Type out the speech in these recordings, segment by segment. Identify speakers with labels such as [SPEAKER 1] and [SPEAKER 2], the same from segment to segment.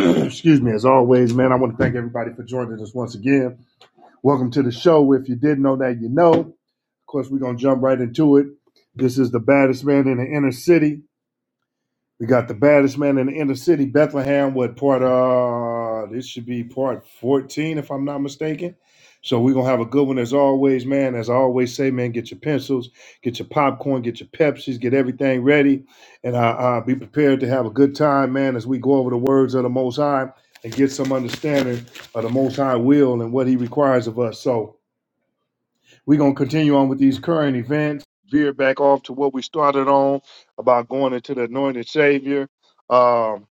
[SPEAKER 1] Excuse me, as always, man, I want to thank everybody for joining us once again. Welcome to the show. If you didn't know that, you know. Of course, we're going to jump right into it. This is the baddest man in the inner city. We got the baddest man in the inner city, Bethlehem, with part uh this should be part 14, if I'm not mistaken. So we're gonna have a good one as always, man. As I always say, man, get your pencils, get your popcorn, get your Pepsis, get everything ready, and uh, uh be prepared to have a good time, man, as we go over the words of the most high and get some understanding of the most high will and what he requires of us. So we're going to continue on with these current events, veer back off to what we started on about going into the anointed Savior. Um,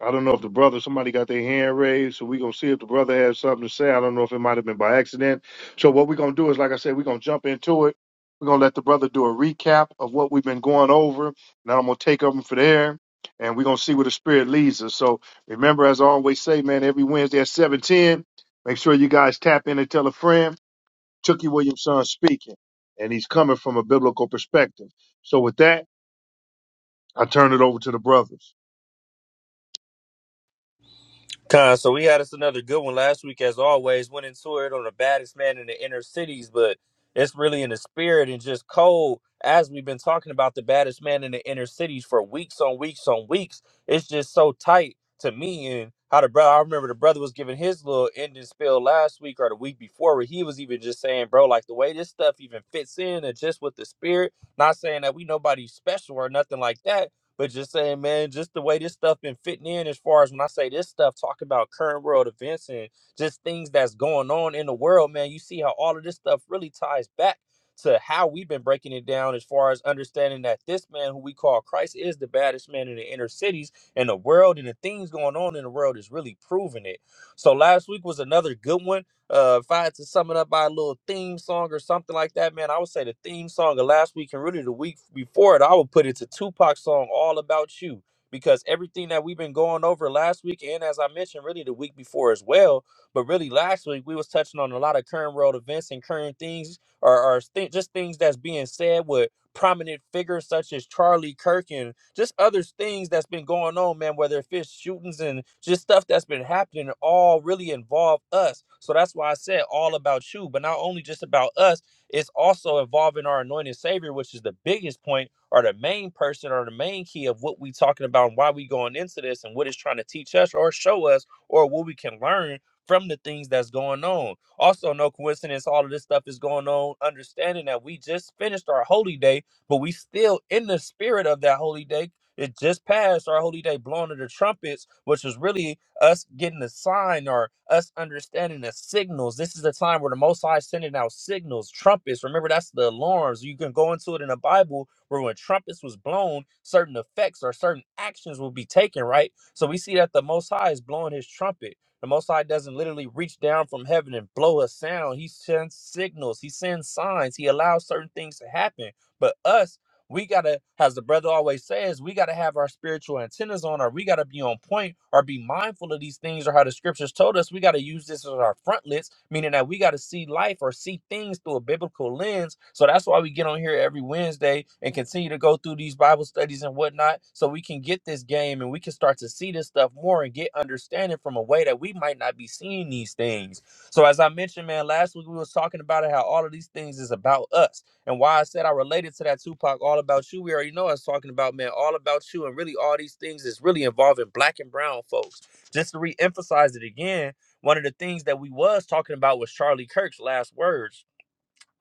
[SPEAKER 1] I don't know if the brother, somebody got their hand raised, so we're going to see if the brother has something to say. I don't know if it might have been by accident. So, what we're going to do is, like I said, we're going to jump into it. We're going to let the brother do a recap of what we've been going over, and then I'm going to take over from there, and we're going to see where the Spirit leads us. So, remember, as I always say, man, every Wednesday at 710, make sure you guys tap in and tell a friend. Tookie Williamson speaking, and he's coming from a biblical perspective. So with that, I turn it over to the brothers.
[SPEAKER 2] Con, so we had us another good one last week, as always. Went into it on the baddest man in the inner cities, but it's really in the spirit and just cold. As we've been talking about the baddest man in the inner cities for weeks on weeks on weeks, it's just so tight to me. And how the brother, I remember the brother was giving his little ending spill last week or the week before, where he was even just saying, bro, like the way this stuff even fits in and just with the spirit, not saying that we nobody special or nothing like that but just saying, man, just the way this stuff been fitting in as far as when I say this stuff, talking about current world events and just things that's going on in the world, man, you see how all of this stuff really ties back to how we've been breaking it down as far as understanding that this man who we call Christ is the baddest man in the inner cities and the world and the things going on in the world is really proving it. So last week was another good one uh, if I had to sum it up by a little theme song or something like that, man, I would say the theme song of last week and really the week before it, I would put it to Tupac's song "All About You" because everything that we've been going over last week and as I mentioned, really the week before as well, but really last week we was touching on a lot of current world events and current things or, or thi- just things that's being said. with prominent figures such as Charlie Kirk and just other things that's been going on, man, whether if it's shootings and just stuff that's been happening, all really involve us. So that's why I said all about you, but not only just about us, it's also involving our anointed savior, which is the biggest point or the main person or the main key of what we talking about and why we going into this and what it's trying to teach us or show us or what we can learn from the things that's going on. Also, no coincidence, all of this stuff is going on, understanding that we just finished our holy day but we still in the spirit of that holy day. It just passed our holy day, blowing of the trumpets, which was really us getting a sign or us understanding the signals. This is the time where the Most High is sending out signals, trumpets. Remember, that's the alarms. You can go into it in the Bible where when trumpets was blown, certain effects or certain actions will be taken, right? So we see that the Most High is blowing his trumpet. The Most High doesn't literally reach down from heaven and blow a sound. He sends signals. He sends signs. He allows certain things to happen. But us, we gotta, as the brother always says, we gotta have our spiritual antennas on, or we gotta be on point, or be mindful of these things, or how the scriptures told us. We gotta use this as our frontlets, meaning that we gotta see life or see things through a biblical lens. So that's why we get on here every Wednesday and continue to go through these Bible studies and whatnot, so we can get this game and we can start to see this stuff more and get understanding from a way that we might not be seeing these things. So as I mentioned, man, last week we was talking about it, how all of these things is about us and why I said I related to that Tupac All About You, we already know I was talking about, man, All About You. And really, all these things is really involving black and brown folks. Just to re emphasize it again, one of the things that we was talking about was Charlie Kirk's last words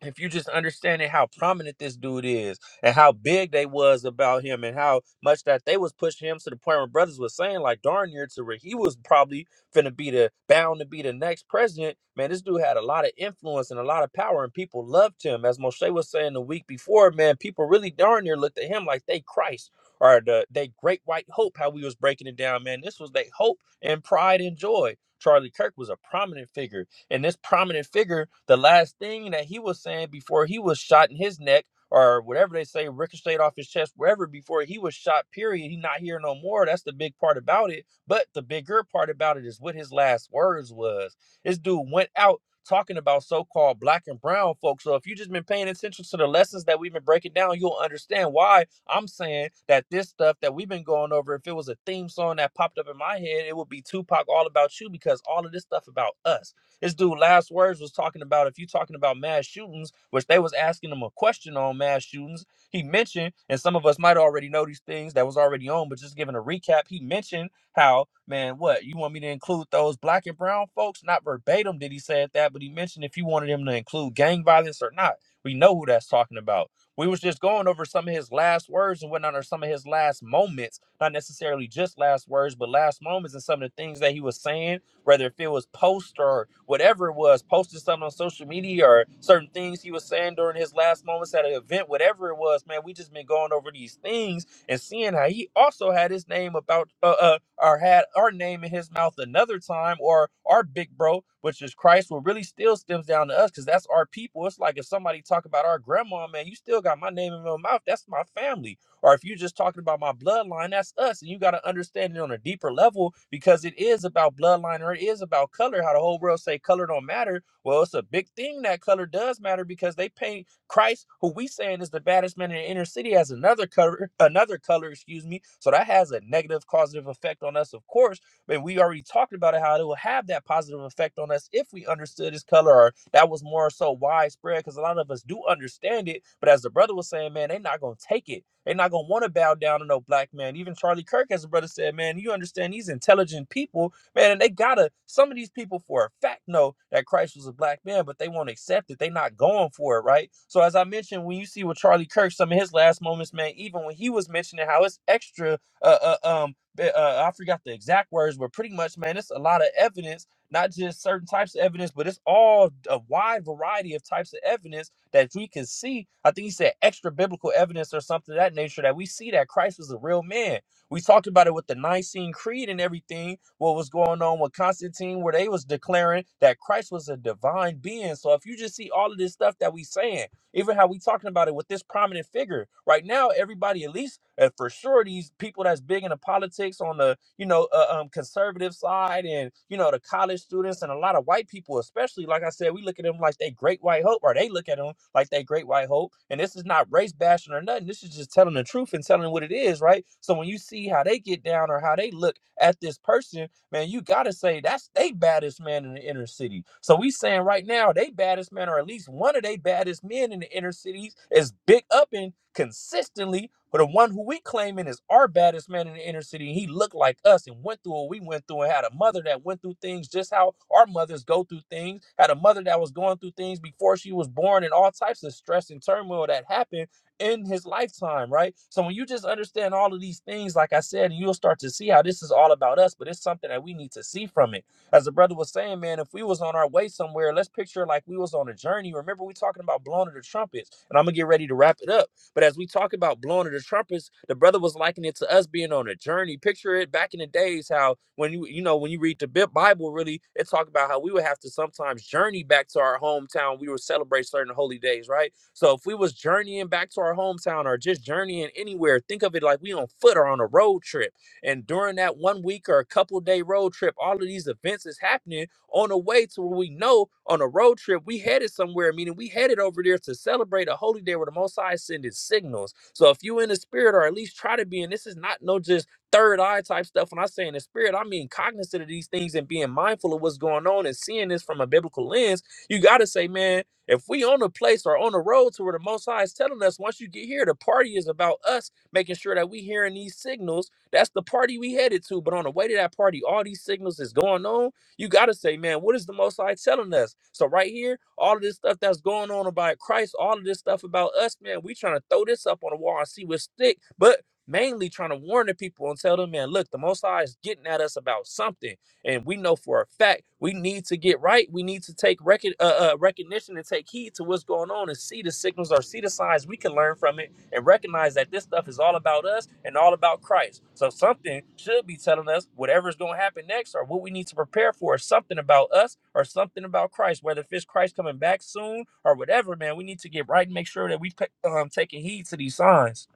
[SPEAKER 2] if you just understanding how prominent this dude is and how big they was about him and how much that they was pushing him to the point where brothers was saying like darn near to where he was probably finna be the bound to be the next president man this dude had a lot of influence and a lot of power and people loved him as moshe was saying the week before man people really darn near looked at him like they christ or the they great white hope how we was breaking it down man this was they hope and pride and joy charlie kirk was a prominent figure and this prominent figure, the last thing that he was saying before he was shot in his neck or whatever they say, ricocheted off his chest, wherever before he was shot, period. He's not here no more. That's the big part about it. But the bigger part about it is what his last words was. This dude went out talking about so-called black and brown folks. So if you just been paying attention to the lessons that we've been breaking down, you'll understand why I'm saying that this stuff that we've been going over, if it was a theme song that popped up in my head, it would be Tupac all about you because all of this stuff about us. This dude last words was talking about if you talking about mass shootings, which they was asking him a question on mass shootings. He mentioned, and some of us might already know these things that was already on, but just giving a recap, he mentioned how, man, what you want me to include those black and brown folks? Not verbatim did he say that, but he mentioned if you wanted him to include gang violence or not. We know who that's talking about. We was just going over some of his last words and whatnot, or some of his last moments, not necessarily just last words, but last moments and some of the things that he was saying whether if it was post or whatever it was, posted something on social media or certain things he was saying during his last moments at an event, whatever it was, man, we just been going over these things and seeing how he also had his name about uh, uh or had our name in his mouth another time or our big bro which is christ what really still stems down to us because that's our people it's like if somebody talk about our grandma man you still got my name in your mouth that's my family or if you're just talking about my bloodline, that's us. And you got to understand it on a deeper level because it is about bloodline or it is about color. How the whole world say color don't matter. Well, it's a big thing that color does matter because they paint Christ, who we saying is the baddest man in the inner city, as another color, another color, excuse me. So that has a negative causative effect on us, of course. But we already talked about it, how it will have that positive effect on us if we understood his color or that was more so widespread because a lot of us do understand it. But as the brother was saying, man, they're not gonna take it. They're not gonna want to bow down to no black man. Even Charlie Kirk, as a brother said, man, you understand these intelligent people, man, and they gotta some of these people for a fact know that Christ was a black man, but they won't accept it. They not going for it, right? So as I mentioned, when you see with Charlie Kirk, some of his last moments, man, even when he was mentioning how it's extra, uh, uh um, uh, I forgot the exact words, but pretty much, man, it's a lot of evidence. Not just certain types of evidence, but it's all a wide variety of types of evidence that we can see. I think he said extra biblical evidence or something of that nature that we see that Christ was a real man. We talked about it with the Nicene Creed and everything. What was going on with Constantine, where they was declaring that Christ was a divine being. So if you just see all of this stuff that we saying even how we talking about it with this prominent figure right now, everybody at least uh, for sure these people that's big in the politics on the you know uh, um, conservative side and you know the college students and a lot of white people especially like I said we look at them like they great white hope or they look at them like they great white hope and this is not race bashing or nothing this is just telling the truth and telling what it is right so when you see how they get down or how they look at this person man, you gotta say that's they baddest man in the inner city. So we saying right now, they baddest man, or at least one of they baddest men in the inner cities, is big upping consistently. But the one who we claiming is our baddest man in the inner city, he looked like us and went through what we went through, and had a mother that went through things just how our mothers go through things. Had a mother that was going through things before she was born, and all types of stress and turmoil that happened in his lifetime, right? So when you just understand all of these things, like I said, and you'll start to see how this is all about us, but it's something that we need to see from it. As the brother was saying, man, if we was on our way somewhere, let's picture like we was on a journey. Remember, we talking about blowing of the trumpets, and I'm gonna get ready to wrap it up. But as we talk about blowing of the trumpets, the brother was likening it to us being on a journey. Picture it back in the days how when you you know when you read the Bi- Bible, really, it talk about how we would have to sometimes journey back to our hometown. We would celebrate certain holy days, right? So if we was journeying back to our hometown or just journeying anywhere, think of it like we on foot or on a road trip. And during that one week or a couple day road trip, all of these events is happening on the way to where we know on a road trip we headed somewhere, meaning we headed over there to celebrate a holy day where the Most High sending signals. So if you in the spirit or at least try to be, and this is not no just third eye type stuff. When I say in the spirit, I mean cognizant of these things and being mindful of what's going on and seeing this from a biblical lens. You gotta say, man. If we on a place or on a road to where the Most High is telling us, once you get here, the party is about us making sure that we hearing these signals. That's the party we headed to. But on the way to that party, all these signals is going on. You got to say, man, what is the Most High telling us? So right here, all of this stuff that's going on about Christ, all of this stuff about us, man, we trying to throw this up on the wall and see what stick. But mainly trying to warn the people and tell them, man, look, the Most High is getting at us about something and we know for a fact we need to get right. We need to take recon- uh, uh, recognition and take heed to what's going on and see the signals or see the signs we can learn from it and recognize that this stuff is all about us and all about Christ. So something should be telling us whatever's going to happen next or what we need to prepare for, or something about us or something about Christ, whether if it's Christ coming back soon or whatever, man, we need to get right and make sure that we pe- um, taking heed to these signs.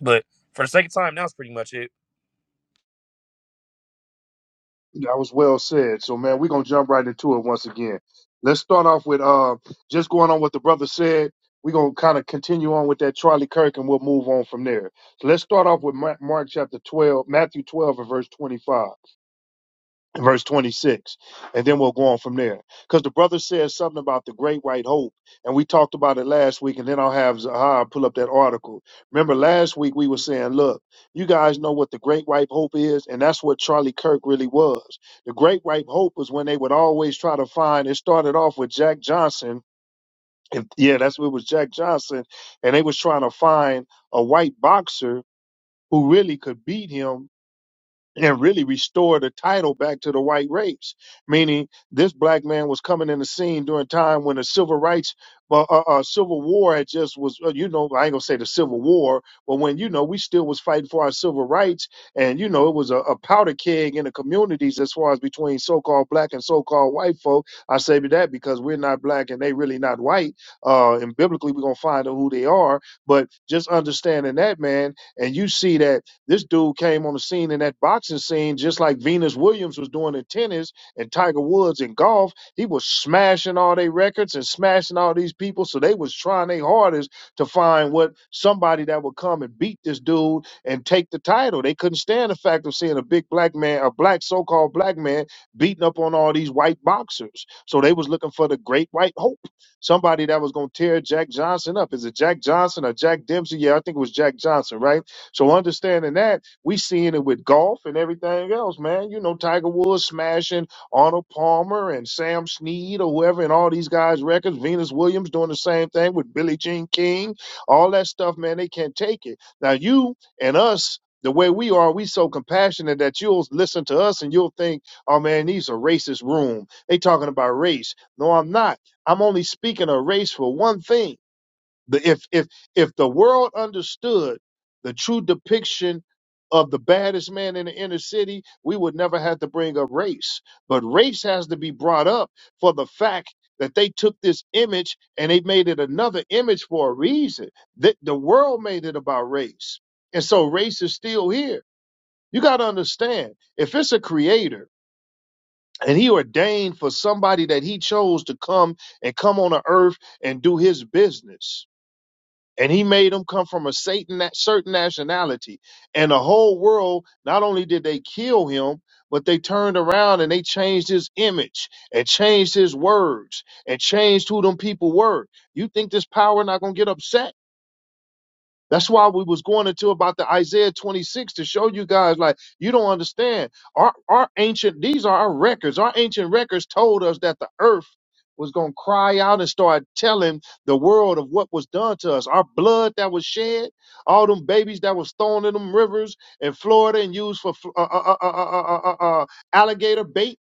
[SPEAKER 2] But for the second time, that was pretty much it.
[SPEAKER 1] That was well said. So man, we're gonna jump right into it once again. Let's start off with uh just going on what the brother said. We're gonna kind of continue on with that Charlie Kirk and we'll move on from there. So let's start off with Ma- Mark chapter 12, Matthew 12 and verse 25. verse 26 and then we'll go on from there because the brother says something about the great white hope and we talked about it last week and then i'll have zahar pull up that article remember last week we were saying look you guys know what the great white hope is and that's what charlie kirk really was the great white hope was when they would always try to find it started off with jack johnson and yeah that's what it was jack johnson and they was trying to find a white boxer who really could beat him and really restore the title back to the white race. Meaning, this black man was coming in the scene during time when the civil rights, uh, uh, uh, civil war had just was, uh, you know, I ain't gonna say the civil war, but when you know we still was fighting for our civil rights, and you know it was a, a powder keg in the communities as far as between so-called black and so-called white folk. I say that because we're not black and they really not white, uh, and biblically we're gonna find out who they are. But just understanding that, man, and you see that. This dude came on the scene in that boxing scene just like Venus Williams was doing in tennis and Tiger Woods in golf. He was smashing all their records and smashing all these people. So they was trying their hardest to find what somebody that would come and beat this dude and take the title. They couldn't stand the fact of seeing a big black man, a black so-called black man, beating up on all these white boxers. So they was looking for the great white hope, somebody that was gonna tear Jack Johnson up. Is it Jack Johnson or Jack Dempsey? Yeah, I think it was Jack Johnson, right? So understanding that, we seeing it with golf and everything else, man. You know, Tiger Woods smashing Arnold Palmer and Sam Snead or whoever and all these guys' records, Venus Williams doing the same thing with Billie Jean King, all that stuff, man, they can't take it. Now you and us the way we are, we so compassionate that you'll listen to us and you'll think, oh man, these are racist room. They talking about race. No, I'm not. I'm only speaking of race for one thing the, if if if the world understood the true depiction of the baddest man in the inner city, we would never have to bring up race. But race has to be brought up for the fact that they took this image and they made it another image for a reason. That the world made it about race, and so race is still here. You got to understand if it's a creator and he ordained for somebody that he chose to come and come on the earth and do his business and he made them come from a Satan that certain nationality. And the whole world, not only did they kill him, but they turned around and they changed his image and changed his words and changed who them people were. You think this power not gonna get upset? That's why we was going into about the Isaiah 26 to show you guys like you don't understand. Our our ancient these are our records. Our ancient records told us that the earth was going to cry out and start telling the world of what was done to us. Our blood that was shed, all them babies that was thrown in them rivers in Florida and used for fl- uh, uh, uh, uh, uh, uh, uh, uh, alligator bait.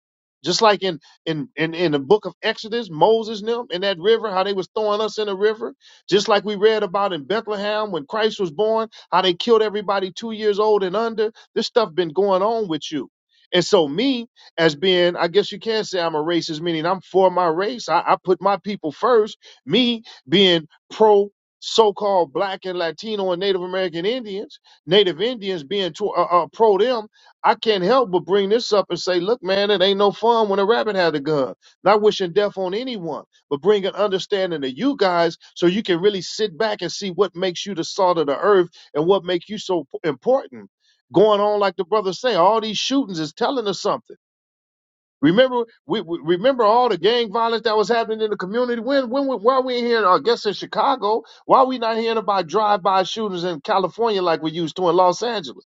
[SPEAKER 1] Just like in, in in in the book of Exodus, Moses and them in that river, how they was throwing us in the river just like we read about in Bethlehem when Christ was born, how they killed everybody two years old and under. This stuff been going on with you. And so me, as being, I guess you can say I'm a racist, meaning I'm for my race. I, I put my people first. Me being pro so-called black and Latino and Native American Indians, Native Indians being to, uh, uh, pro them, I can't help but bring this up and say, look, man, it ain't no fun when a rabbit had a gun. Not wishing death on anyone but bring an understanding to you guys so you can really sit back and see what makes you the salt of the earth and what makes you so p- important. Going on like the brothers say, all these shootings is telling us something. Remember, we, we remember all the gang violence that was happening in the community. When, when, we- why we here? I guess in Chicago, why we not hearing about drive-by shootings in California like we used to in Los Angeles?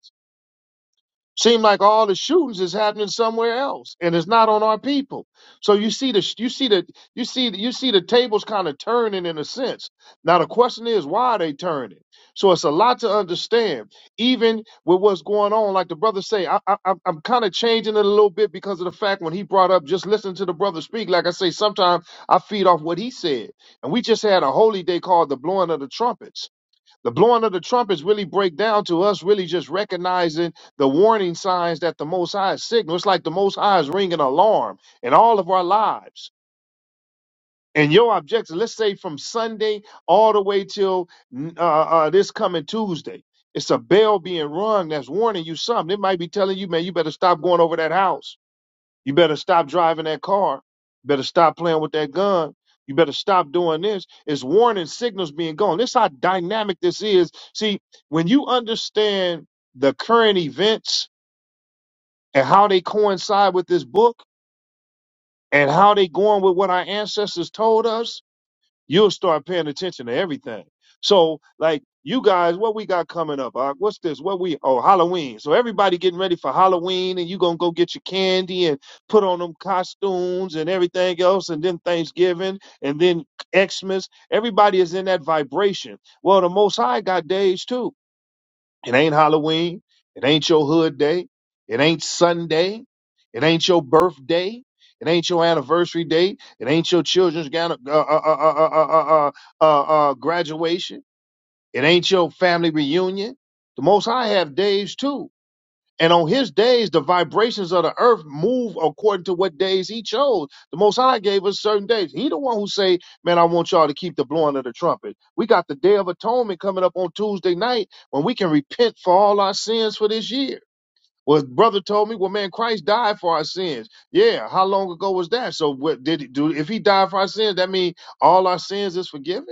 [SPEAKER 1] Seem like all the shootings is happening somewhere else, and it's not on our people. So you see the you see the you see the, you see the tables kind of turning in a sense. Now the question is, why are they turning? So it's a lot to understand, even with what's going on. Like the brother say, I, I, I'm I'm kind of changing it a little bit because of the fact when he brought up just listen to the brother speak. Like I say, sometimes I feed off what he said, and we just had a holy day called the blowing of the trumpets. The blowing of the trumpets really break down to us really just recognizing the warning signs that the Most High is signal. It's like the Most High is ringing an alarm in all of our lives. And your objective, let's say from Sunday all the way till uh, uh, this coming Tuesday, it's a bell being rung that's warning you something. It might be telling you, man, you better stop going over that house you better stop driving that car. Better stop playing with that gun. You better stop doing this. It's warning signals being gone. This how dynamic this is. See, when you understand the current events and how they coincide with this book and how they going with what our ancestors told us, you'll start paying attention to everything. So, like you guys, what we got coming up? Uh, what's this? What we? Oh, Halloween. So everybody getting ready for Halloween, and you gonna go get your candy and put on them costumes and everything else, and then Thanksgiving, and then Xmas. Everybody is in that vibration. Well, the Most High got days too. It ain't Halloween. It ain't your hood day. It ain't Sunday. It ain't your birthday. It ain't your anniversary date. It ain't your children's gan- uh, uh, uh, uh, uh, uh, uh, uh, uh, uh, graduation. It ain't your family reunion. The Most High have days too. And on his days, the vibrations of the earth move according to what days he chose. The Most High gave us certain days. He the one who say, man, I want y'all to keep the blowing of the trumpet. We got the Day of Atonement coming up on Tuesday night when we can repent for all our sins for this year. Well, brother told me, well, man, Christ died for our sins. Yeah, how long ago was that? So, what did he do? If he died for our sins, that means all our sins is forgiven.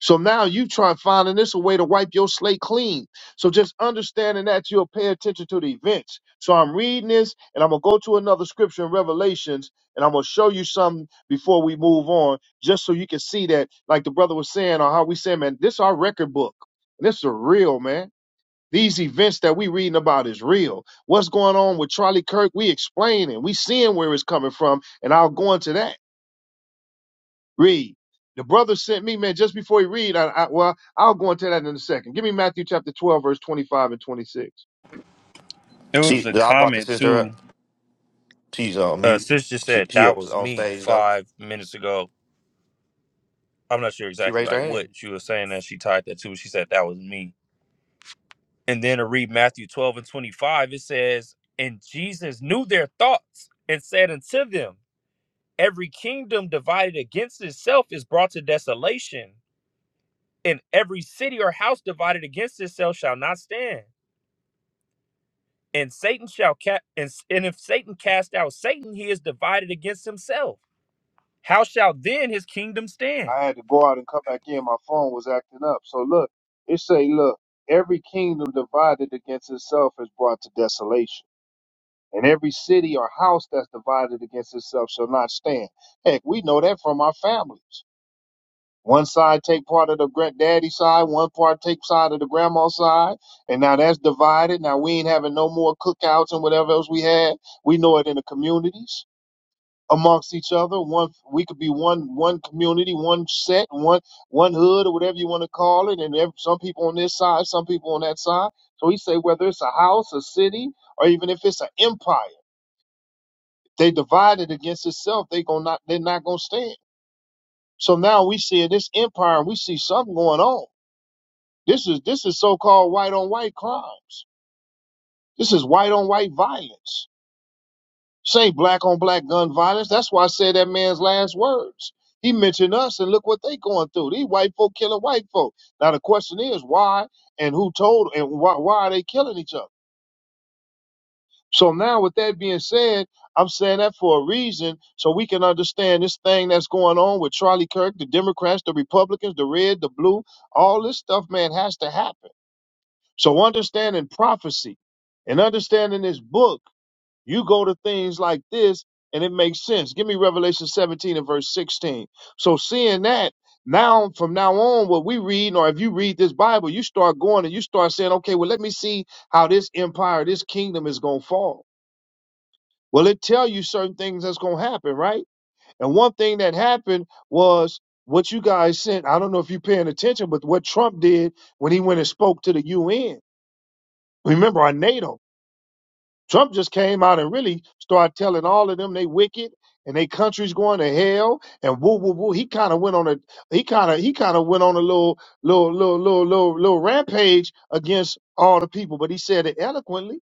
[SPEAKER 1] So now you try finding this a way to wipe your slate clean. So just understanding that you'll pay attention to the events. So I'm reading this and I'm gonna go to another scripture in Revelations and I'm gonna show you something before we move on, just so you can see that, like the brother was saying, or how we saying, man, this our record book. And this is real, man. These events that we reading about is real. What's going on with Charlie Kirk? We explaining, we seeing where it's coming from, and I'll go into that. Read. The brother sent me, man, just before he read, I, I well, I'll go into that in a second. Give me Matthew chapter 12, verse 25 and 26.
[SPEAKER 2] It was
[SPEAKER 3] She,
[SPEAKER 2] a
[SPEAKER 3] I brought the
[SPEAKER 2] comment
[SPEAKER 3] sister
[SPEAKER 2] too
[SPEAKER 3] up. She's on
[SPEAKER 2] Uh,
[SPEAKER 3] mute.
[SPEAKER 2] sis just
[SPEAKER 3] She,
[SPEAKER 2] said
[SPEAKER 3] she
[SPEAKER 2] that
[SPEAKER 3] up
[SPEAKER 2] was
[SPEAKER 3] on
[SPEAKER 2] me
[SPEAKER 3] stage though.
[SPEAKER 2] five minutes ago. I'm not sure
[SPEAKER 3] She
[SPEAKER 2] exactly
[SPEAKER 3] raised
[SPEAKER 2] like
[SPEAKER 3] her hand.
[SPEAKER 2] what she was saying that she tied that to. but She said that was me. And then to read Matthew 12 and 25, it says, And Jesus knew their thoughts and said unto them, Every kingdom divided against itself is brought to desolation, and every city or house divided against itself shall not stand. And Satan shall cast, and, s- and if Satan cast out Satan, he is divided against himself. How shall then his kingdom stand?
[SPEAKER 1] I had to go out and come back in. My phone was acting up. So look, it say, look, every kingdom divided against itself is brought to desolation. And every city or house that's divided against itself shall not stand. Heck, we know that from our families. One side take part of the granddaddy side, one part take side of the grandma side, and now that's divided. Now we ain't having no more cookouts and whatever else we had. We know it in the communities amongst each other. One we could be one one community, one set, one one hood or whatever you want to call it, and ev- some people on this side, some people on that side. So he say whether it's a house, a city, or even if it's an empire, they divided against itself. They gonna not they're not gonna stand. So now we see this empire, and we see something going on This is this is so-called white on white crimes. This is white on white violence. This ain't black on black gun violence. That's why I said that man's last words. He mentioned us and look what they going through. These white folk killing white folk. Now the question is why and who told and why why are they killing each other? So now with that being said, I'm saying that for a reason so we can understand this thing that's going on with Charlie Kirk, the Democrats, the Republicans, the red, the blue, all this stuff, man, has to happen. So understanding prophecy and understanding this book, you go to things like this and it makes sense. Give me Revelation 17 and verse 16. So seeing that now from now on, what we read, or if you read this Bible, you start going and you start saying, okay, well, let me see how this empire, this kingdom is going to fall. Well, it tell you certain things that's going to happen, right? And one thing that happened was what you guys sent. I don't know if you're paying attention, but what Trump did when he went and spoke to the UN. Remember, our NATO. Trump just came out and really started telling all of them they wicked and they country's going to hell and woo woo woo. He kind of went on a he kind of he kind of went on a little little little little little little rampage against all the people, but he said it eloquently.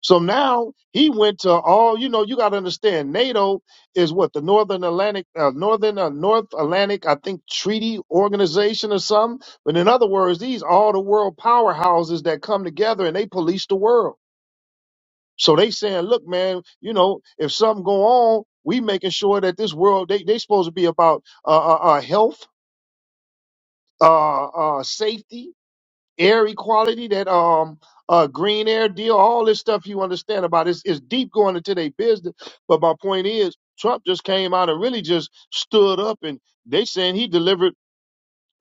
[SPEAKER 1] So now he went to all you know. You got to understand, NATO is what the Northern Atlantic, uh, Northern uh, North Atlantic, I think Treaty Organization or something. But in other words, these all the world powerhouses that come together and they police the world. So they saying, look, man, you know, if something go on, we making sure that this world they they supposed to be about uh, uh, uh health, uh, uh, safety, air equality, that um uh green air deal, all this stuff you understand about is is deep going into their business. But my point is, Trump just came out and really just stood up and they saying he delivered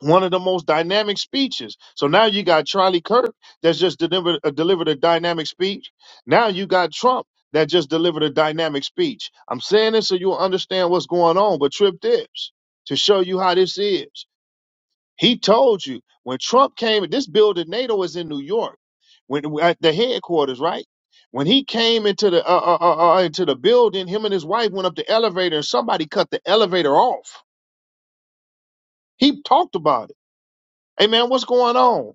[SPEAKER 1] one of the most dynamic speeches. So now you got Charlie Kirk that's just delivered uh, delivered a dynamic speech. Now you got Trump that just delivered a dynamic speech. I'm saying this so you'll understand what's going on. But Trip Dips to show you how this is. He told you when Trump came. This building NATO is in New York, when at the headquarters, right? When he came into the uh, uh, uh, uh, into the building, him and his wife went up the elevator, and somebody cut the elevator off. He talked about it. Hey man, what's going on?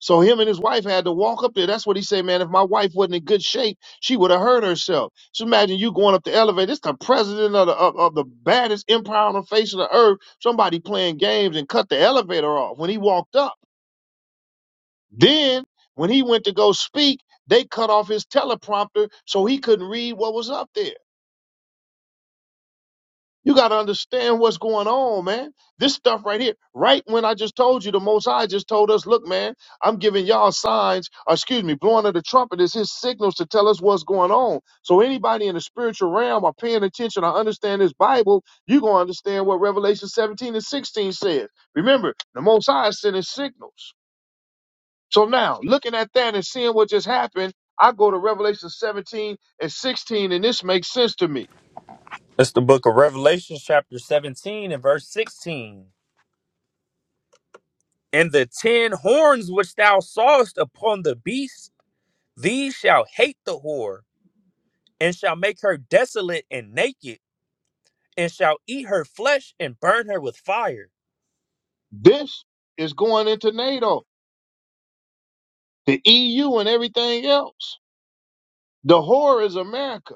[SPEAKER 1] So him and his wife had to walk up there. That's what he said, man. If my wife wasn't in good shape, she would have hurt herself. So imagine you going up the elevator. It's the president of the of, of the baddest empire on the face of the earth. Somebody playing games and cut the elevator off when he walked up. Then when he went to go speak, they cut off his teleprompter so he couldn't read what was up there. You got to understand what's going on, man. This stuff right here, right when I just told you, the Most High just told us, look, man, I'm giving y'all signs, or excuse me, blowing of the trumpet is his signals to tell us what's going on. So anybody in the spiritual realm or paying attention or understand this Bible, you're going to understand what Revelation 17 and 16 says. Remember, the Most High is sending signals. So now, looking at that and seeing what just happened, I go to Revelation 17 and 16, and this makes sense to me.
[SPEAKER 2] That's the book of Revelation, chapter 17 and verse 16. And the ten horns which thou sawest upon the beast, these shall hate the whore, and shall make her desolate and naked, and shall eat her flesh and burn her with fire.
[SPEAKER 1] This is going into NATO. the EU and everything else. The whore is America.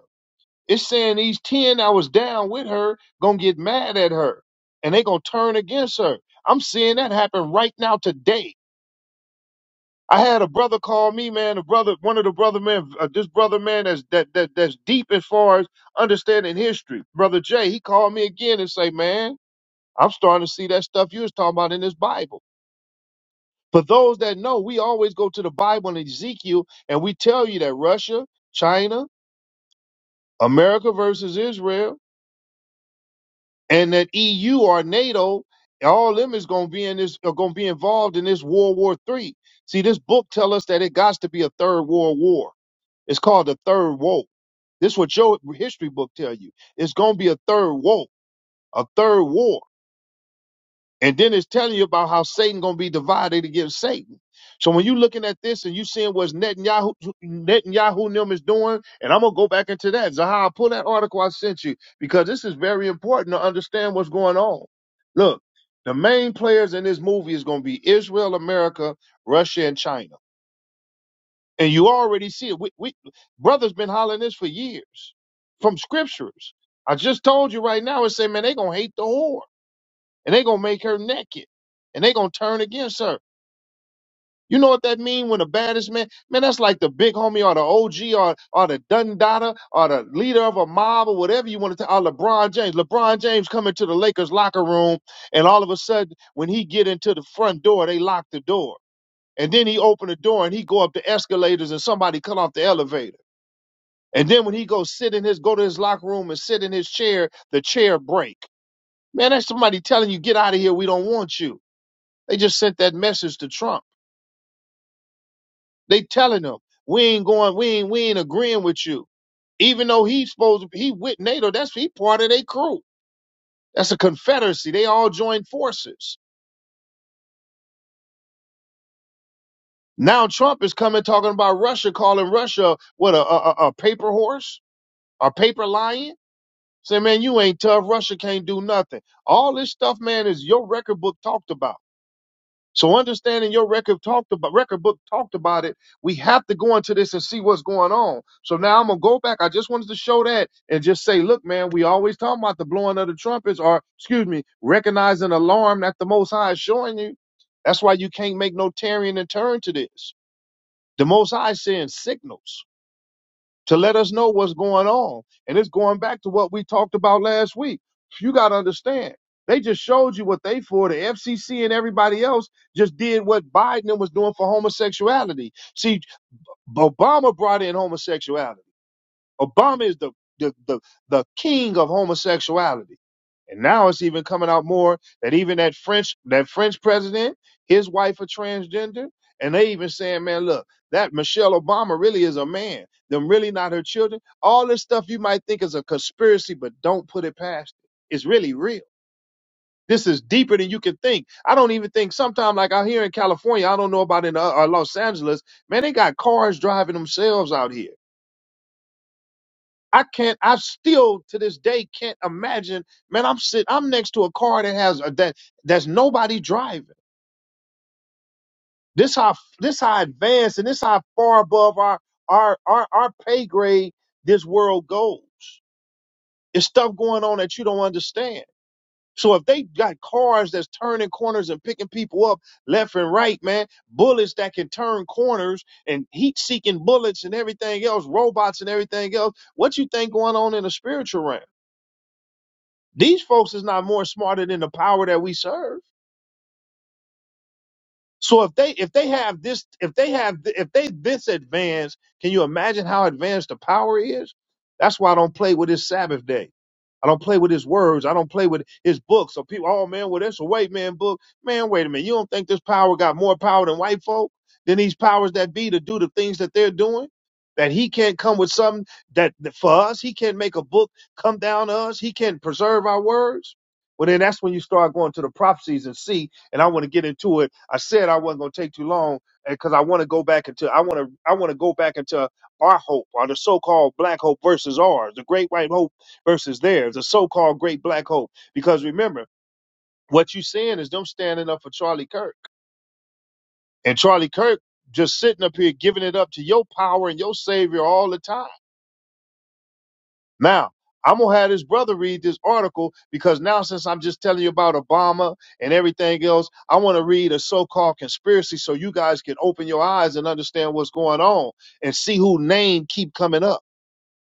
[SPEAKER 1] It's saying these 10 that was down with her gonna get mad at her and they gonna turn against her. I'm seeing that happen right now today. I had a brother call me, man. A brother, one of the brother man, uh, this brother man that's that, that that's deep as far as understanding history. Brother Jay, he called me again and say, man, I'm starting to see that stuff you was talking about in this Bible. For those that know, we always go to the Bible and Ezekiel, and we tell you that Russia, China, America versus Israel, and that EU or NATO, all them is gonna be in this are gonna be involved in this World War Three. See, this book tell us that it got to be a third world war. It's called the third war. This what your history book tell you. It's gonna be a third war, a third war. And then it's telling you about how Satan gonna be divided against Satan. So when you're looking at this and you seeing what Netanyahu Netanyahu and them is doing, and I'm gonna go back into that. Zahar, pull that article I sent you because this is very important to understand what's going on. Look, the main players in this movie is gonna be Israel, America, Russia, and China. And you already see it. We, we brothers been hollering this for years from scriptures. I just told you right now and say, man, they gonna hate the whore and they gonna make her naked, and they gonna turn against her. You know what that mean when the baddest man, man, that's like the big homie or the OG or or the Dundada or the leader of a mob or whatever you want to, or LeBron James. LeBron James come into the Lakers locker room, and all of a sudden when he get into the front door, they lock the door, and then he open the door and he go up the escalators, and somebody cut off the elevator, and then when he go sit in his go to his locker room and sit in his chair, the chair break. Man, that's somebody telling you get out of here, we don't want you. They just sent that message to Trump. They telling him we ain't going, we ain't, we ain't agreeing with you. Even though he's supposed to, be, he with NATO. That's he part of their crew. That's a confederacy. They all joined forces. Now Trump is coming talking about Russia, calling Russia what a, a a paper horse, a paper lion. Say, man, you ain't tough. Russia can't do nothing. All this stuff, man, is your record book talked about. So understanding your record talked about record book talked about it. We have to go into this and see what's going on. So now I'm gonna go back. I just wanted to show that and just say, look, man, we always talk about the blowing of the trumpets, or excuse me, recognize an alarm that the Most High is showing you. That's why you can't make no tearing and turn to this. The Most High is saying signals to let us know what's going on. And it's going back to what we talked about last week. You got to understand. They just showed you what they for. The FCC and everybody else just did what Biden was doing for homosexuality. See, Obama brought in homosexuality. Obama is the the the, the king of homosexuality. And now it's even coming out more that even that French that French president, his wife a transgender, and they even saying, man, look, that Michelle Obama really is a man. Them really not her children. All this stuff you might think is a conspiracy, but don't put it past it. It's really real. This is deeper than you can think. I don't even think sometimes like out here in California, I don't know about in uh, uh, Los Angeles, man, they got cars driving themselves out here I can't. I still to this day can't imagine. Man, I'm sitting. I'm next to a car that has a, that that's nobody driving. This how this how advanced and this how far above our our our our pay grade this world goes. It's stuff going on that you don't understand. So if they got cars that's turning corners and picking people up left and right, man, bullets that can turn corners and heat-seeking bullets and everything else, robots and everything else, what you think going on in the spiritual realm? These folks is not more smarter than the power that we serve. So if they if they have this if they have if they this advanced, can you imagine how advanced the power is? That's why I don't play with his Sabbath day. I don't play with his words. I don't play with his book. So people, oh man, well that's a white man book. Man, wait a minute. You don't think this power got more power than white folk? Than these powers that be to do the things that they're doing? That he can't come with something that that for us, he can't make a book come down to us. He can't preserve our words. Well, then that's when you start going to the prophecies and see and I want to get into it. I said I wasn't going to take too long because I want to go back into I want to I want to go back into our hope or the so-called black hope versus ours, the great white hope versus theirs, the so-called great black hope. Because remember, what you seeing is them standing up for Charlie Kirk, and Charlie Kirk just sitting up here giving it up to your power and your savior all the time Now, I'm gonna have this brother read this article because now, since I'm just telling you about Obama and everything else, I want to read a so-called conspiracy so you guys can open your eyes and understand what's going on and see who name keep coming up.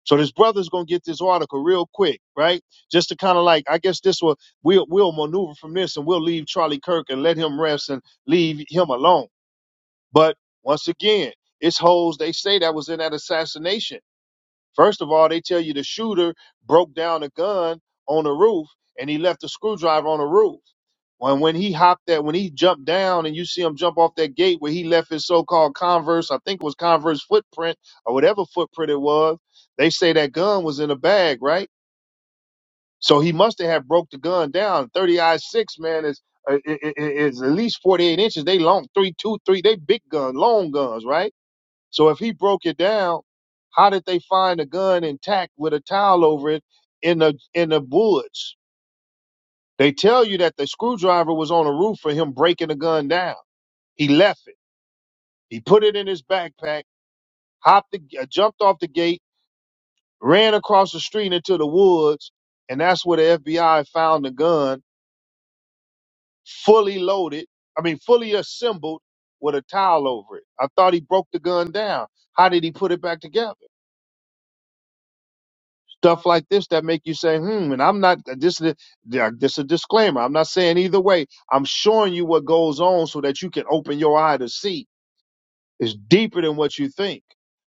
[SPEAKER 1] So this brother's gonna get this article real quick, right? Just to kind of like, I guess this will we'll we'll maneuver from this and we'll leave Charlie Kirk and let him rest and leave him alone. But once again, it's hoes they say that was in that assassination First of all, they tell you the shooter broke down a gun on the roof and he left a screwdriver on the roof. When when he hopped that, when he jumped down and you see him jump off that gate where he left his so-called Converse, I think it was Converse footprint or whatever footprint it was, they say that gun was in a bag, right? So he must have broke the gun down. Thirty I six man is uh, i- i- i- is at least forty eight inches. They long three two three. They big gun, long guns, right? So if he broke it down, how did they find a gun intact with a towel over it in the in the woods? They tell you that the screwdriver was on the roof for him breaking the gun down. He left it. He put it in his backpack, hopped, the, uh, jumped off the gate, ran across the street into the woods, and that's where the FBI found the gun, fully loaded. I mean, fully assembled with a towel over it. I thought he broke the gun down. How did he put it back together? stuff like this that make you say, hmm, and I'm not this is a- this is a disclaimer. I'm not saying either way. I'm showing you what goes on so that you can open your eye to see. It's deeper than what you think.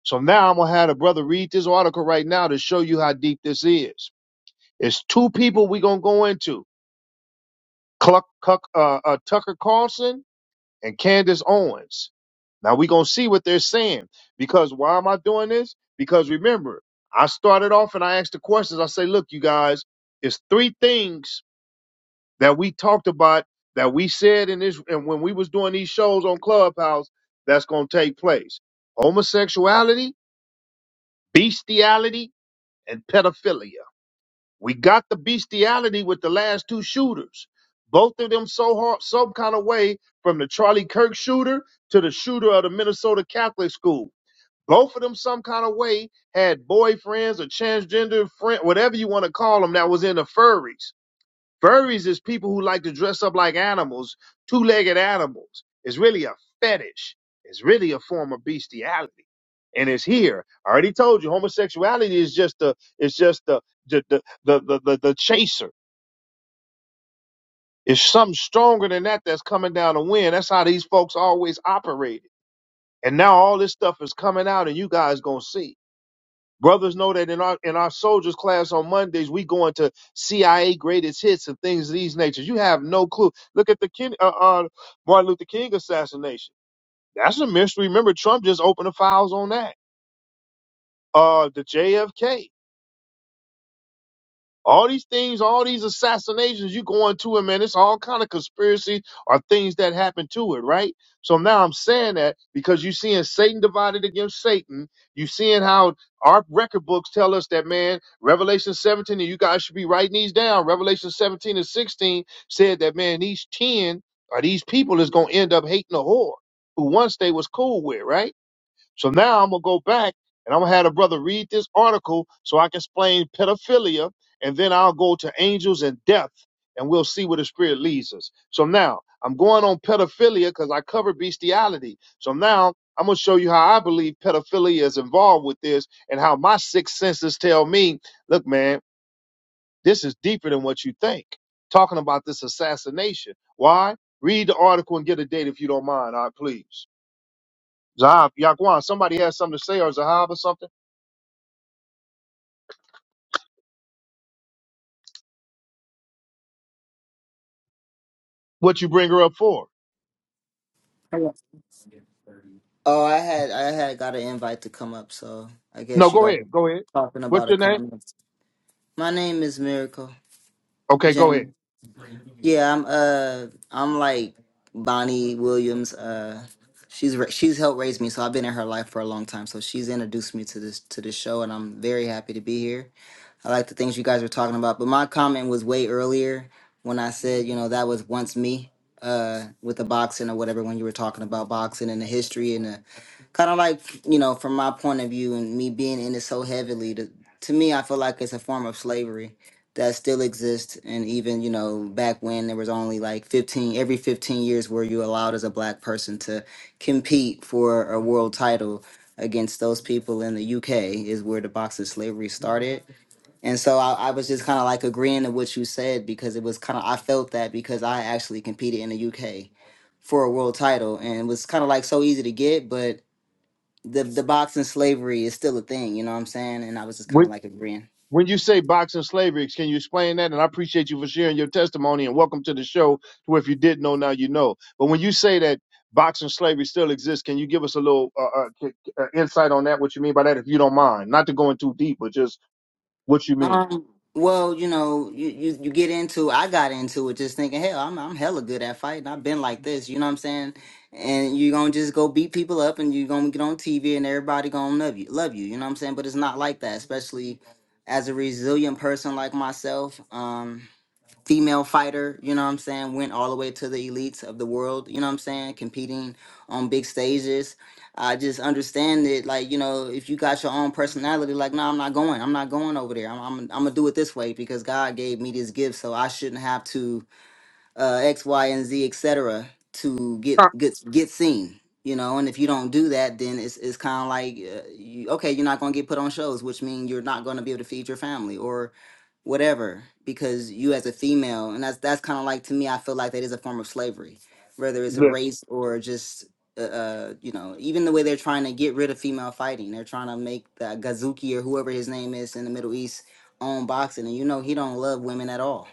[SPEAKER 1] So now I'm gonna have a brother read this article right now to show you how deep this is. It's two people we're gonna go into. Cluck, Cuck, uh, uh, Tucker Carlson and Candace Owens. Now we're gonna see what they're saying. Because why am I doing this? Because remember, I started off and I asked the questions. I say, look, you guys, it's three things that we talked about that we said in this and when we was doing these shows on Clubhouse that's gonna take place. Homosexuality, bestiality, and pedophilia. We got the bestiality with the last two shooters. Both of them so hard, some kind of way, from the Charlie Kirk shooter to the shooter of the Minnesota Catholic school. Both of them, some kind of way, had boyfriends or transgender friend, whatever you want to call them, that was in the furries. Furries is people who like to dress up like animals, two legged animals. It's really a fetish. It's really a form of bestiality. And it's here. I already told you homosexuality is just the it's just the the the the the, the, the chaser. It's something stronger than that that's coming down the wind. That's how these folks always operated. And now all this stuff is coming out and you guys gonna see. Brothers know that in our in our soldiers class on Mondays we go into CIA greatest hits and things of these natures. You have no clue. Look at the Ken, uh, uh, Martin Luther King assassination. That's a mystery. Remember, Trump just opened the files on that. Uh, the JFK. All these things, all these assassinations you going to it, man, it's all kind of conspiracy or things that happen to it, right? So now I'm saying that because you seeing Satan divided against Satan. you seeing how our record books tell us that, man, Revelation 17, and you guys should be writing these down. Revelation 17 and 16 said that, man, these 10 or these people is going to end up hating the whore who once they was cool with, right? So now I'm gonna go back and I'm gonna have a brother read this article so I can explain pedophilia, and then I'll go to angels and death, and we'll see where the spirit leads us. So now I'm going on pedophilia because I covered bestiality. So now I'm gonna show you how I believe pedophilia is involved with this, and how my six senses tell me, look, man, this is deeper than what you think. Talking about this assassination. Why? Read the article and get a date if you don't mind. All right, please. Zahab, Yaquan, somebody has something to say or Zahab or something. What you bring her up for?
[SPEAKER 4] Hello. Oh, I had I had got an invite to come up, so I
[SPEAKER 1] No,
[SPEAKER 4] guess you
[SPEAKER 1] go
[SPEAKER 4] guys
[SPEAKER 1] ahead.
[SPEAKER 4] are
[SPEAKER 1] Go ahead.
[SPEAKER 4] talking
[SPEAKER 1] What's
[SPEAKER 4] about a
[SPEAKER 1] your name?
[SPEAKER 4] comment. My name is Miracle
[SPEAKER 1] Okay, go ahead.
[SPEAKER 4] Jane. Yeah, I'm uh I'm like Bonnie Williams. Uh, she's ra- she's helped raise me, so I've been in her life for a long time. So she's introduced me to this to this show, and I'm very happy to be here. I like the things you guys were talking about. But my comment was way earlier when I said, you know, that was once me uh, with the boxing or whatever when you were talking about boxing and the history and the kind of like, you know, from my point of view and me being in it so heavily, to, to me, I feel like it's a form of slavery that still exists. And even, you know, back when there was only like 15, every 15 years were you allowed as a black person to compete for a world title against those people in the UK is where the boxing slavery started and so I, I was just kind of like agreeing to what you said because it was kind of, I felt that because I actually competed in the UK for a world title and it was kind of like so easy to get, but the, the boxing slavery is still a thing, you know what I'm saying? And I was just kind
[SPEAKER 1] When,
[SPEAKER 4] of like agreeing.
[SPEAKER 1] when you say boxing slavery, can you explain that? And I appreciate you for sharing your testimony and welcome to the show. Where if you didn't know, now you know. But when you say that boxing slavery still exists, can you give us a little uh, uh, k- k- uh, insight on that? What you mean by that, if you don't mind? Not to go in too deep, but just what you mean.
[SPEAKER 4] Um, well, you know, you, you you get into I got into it just thinking, hell, I'm I'm hella good at fighting. I've been like this, you know what I'm saying? And you're gonna just go beat people up and you're gonna get on TV and everybody gonna love you love you, you know what I'm saying? But it's not like that, especially as a resilient person like myself. Um female fighter, you know what I'm saying, went all the way to the elites of the world, you know what I'm saying, competing on big stages. I just understand it, like, you know, if you got your own personality, like, no, I'm not going. I'm not going over there. I'm, I'm, I'm going to do it this way because God gave me this gift, so I shouldn't have to uh, X, Y, and Z, etc. to get, get, get seen. You know, and if you don't do that, then it's, it's kind of like, uh, you, okay, you're not going to get put on shows, which means you're not going to be able to feed your family or whatever because you as a female and that's that's kind of like to me i feel like that is a form of slavery whether it's a race or just uh, uh you know even the way they're trying to get rid of female fighting they're trying to make the gazuki or whoever his name is in the middle east own boxing and you know he don't love women at all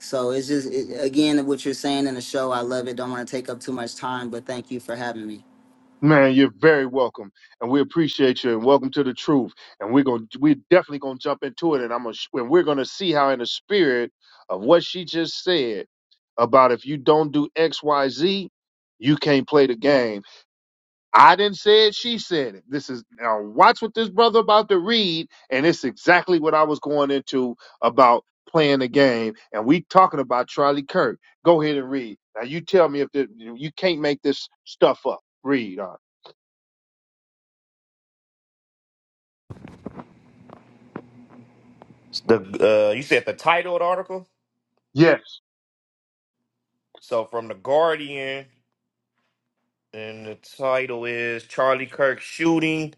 [SPEAKER 4] so it's just it, again what you're saying in the show i love it don't want to take up too much time but thank you for having me
[SPEAKER 1] Man, you're very welcome, and we appreciate you. And welcome to the truth. And we're gonna, we're definitely gonna jump into it. And I'm gonna, sh- and we're gonna see how, in the spirit of what she just said about if you don't do X, Y, Z, you can't play the game. I didn't say it. She said it. This is now. Watch what this brother about to read, and it's exactly what I was going into about playing the game. And we talking about Charlie Kirk. Go ahead and read. Now you tell me if the, you can't make this stuff up. Read. uh.
[SPEAKER 3] The uh, you said the title of the article.
[SPEAKER 1] Yes.
[SPEAKER 3] So from the Guardian, and the title is Charlie Kirk shooting,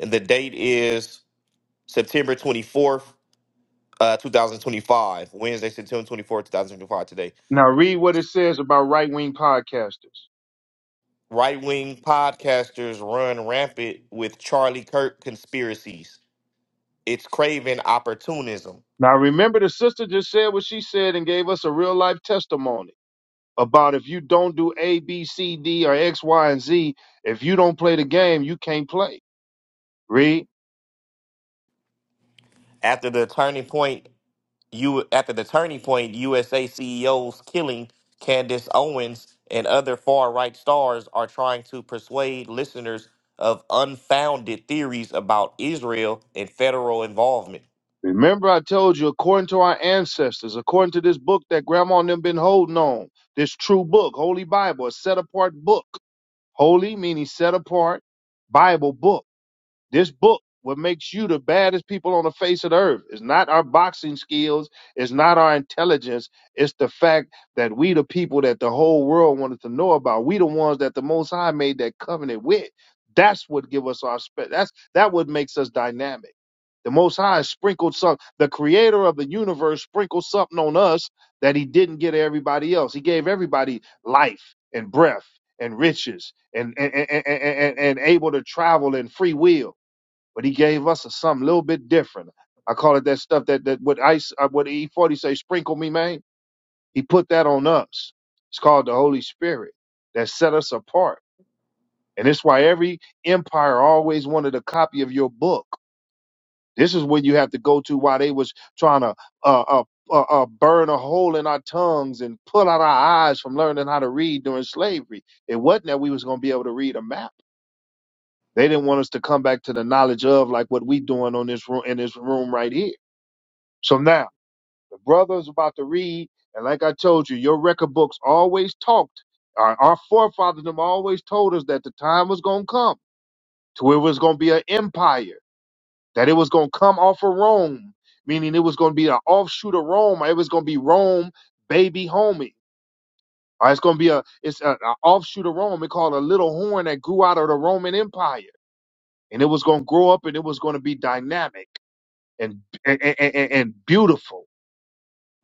[SPEAKER 3] and the date is September twenty fourth. Uh, 2025, Wednesday, September twenty fourth, two 2025, today.
[SPEAKER 1] Now read what it says about right wing podcasters.
[SPEAKER 3] Right wing podcasters run rampant with Charlie Kirk conspiracies. It's craving opportunism.
[SPEAKER 1] Now remember, the sister just said what she said and gave us a real life testimony about if you don't do A, B, C, D, or X, Y, and Z, if you don't play the game, you can't play. Read.
[SPEAKER 3] After the turning point you after the turning point, USA CEOs killing Candace Owens and other far right stars are trying to persuade listeners of unfounded theories about Israel and federal involvement.
[SPEAKER 1] Remember, I told you, according to our ancestors, according to this book that grandma and them been holding on, this true book, Holy Bible, a set apart book. Holy meaning set apart, Bible book. This book, what makes you the baddest people on the face of the earth, is not our boxing skills, it's not our intelligence, it's the fact that we the people that the whole world wanted to know about. We the ones that the Most High made that covenant with. That's what give us our spe- that's that what makes us dynamic. The Most High sprinkled some. The Creator of the universe sprinkled something on us that He didn't get everybody else. He gave everybody life and breath and riches and and and, and, and, and able to travel and free will but he gave us something a little bit different. I call it that stuff that that what ice uh, what E forty say sprinkle me man. He put that on us. It's called the Holy Spirit that set us apart, and it's why every empire always wanted a copy of your book. This is where you have to go to why they was trying to uh, uh, uh, uh, burn a hole in our tongues and pull out our eyes from learning how to read during slavery. It wasn't that we was going to be able to read a map. They didn't want us to come back to the knowledge of like what we doing on this room in this room right here So now the brother's about to read, and like I told you, your record books always talked. Our, our forefathers them always told us that the time was gonna come to where it was gonna be an empire, that it was gonna come off of Rome, meaning it was gonna be an offshoot of Rome, or it was gonna be Rome baby homie. Or it's gonna be a it's an offshoot of Rome. They called a little horn that grew out of the Roman Empire, and it was gonna grow up, and it was gonna be dynamic and and, and, and and beautiful,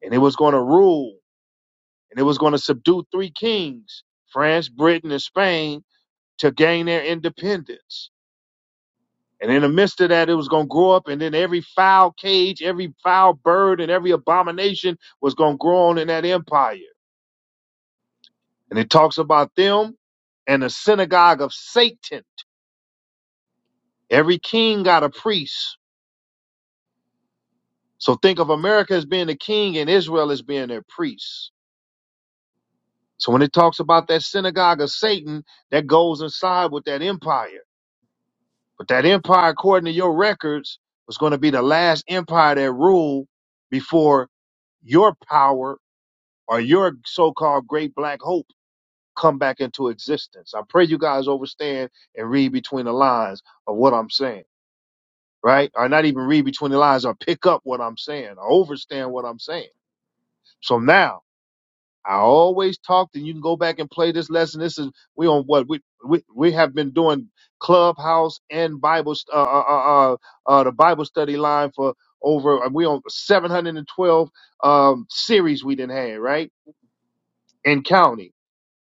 [SPEAKER 1] and it was gonna rule and it was going to subdue three kings France, Britain, and Spain to gain their independence. And in the midst of that, it was going to grow up, and then every foul cage, every foul bird, and every abomination was going to grow on in that empire. And it talks about them and the synagogue of Satan. Every king got a priest. So think of America as being the king and Israel as being their priest. So when it talks about that synagogue of Satan, that goes inside with that empire. But that empire, according to your records, was going to be the last empire that ruled before your power or your so-called great black hope come back into existence. I pray you guys understand and read between the lines of what I'm saying, right? Or not even read between the lines or pick up what I'm saying or understand what I'm saying. So now I always talked, and you can go back and play this lesson. This is we on what we we, we have been doing clubhouse and Bible st- uh, uh, uh, uh, uh, the Bible study line for over. uh, We on 712 um, series we didn't have right and counting.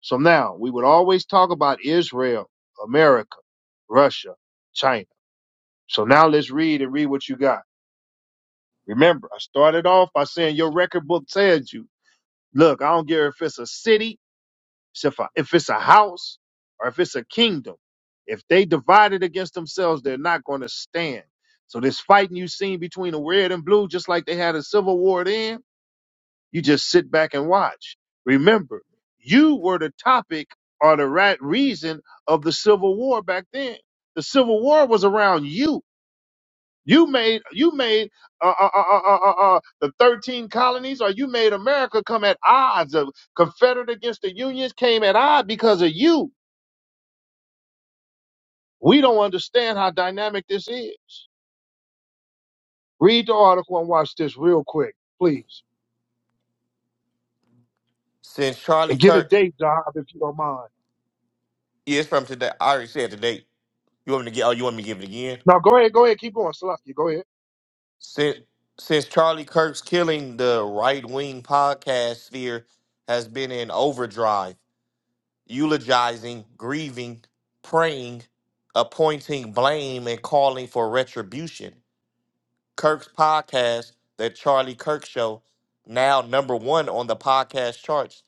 [SPEAKER 1] So now we would always talk about Israel, America, Russia, China. So now let's read and read what you got. Remember, I started off by saying your record book tells you. Look, I don't care if it's a city So if, a, if it's a house or if it's a kingdom, if they divided against themselves, they're not going to stand. So this fighting you seen between the red and blue, just like they had a civil war then, you just sit back and watch. Remember, you were the topic or the right reason of the civil war back then. The civil war was around you you made you made uh, uh, uh, uh, uh, uh, uh, the thirteen colonies, or you made America come at odds. The Confederate against the Unions came at odds because of you. We don't understand how dynamic this is. Read the article and watch this real quick, please,
[SPEAKER 3] Since
[SPEAKER 1] and
[SPEAKER 3] Charlie
[SPEAKER 1] get a
[SPEAKER 3] Kirk
[SPEAKER 1] date, Job, if you don't mind.
[SPEAKER 3] is from today, I already said the date. You want me to get? Oh, you want me to give it again?
[SPEAKER 1] Now go ahead, go ahead, keep going, Slough. Go ahead.
[SPEAKER 3] Since since Charlie Kirk's killing, the right wing podcast sphere has been in overdrive. eulogizing, grieving, praying, appointing blame, and calling for retribution. Kirk's podcast, The Charlie Kirk Show, now number one on the podcast charts,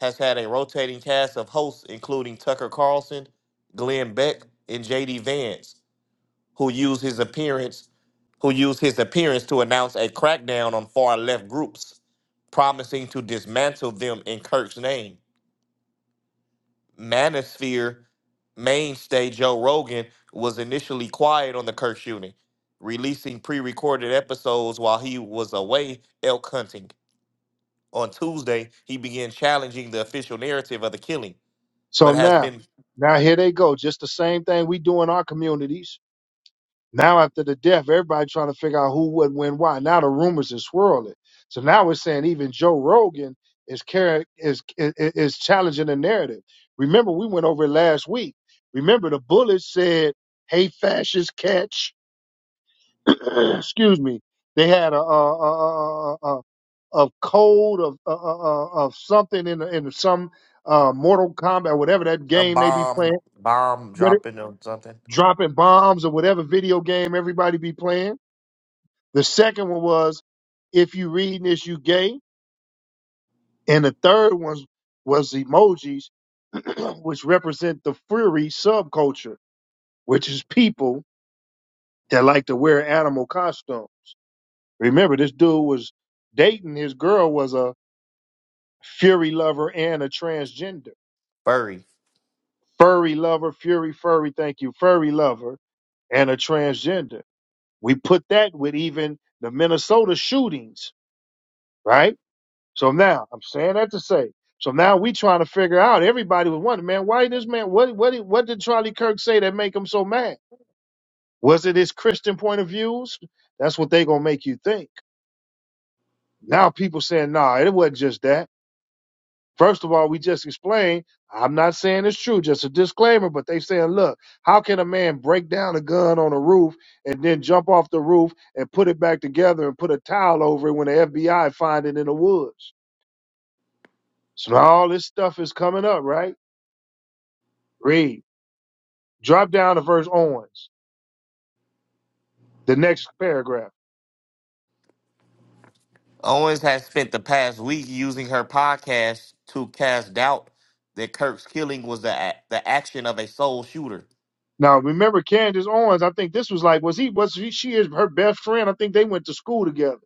[SPEAKER 3] has had a rotating cast of hosts, including Tucker Carlson, Glenn Beck, and JD Vance, who use his appearance who used his appearance to announce a crackdown on far left groups, promising to dismantle them in Kirk's name. Manosphere mainstay Joe Rogan was initially quiet on the Kirk shooting, releasing pre-recorded episodes while he was away elk hunting. On Tuesday, he began challenging the official narrative of the killing,
[SPEAKER 1] So
[SPEAKER 3] but has
[SPEAKER 1] now,
[SPEAKER 3] been
[SPEAKER 1] now here they go. Just the same thing we do in our communities Now after the death, everybody trying to figure out who, what, when, why. Now the rumors are swirling. So now we're saying even Joe Rogan is carrying is is, is challenging the narrative. Remember, we went over it last week. Remember, the bullet said, "Hey, fascist catch." Excuse me. They had a a a, a, a, a code of uh, uh, of something in the- in some uh, Mortal Kombat, whatever that
[SPEAKER 3] a
[SPEAKER 1] game they be
[SPEAKER 3] bomb
[SPEAKER 1] playing,
[SPEAKER 3] bomb
[SPEAKER 1] what it,
[SPEAKER 3] dropping or something.
[SPEAKER 1] dropping bombs or whatever video game everybody be playing The second one was, if you read this, you gay. And the third one was emojis, which represent the furry subculture, which is people that like to wear animal costumes. Remember, this dude was dating his girl was a furry lover and a transgender.
[SPEAKER 3] Furry.
[SPEAKER 1] Furry lover, fury, furry, thank you, furry lover and a transgender. We put that with even the Minnesota shootings, right? So now I'm saying that to say. So now we trying to figure out. Everybody was wondering, man, why this man? What what did- what did Charlie Kirk say that make him so mad? Was it his Christian point of views? That's what they gonna make you think. Now people saying, nah, it wasn't just that. First of all, we just explained. I'm not saying it's true, just a disclaimer. But they saying, look, how can a man break down a gun on a roof and then jump off the roof and put it back together and put a towel over it when the FBI find it in the woods? So now all this stuff is coming up, right? Read. Drop down to verse Owens, the next paragraph.
[SPEAKER 3] Owens has spent the past week using her podcast to cast doubt that Kirk's killing was the a- the action of a sole shooter
[SPEAKER 1] Now remember Candace Owens, I think this was like, was he was he, she is her best friend? I think they went to school together.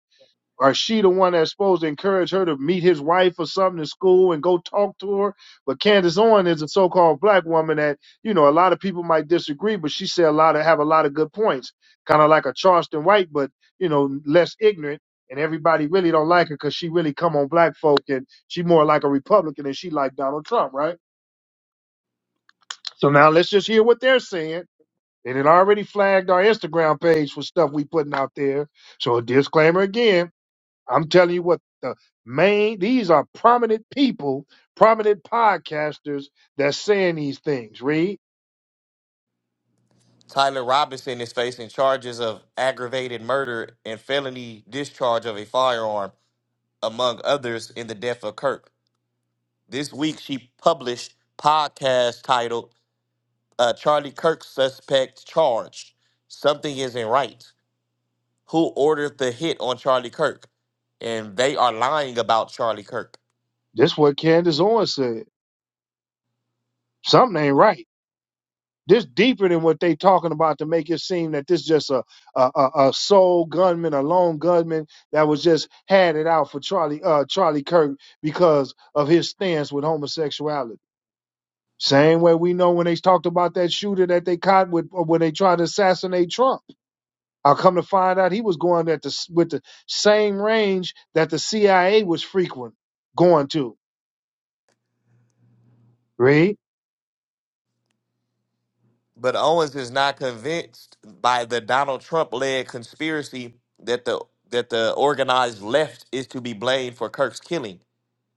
[SPEAKER 1] Or is she the one that's supposed to encourage her to meet his wife or something in school and go talk to her? But Candace Owens is a so called black woman that, you know, a lot of people might disagree, but she said a lot of have a lot of good points. Kind of like a Charleston White, but you know, less ignorant. And everybody really don't like her because she really come on black folk and she more like a Republican and she like Donald Trump, right? So now let's just hear what they're saying. They had already flagged our Instagram page for stuff we putting out there. So a disclaimer again, I'm telling you what the main these are prominent people, prominent podcasters that's saying these things. Read
[SPEAKER 3] Tyler Robinson is facing charges of aggravated murder and felony discharge of a firearm, among others, in the death of Kirk. This week, she published podcast titled uh, "Charlie Kirk Suspect Charged." Something isn't right. Who ordered the hit on Charlie Kirk? And they are lying about Charlie Kirk.
[SPEAKER 1] this what Candace Owens said. Something ain't right. This deeper than what they talking about to make it seem that this just a a, a, a sole gunman, a lone gunman that was just had it out for Charlie uh Charlie Kirk because of his stance with homosexuality. Same way we know when they talked about that shooter that they caught with or when they tried to assassinate Trump. I come to find out he was going at the with the same range that the CIA was frequent going to. Read.
[SPEAKER 3] But Owens is not convinced by the Donald Trump-led conspiracy that the that the organized left is to be blamed for Kirk's killing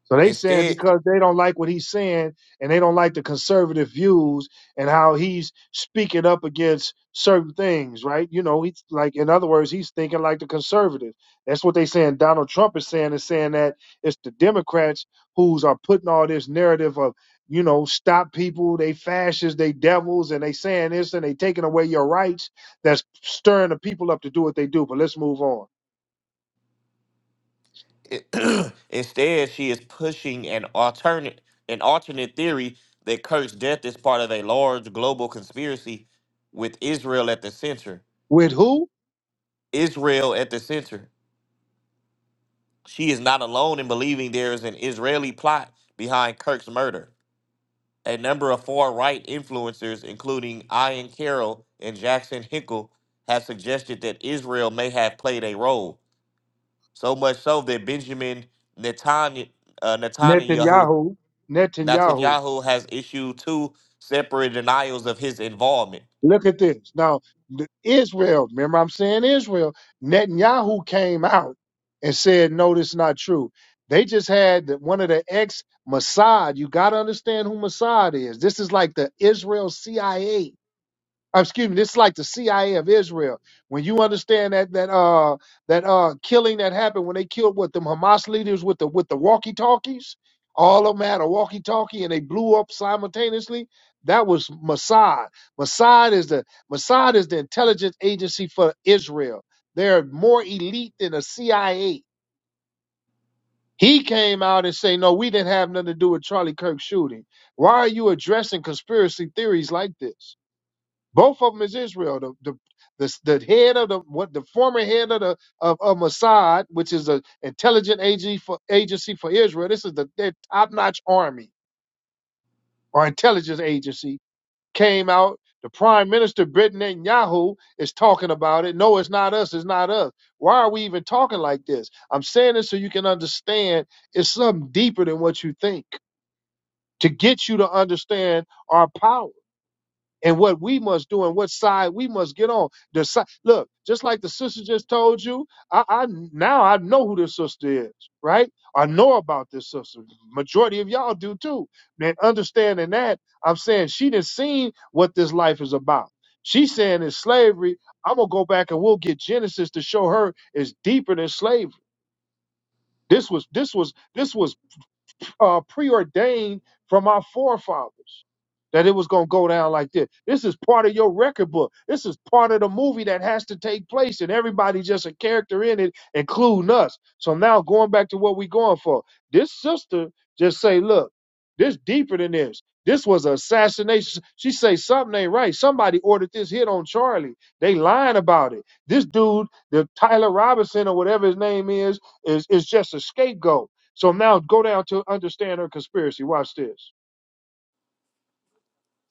[SPEAKER 1] So they saying
[SPEAKER 3] Instead,
[SPEAKER 1] because they don't like what he's saying and they don't like the conservative views and how he's speaking up against certain things, right? You know, he's like in other words, he's thinking like the conservatives. That's what they saying Donald Trump is saying is saying that it's the Democrats who's are putting all this narrative of, you know, stop people, they fascists, they devils, and they saying this and they taking away your rights. That's stirring the people up to do what they do. But let's move on.
[SPEAKER 3] instead, she is pushing an alternate an alternate theory that Kirk's death is part of a large global conspiracy with Israel at the center.
[SPEAKER 1] With who?
[SPEAKER 3] Israel at the center. She is not alone in believing there is an Israeli plot behind Kirk's murder. A number of far right influencers, including Ian Carroll and Jackson Hinkle, have suggested that Israel may have played a role. So much so that Benjamin Netanyahu, uh, Netanyahu
[SPEAKER 1] Netanyahu. Netanyahu.
[SPEAKER 3] Netanyahu has issued two separate denials of his involvement.
[SPEAKER 1] Look at this. Now, the Israel, remember I'm saying Israel, Netanyahu came out and said, no, this is not true. They just had the- one of the ex Mossad. You got to understand who Mossad is. This is like the Israel CIA uh, excuse me, this is like the CIA of Israel. When you understand that that uh that uh killing that happened when they killed what them Hamas leaders with the with the walkie talkies, all of them had a walkie talkie and they blew up simultaneossly. That was Mossad. Mossad is the Mossad is the intelligence agency for Israel. They're more elite than the CIA. He came out and say, "No, we didn't have nothing to do with Charlie Kirk shooting." Why are you addressing conspiracy theories like this? Both of them is Israel. The the the, the head of the what the former head of the of, of Mossad, which is an intelligent agency for agency for Israel. This is the their top notch army or intelligence agency came out. The prime minister Britain Netanyahu is talking about it. No, it's not us. It's not us. Why are we even talking like this? I'm saying this so you can understand. It's something deeper than what you think to get you to understand our power and what we must do and what side we must get on. The side, look, just like the sister just told you, I, I now I know who this sister is, right? I know about this sister. Majority of y'all do too. And understanding that, I'm saying she done seen what this life is about. She's saying it's slavery. I'm gonna go back and we'll get Genesis to show her it's deeper than slavery. This was this was this was uh, preordained from our forefathers that it was going to go down like this. This is part of your record book. This is part of the movie that has to take place, and everybody's just a character in it, including us. So now going back to what we're going for, this sister just say, look, this deeper than this. This was an assassination. She say something ain't right. Somebody ordered this hit on Charlie. They lying about it. This dude, the Tyler Robinson or whatever his name is, is is just a scapegoat. So now go down to understand her conspiracy. Watch this.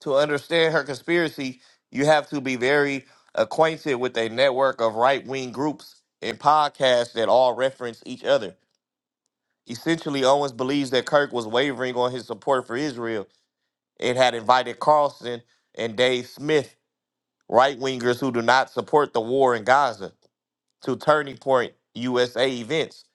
[SPEAKER 3] To understand her conspiracy, you have to be very acquainted with a network of right wing groups and podcasts that all reference each other. Essentially, Owens believes that Kirk was wavering on his support for Israel and had invited Carlson and Dave Smith, right wingers who do not support the war in Gaza, to Turning Point USA events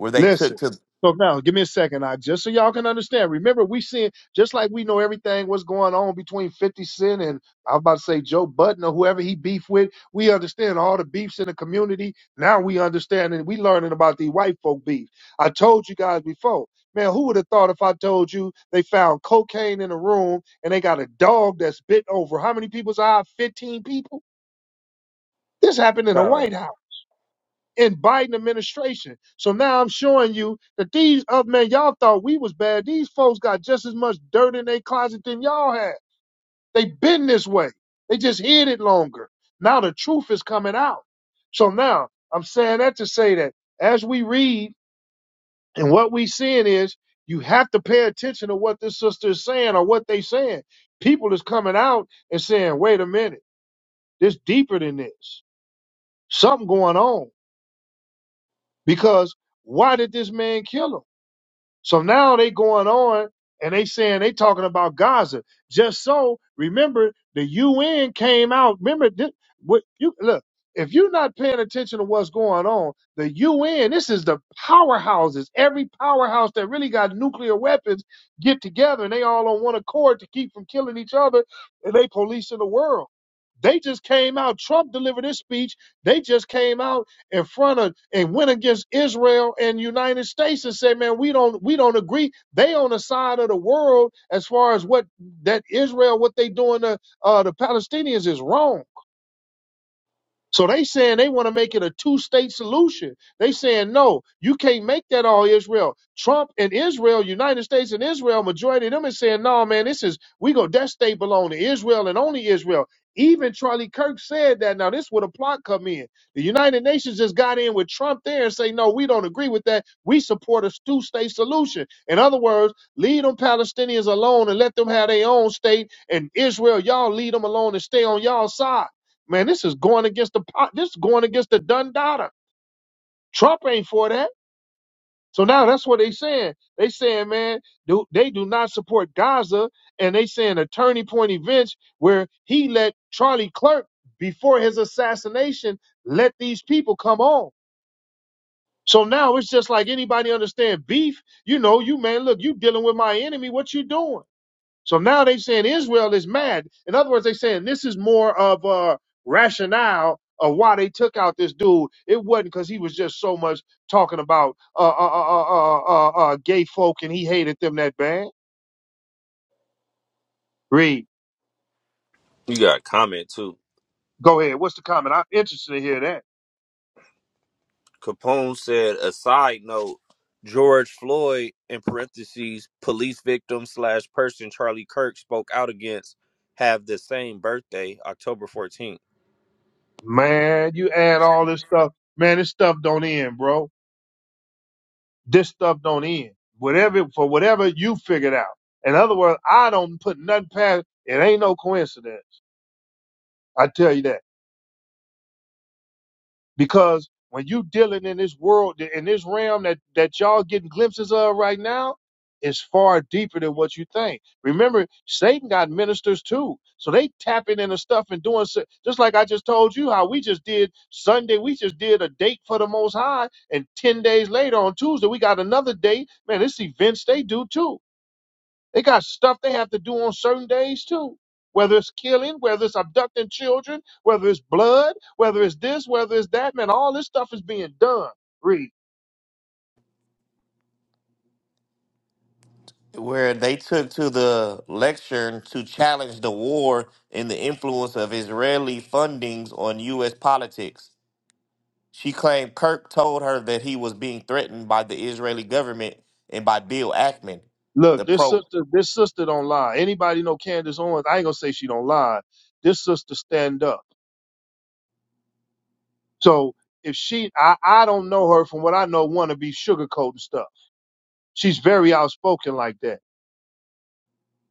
[SPEAKER 3] where they took
[SPEAKER 1] Listen. So now give me a second, I just so y'all can understand. Remember, we seen just like we know everything what's going on between 50 Cent and I was about to say Joe Budden or whoever he beef with. We understand all the beefs in the community. Now we understand and we learning about the white folk beef. I told you guys before. Man, who would have thought if I told you they found cocaine in a room and they got a dog that's bit over how many people's eye? 15 people? This happened in the
[SPEAKER 3] to
[SPEAKER 1] White House. in Biden administration. So now I'm showing you that these other man, y'all thought we was bad. These folks got just as much dirt in their closet than y'all had. They been this way. They just hid it longer. Now the truth is coming out. So now I'm saying that to say that as we read and what we seeing is you have to pay attention to what this sister is saying or what they saying. People is coming out and saying, wait a minute, this deeper than this. Something going on. Because why did this man kill him? So now they going on and they saying they talking about Gaza. Just so remember the UN came out. Remember this, what you look. If you're not paying attention to what's going on, the UN, this is the powerhouses. Every powerhouse that really got nuclear weapons get together and they all on one accord to keep from killing each other and they policing the world. They just came out. Trump delivered his speech. They just came out in front of and went against Israel and United States and said, man, we don't we don't agree. They on the side of the world as far as what that Israel, what they doing to uh, the Palestinians is wrong. So they saying they want to make it a two-state solution. They saying no, you can't make that all Israel. Trump and Israel, United States and Israel, majority of them is saying no, man. This is we go that state belong to Israel and only Israel. Even Charlie Kirk said that. Now this would a plot come in. The United Nations just got in with Trump there and say no, we don't agree with that. We support a two-state solution. In other words, leave them Palestinians alone and let them have their own state. And Israel, y'all leave them alone and stay on y'all side. Man, this is going against the po- this is going against the done data. Trump ain't for that. So now that's what they saying. They saying, man, do, they do not support Gaza, and they saying a turning point events where he let Charlie Clerk before his assassination let these people come on. So now it's just like anybody understand beef. You know, you man, look, you dealing with my enemy. What you doing? So now they saying Israel is mad. In other words, they saying this is more of a rationale of why they took out this dude. It wasn't because he was just so much talking about uh, uh, uh, uh, uh, uh, uh, gay folk and he hated them that bad. Read.
[SPEAKER 2] You got a comment too.
[SPEAKER 1] Go ahead. What's the comment? I'm interested to hear that.
[SPEAKER 2] Capone said, a side note, George Floyd, in parentheses, police victim slash person Charlie Kirk spoke out against, have the same birthday, October 14th.
[SPEAKER 1] Man, you add all this stuff. Man, this stuff don't end, bro. This stuff don't end. Whatever for whatever you figured out. In other words, I don't put nothing past. It ain't no coincidence. I tell you that. Because when you dealing in this world, in this realm that, that y'all getting glimpses of right now, it's far deeper than what you think. Remember, Satan got ministers too. So they tapping into stuff and doing so, just like I just told you how we just did Sunday. We just did a date for the Most High. And 10 days later on Tuesday, we got another date. Man, this events they do too they got stuff they have to do on certain days too. Whether it's killing, whether it's abducting children, whether it's blood, whether it's this, whether it's that, man, all this stuff is being done. Read.
[SPEAKER 3] where they took to the lecture to challenge the war and the influence of Israeli fundings on U.S. politics. She claimed Kirk told her that he was being threatened by the Israeli government and by Bill Ackman, the
[SPEAKER 1] Look, this
[SPEAKER 3] pro
[SPEAKER 1] sister, this sister don't lie. Anybody know Candace Owens? I ain't gonna say she don't lie. This sister stand up. So if she, I, I don't know her from what I know, want to be sugarcoating stuff. She's very outspoken like that.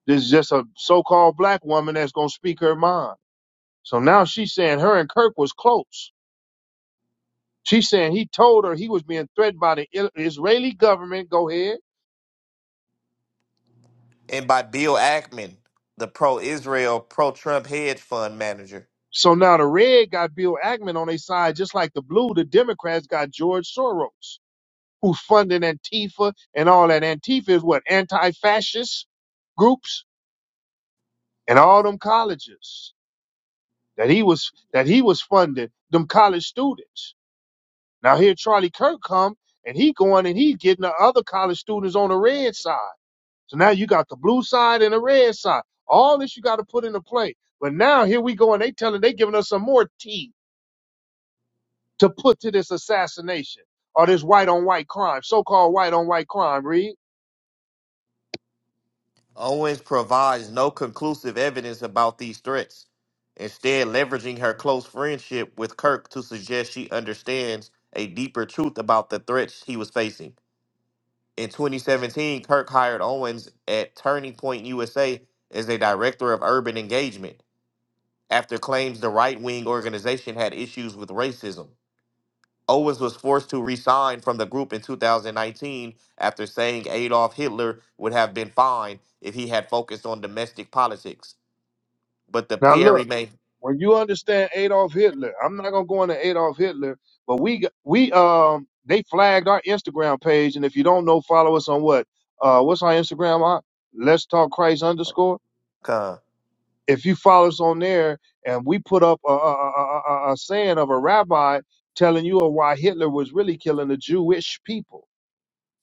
[SPEAKER 1] This is just a so-called black woman that's gonna speak her mind. So now she's saying her and Kirk was close. She's saying he told her he was being threatened by the Il- Israeli government. Go ahead.
[SPEAKER 3] and by Bill Ackman, the pro-Israel, pro-Trump hedge fund manager.
[SPEAKER 1] So now the red got Bill Ackman on their side, just like the blue, the Democrats got George Soros, who's funding Antifa and all that. Antifa is what anti-fascist groups and all them colleges that he was that he was funding them college students. Now here Charlie Kirk come and he going and he's getting the other college students on the red side. So now you got the blue side and the red side. All this you got to put into play. But now here we go, and they telling they giving us some more tea to put to this assassination or this white on white crime, so called white on white crime. Read
[SPEAKER 3] Owens provides no conclusive evidence about these threats, instead, leveraging her close friendship with Kirk to suggest she understands a deeper truth about the threats he was facing. In 2017, Kirk hired Owens at Turning Point USA as a director of urban engagement after claims the right wing organization had issues with racism. Owens was forced to resign from the group in 2019 after saying Adolf Hitler would have been fine if he had focused on domestic politics. But the
[SPEAKER 1] now,
[SPEAKER 3] pair
[SPEAKER 1] look
[SPEAKER 3] remained
[SPEAKER 1] when you understand Adolf Hitler. I'm not gonna go into Adolf Hitler, but we got- we um they flagged our Instagram page, and if you don't know, follow us on what uh what's our Instagram? Uh, Let's talk Christ underscore.
[SPEAKER 3] Con.
[SPEAKER 1] if you follow us on there and we put up a, a, a, a, a saying of a rabbi telling you of why Hitler was really killing the Jewish people.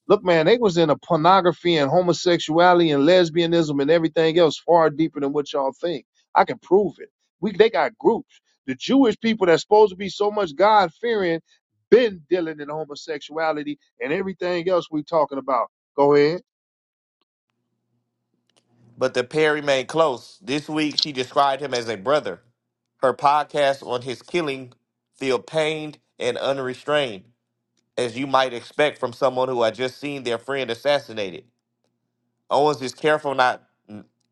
[SPEAKER 1] Look, man, they was into pornography and homosexuality and lesbianism and everything else far deeper than what y'all think. I can prove it. We they got groups. The Jewish people that's supposed to be so much God fearing been dealing in homosexuality and everything else we talking about. Go ahead.
[SPEAKER 3] But the pair remained close. This week, she described him as a brother. Her podcast on his killing feel pained and unrestrained, as you might expect from someone who had just seen their friend assassinated. Owens is careful not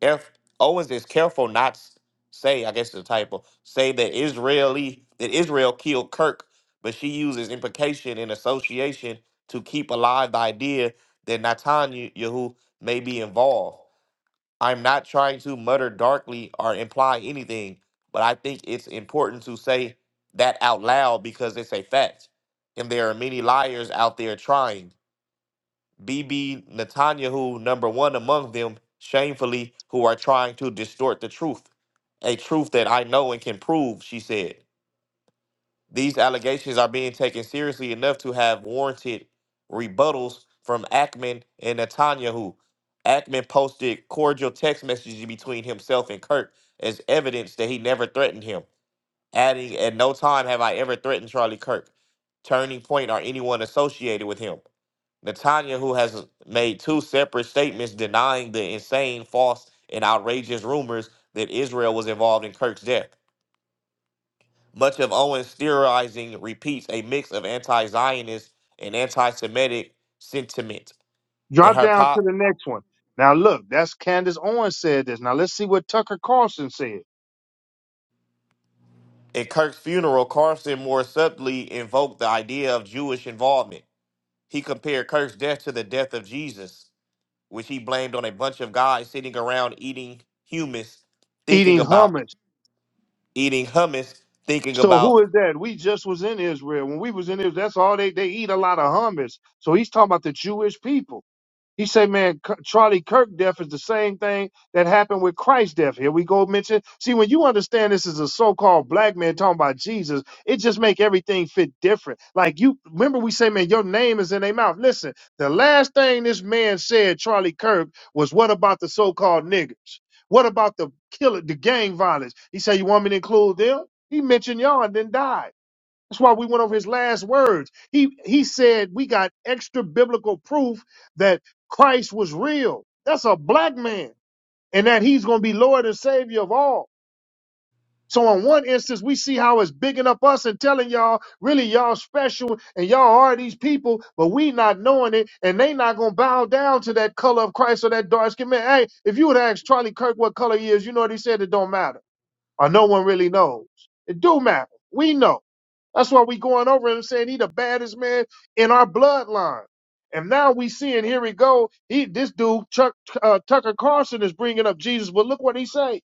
[SPEAKER 3] if Owens is careful not s- say, I guess it's a typo, say that Israeli that Israel killed Kirk, but she uses implication and association to keep alive the idea that Netanyahu may be involved. I'm not trying to mutter darkly or imply anything, but I think it's important to say that out loud because it's a fact. And there are many liars out there trying. B. B. Netanyahu, number one among them, shamefully, who are trying to distort the truth. A truth that I know and can prove, she said. These allegations are being taken seriously enough to have warranted rebuttals from Ackman and Netanyahu. Ackman posted cordial text messages between himself and Kirk as evidence that he never threatened him, adding, At no time have I ever threatened Charlie Kirk, Turning Point, or anyone associated with him. Netanya, who has made two separate statements denying the insane, false, and outrageous rumors that Israel was involved in Kirk's death. Much of Owen's theorizing repeats a mix of anti-Zionist and anti-Semitic sentiment. In
[SPEAKER 1] Drop
[SPEAKER 3] her
[SPEAKER 1] down to
[SPEAKER 3] pop,
[SPEAKER 1] the next one. Now look, that's Candace Owens said this. Now let's see what Tucker Carlson said.
[SPEAKER 3] in Kirk's funeral, Carson more subtly invoked the idea of Jewish involvement. He compared Kirk's death to the death of Jesus, which he blamed on a bunch of guys sitting around eating hummus, thinking
[SPEAKER 1] Eating
[SPEAKER 3] about
[SPEAKER 1] hummus.
[SPEAKER 3] eating hummus, thinking
[SPEAKER 1] So
[SPEAKER 3] about
[SPEAKER 1] who is that? We just was in Israel. When we was in Israel, that's all they they eat a lot of hummus. So he's talking about the Jewish people. He said, man, K- Charlie Kirk death is the same thing that happened with Christ death. Here we go mention. See, when you understand this is a so-called black man talking about Jesus, it just make everything fit different. Like you remember we say, man, your name is in their mouth. Listen, the last thing this man said, Charlie Kirk, was what about the so-called niggers? What about the killer, the gang violence? He said, you want me to include them? He mentioned y'all and then died. That's why we went over his last words. He he said we got extra biblical proof that Christ was real. That's a black man, and that he's going to be Lord and Savior of all. So in one instance, we see how it's bigging up us and telling y'all, really y'all special and y'all are these people, but we not knowing it, and they not gonna bow down to that color of Christ or that dark skin man. Hey, if you would ask Charlie Kirk what color he is, you know what he said, it don't matter or no one really knows. It do matter. We know. That's why we going over him saying he the baddest man in our bloodline. And now we seeing here we go. He this dude Chuck uh, Tucker Carlson is bringing up Jesus, but look what he say.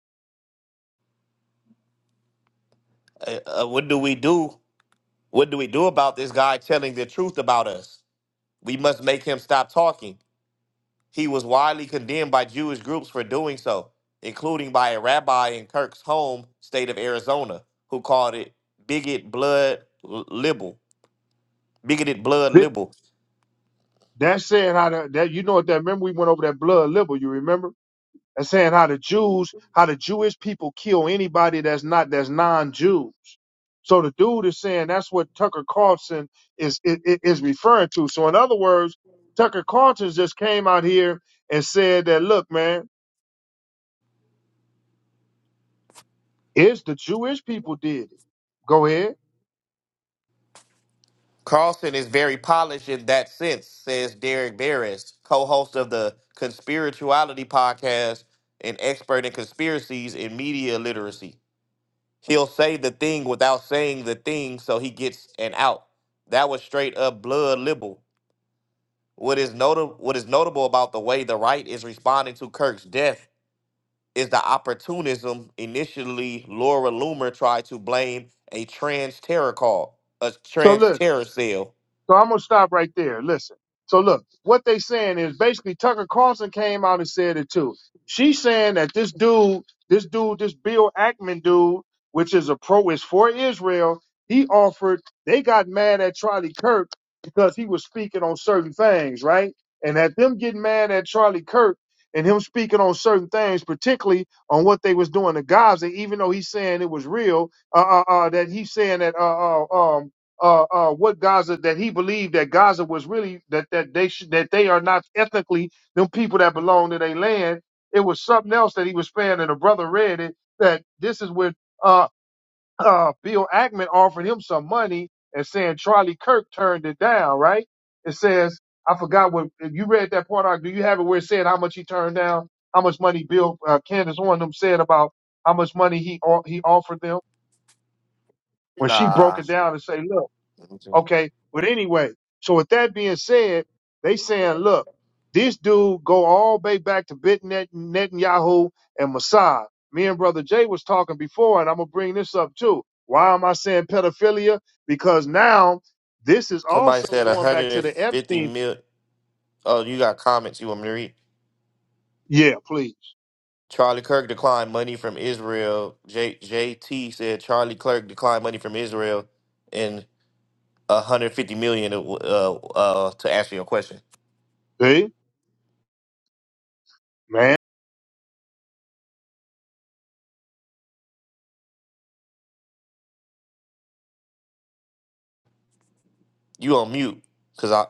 [SPEAKER 3] uh, uh, what do we do? What do we do about this guy telling the truth about us? We must make him stop talking. He was widely condemned by Jewish groups for doing so, including by a rabbi in Kirk's home state of Arizona, who called it bigot blood libel, bigoted blood
[SPEAKER 1] That
[SPEAKER 3] libel.
[SPEAKER 1] that said how the, that you know what that remember we went over that blood libel. You remember? and saying how the Jews, how the Jewish people kill anybody that's not that's non-Jews. So the dude is saying that's what Tucker Carlson is is, is referring to. So in other words, Tucker Carlson just came out here and said that, look, man, it's the Jewish people did it. Go ahead.
[SPEAKER 3] Carlson is very polished in that sense, says Derek Barris, co host of the Conspirituality podcast and expert in conspiracies and media literacy. He'll say the thing without saying the thing so he gets an out. That was straight up blood libel. What is, notable? what is notable about the way the right is responding to Kirk's death is the opportunism initially Laura Loomer tried to blame a trans terror call, a
[SPEAKER 1] So look.
[SPEAKER 3] trans terror cell.
[SPEAKER 1] So I'm gonna stop right there. Listen. So look, what they saying is basically Tucker Carlson came out and said it too. She's saying that this dude, this dude, this Bill Ackman dude, which is a pro, is for Israel. He offered. They got mad at Charlie Kirk because he was speaking on certain things, right? And at them getting mad at Charlie Kirk and him speaking on certain things, particularly on what they was doing to Gaza, even though he's saying it was real, uh, uh, uh that he's saying that, uh, uh, um, uh, uh, what Gaza that he believed that Gaza was really that that they should that they are not ethnically them people that belong to their land. It was something else that he was saying, and a brother read it that this is where uh, uh, Bill Ackman offered him some money and saying Charlie Kirk turned it down. Right? It says I forgot what you read that part. Ark, Do you have it where it said how much he turned down? How much money Bill uh, Candace Horn them said about how much money he o- he offered them when she broke
[SPEAKER 3] Nah.
[SPEAKER 1] it down and say, look. Okay. But anyway, so with that being said, they saying, look, this dude go all the way back to Bit Net, Netanyahu and Mossad. Me and Brother Jay was talking before, and I'm gonna bring this up too. Why am I saying pedophilia? Because now this is
[SPEAKER 3] Somebody
[SPEAKER 1] also
[SPEAKER 3] said
[SPEAKER 1] going back to the
[SPEAKER 3] 150
[SPEAKER 1] Epstein.
[SPEAKER 3] mil. Oh, you got comments you want me to read?
[SPEAKER 1] Yeah, please.
[SPEAKER 3] Charlie Kirk declined money from Israel. J- JT said Charlie Kirk declined money from Israel and 150 million uh, uh, uh, to answer your question.
[SPEAKER 1] See, man.
[SPEAKER 3] You on mute because I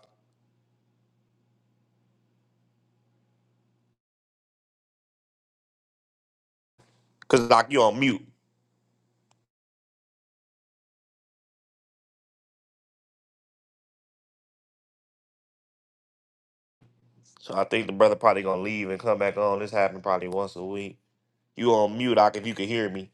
[SPEAKER 3] because Doc, you on mute. So I think the brother probably gonna leave and come back on. This happened probably once a week. You on mute, Doc? If you can hear me,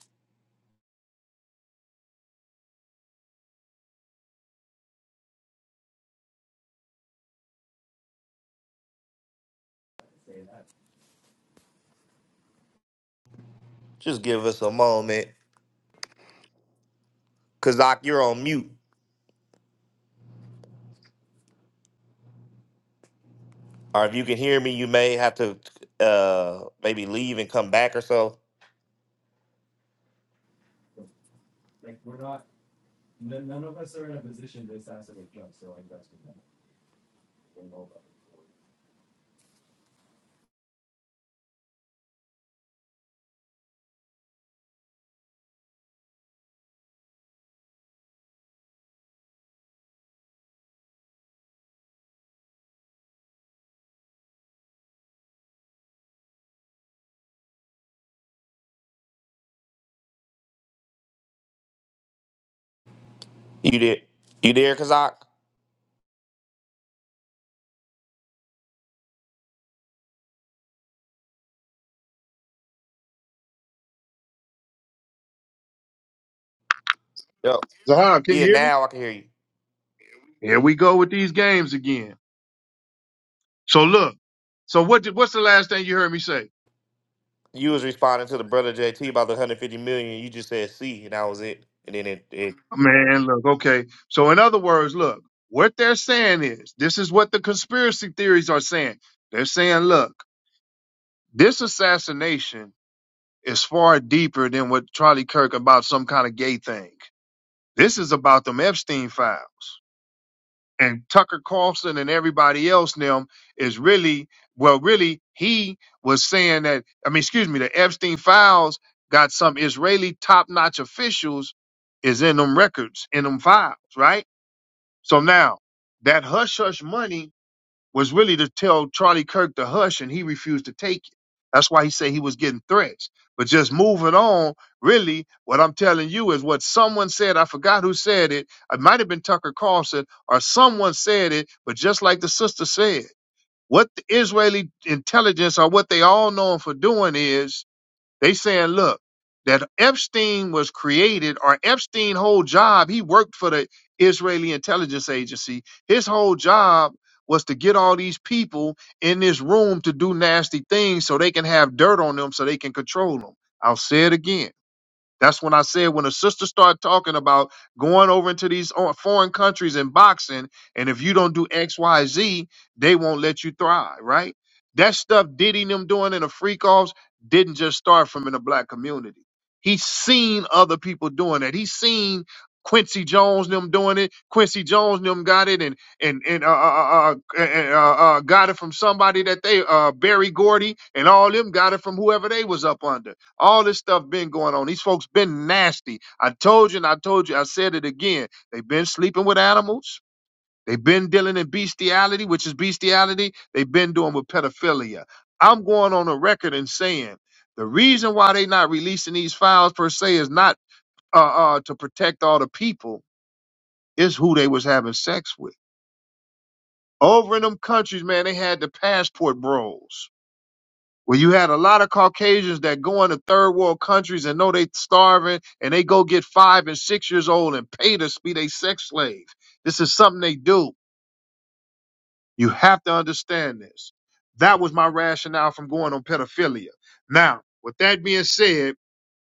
[SPEAKER 3] just give us a moment. Cause Doc, you're on mute. Or if you can hear me, you may have to uh maybe leave and come back or so. You did. You there, Kazak? Yep.
[SPEAKER 1] Zahar, can you
[SPEAKER 3] Yeah,
[SPEAKER 1] hear me?
[SPEAKER 3] now I can hear you.
[SPEAKER 1] Here we go with these games again. So look. So what? Did, what's the last thing you heard me say?
[SPEAKER 3] You was responding to the brother JT about the 150 million. You just said C, and that was it. And then it, it
[SPEAKER 1] Man, look, okay. So, in other words, look, what they're saying is this is what the conspiracy theories are saying. They're saying, look, this assassination is far deeper than what Charlie Kirk about some kind of gay thing. This is about them Epstein files. And Tucker Carlson and everybody else now is really, well, really, he was saying that, I mean, excuse me, the Epstein files got some Israeli top notch officials is in them records, in them files, right? So now that hush hush money was really to tell Charlie Kirk to hush, and he refused to take it. That's why he said he was getting threats. But just moving on, really, what I'm telling you is what someone said. I forgot who said it. It might have been Tucker Carlson or someone said it, but just like the sister said, what the Israeli intelligence or what they all known for doing is they saying, look, that Epstein was created, or Epstein' whole job, he worked for the Israeli intelligence agency. His whole job was to get all these people in this room to do nasty things so they can have dirt on them so they can control them. I'll say it again that's when I said when a sister start talking about going over into these o- foreign countries and boxing, and if you don't do X, Y, Z, they won't let you thrive, right? That stuff Diddy and them doing in the freak offs didn't just start from in the black community. He's seen other people doing that. He's seen Quincy Jones and them doing it. Quincy Jones and them got it and and and uh uh, uh, uh, uh, uh got it from somebody that they uh Barry Gordy and all them got it from whoever they was up under. All this stuff been going on. These folks been nasty. I told you and I told you, I said it again. They've been sleeping with animals. They've been dealing in bestiality, which is bestiality. They've been doing with pedophilia. I'm going on a record and saying the reason why they not releasing these files per se is not uh, uh, to protect all the people. It's who they was having sex with. Over in them countries, man, they had the passport bros. Where you had a lot of Caucasians that go into third world countries and know they starving and they go get five and six years old and pay to be they sex slaves. This is something they do. You have to understand this. That was my rationale from going on pedophilia. Now, with that being said,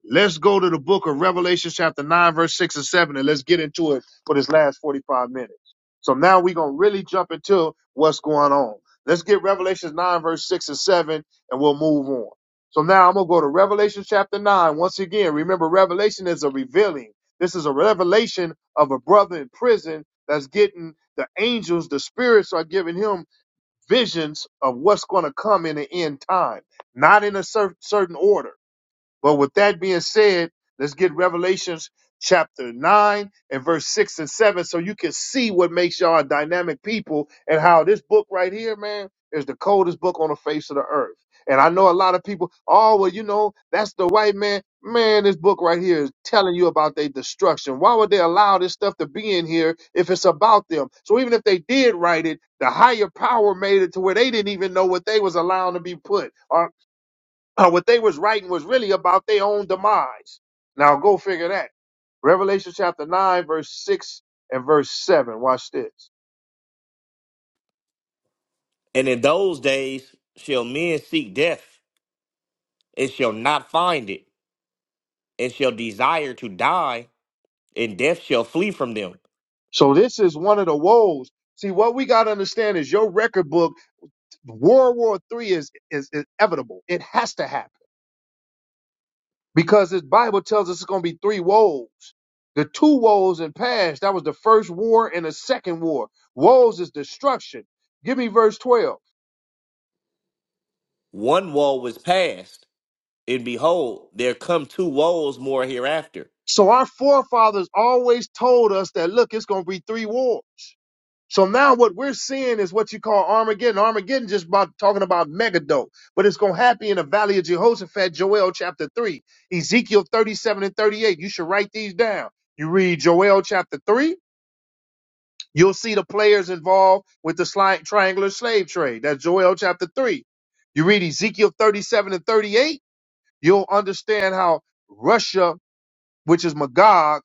[SPEAKER 1] Let's go to the book of Revelation, chapter 9, verse 6 and 7, and let's get into it for this last 45 minutes. So now we're going to really jump into what's going on. Let's get Revelation 9, verse 6 and 7, and we'll move on. So now I'm going to go to Revelation chapter 9. Once again, remember, Revelation is a revealing. This is a revelation of a brother in prison that's getting the angels, the spirits are giving him visions of what's going to come in the end time, not in a cer- certain order but with that being said, let's get Revelations chapter 9 and verse 6 and 7 so you can see what makes y'all a dynamic people and how this book right here, man, is the coldest book on the face of the earth. And I know a lot of people, oh, well, you know, that's the white man. Man, this book right here is telling you about their destruction. Why would they allow this stuff to be in here if it's about them? So even if they did write it, the higher power made it to where they didn't even know what they was allowing to be put. or uh, what they was writing was really about their own demise. Now go figure that. Revelation chapter 9, verse 6 and verse 7. Watch this.
[SPEAKER 3] and in those days shall men seek death, and shall not find it, and shall desire to die, and death shall flee from them.
[SPEAKER 1] So this is one of the woes. See, what we got to understand is your record book, World War Three is, is, is inevitable. It has to happen because this Bible tells us it's going to be three woes. The two woes in past, that was the first war and the second war. Woes is destruction. Give me verse 12.
[SPEAKER 3] One woe is past, and behold, there come two woes more hereafter.
[SPEAKER 1] So our forefathers always told us that, look, it's going to be three wars. So now what we're seeing is what you call Armageddon. Armageddon just about talking about Megiddo, but it's going to happen in the Valley of Jehoshaphat, Joel chapter 3, Ezekiel 37 and 38. You should write these down. You read Joel chapter 3, you'll see the players involved with the sli- triangular slave trade. That's Joel chapter 3. You read Ezekiel 37 and 38, you'll understand how Russia, which is Magog,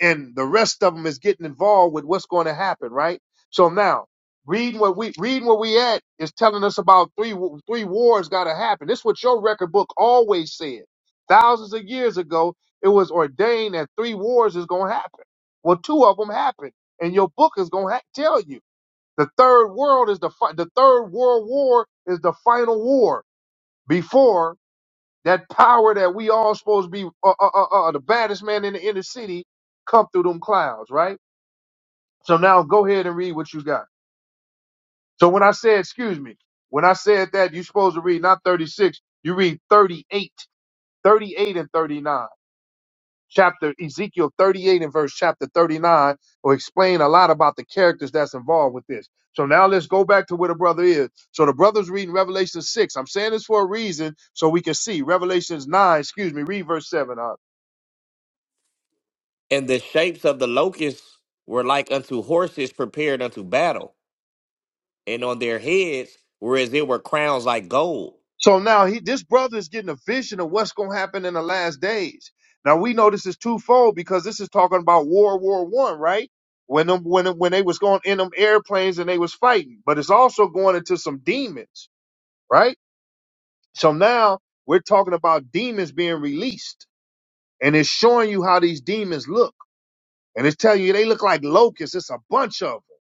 [SPEAKER 1] and the rest of them is getting involved with what's going to happen, right? So now, reading what we reading where we at is telling us about three three wars got to happen. This is what your record book always said. Thousands of years ago, it was ordained that three wars is going to happen. Well, two of them happened, and your book is going to ha- tell you the third world is the fi- the third world war is the final war before. That power that we all supposed to be uh, uh, uh, uh, the baddest man in the inner city come through them clouds, right? So now go ahead and read what you got. So when I said, excuse me, when I said that you're supposed to read not 36, you read 38, 38 and 39. Chapter Ezekiel 38 and verse chapter 39 will explain a lot about the characters that's involved with this. So now let's go back to where the brother is. So the brother's reading Revelation 6. I'm saying this for a reason so we can see. Revelations 9, excuse me, read verse 7. uh,
[SPEAKER 3] And the shapes of the locusts were like unto horses prepared unto battle, and on their heads were as it were crowns like gold,
[SPEAKER 1] So now he, this brother is getting a vision of what's going to happen in the last days. Now we know this is twofold because this is talking about World War One, right? When them, when them, when they was going in them airplanes and they was fighting, but it's also going into some demons, right? So now we're talking about demons being released, and it's showing you how these demons look, and it's telling you they look like locusts. It's a bunch of them,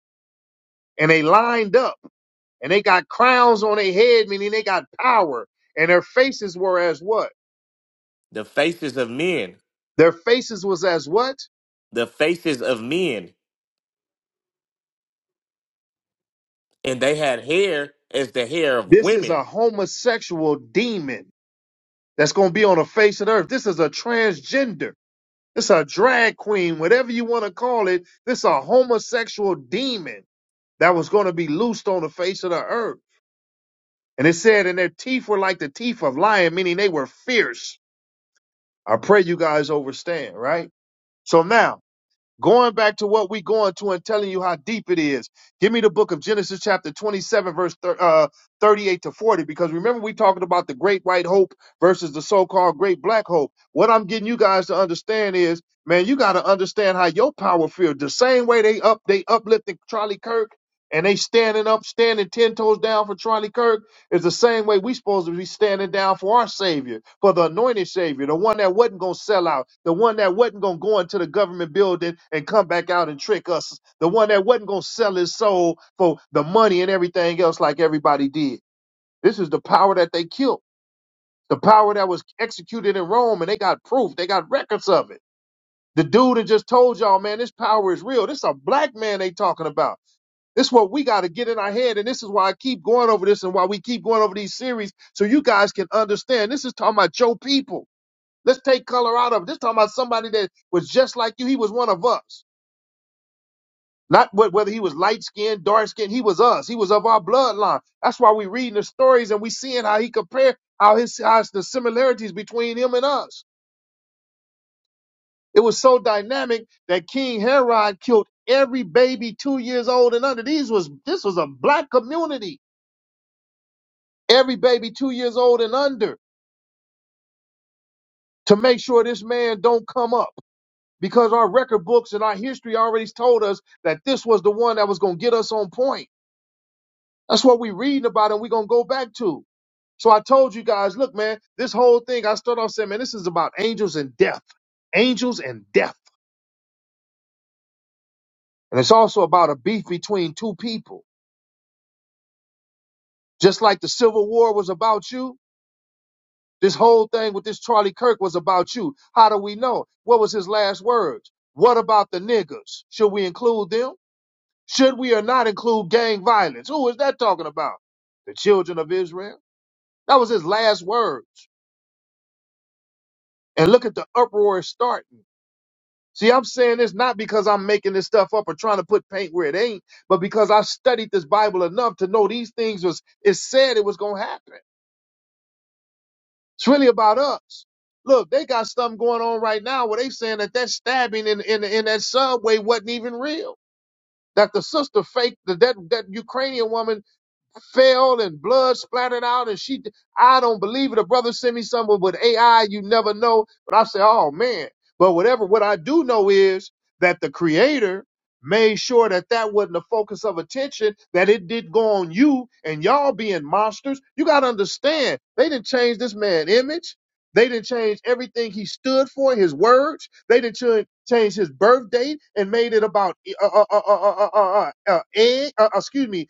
[SPEAKER 1] and they lined up, and they got crowns on their head, meaning they got power, and their faces were as what?
[SPEAKER 3] the faces of men,
[SPEAKER 1] Their faces was as what?
[SPEAKER 3] the faces of men, and they had hair as the hair of
[SPEAKER 1] This is
[SPEAKER 3] women.
[SPEAKER 1] a homosexual demon that's going to be on the face of the earth. This is a transgender. This is a drag queen, whatever you want to call it. This is a homosexual demon that was going to be loosed on the face of the earth. And it said, and their teeth were like the teeth of lion, meaning they were fierce. I pray you guys understand, right? So now Going back to what we going to and telling you how deep it is. Give me the book of Genesis chapter 27 verse thir- uh, 38 to 40 because remember we talking about the great white hope versus the so-called great black hope. What I'm getting you guys to understand is, man, you got to understand how your power feels. The same way they up they uplifting Charlie Kirk and they standing up, standing 10 toes down for Charlie Kirk. It's the same way we supposed to be standing down for our Savior, for the anointed Savior, the one that wasn't going to sell out, the one that wasn't going to go into the government building and come back out and trick us, the one that wasn't going to sell his soul for the money and everything else like everybody did. This is the power that they killed, the power that was executed in Rome, and they got proof, they got records of it. The dude that just told y'all, man, this power is real. This a black man they talking about. This is what we got to get in our head. And this is why I keep going over this and why we keep going over these series so you guys can understand. This is talking about your people. Let's take color out of it. This is talking about somebody that was just like you. He was one of us. Not wh- whether he was light skinned, dark skinned, he was us. He was of our bloodline. That's why we're reading the stories and we seeing how he compared how his how the similarities between him and us. It was so dynamic that King Herod killed every baby two years old and under. These was this was a black community every baby two years old and under to make sure this man don't come up because our record books and our history already told us that this was the one that was going to get us on point that's what we're reading about and we're going to go back to so i told you guys look man this whole thing i started off saying man this is about angels and death angels and death and it's also about a beef between two people just like the civil war was about you This whole thing with this Charlie Kirk was about you. How do we know? What was his last words? What about the niggas? Should we include them? Should we or not include gang violence? Who is that talking about? The children of Israel? That was his last words. And look at the uproar it's starting. See, I'm saying this not because I'm making this stuff up or trying to put paint where it ain't, but because I studied this Bible enough to know these things was it said it was gonna happen. It's really about us. Look, they got something going on right now where they saying that that stabbing in, in, in that subway wasn't even real. That the sister faked, that, that, that Ukrainian woman fell and blood splattered out and she I don't believe it. A brother sent me something with AI, you never know. But I say, oh man. But whatever, what I do know is that the creator made sure that that wasn't the focus of attention, that it did go on you and y'all being monsters. You got to understand, they didn't change this man's image. They didn't change everything he stood for, his words. They didn't cha- change his birth date and made it about uh, uh, uh, uh, uh, uh, uh, uh, egg, uh, uh, excuse me,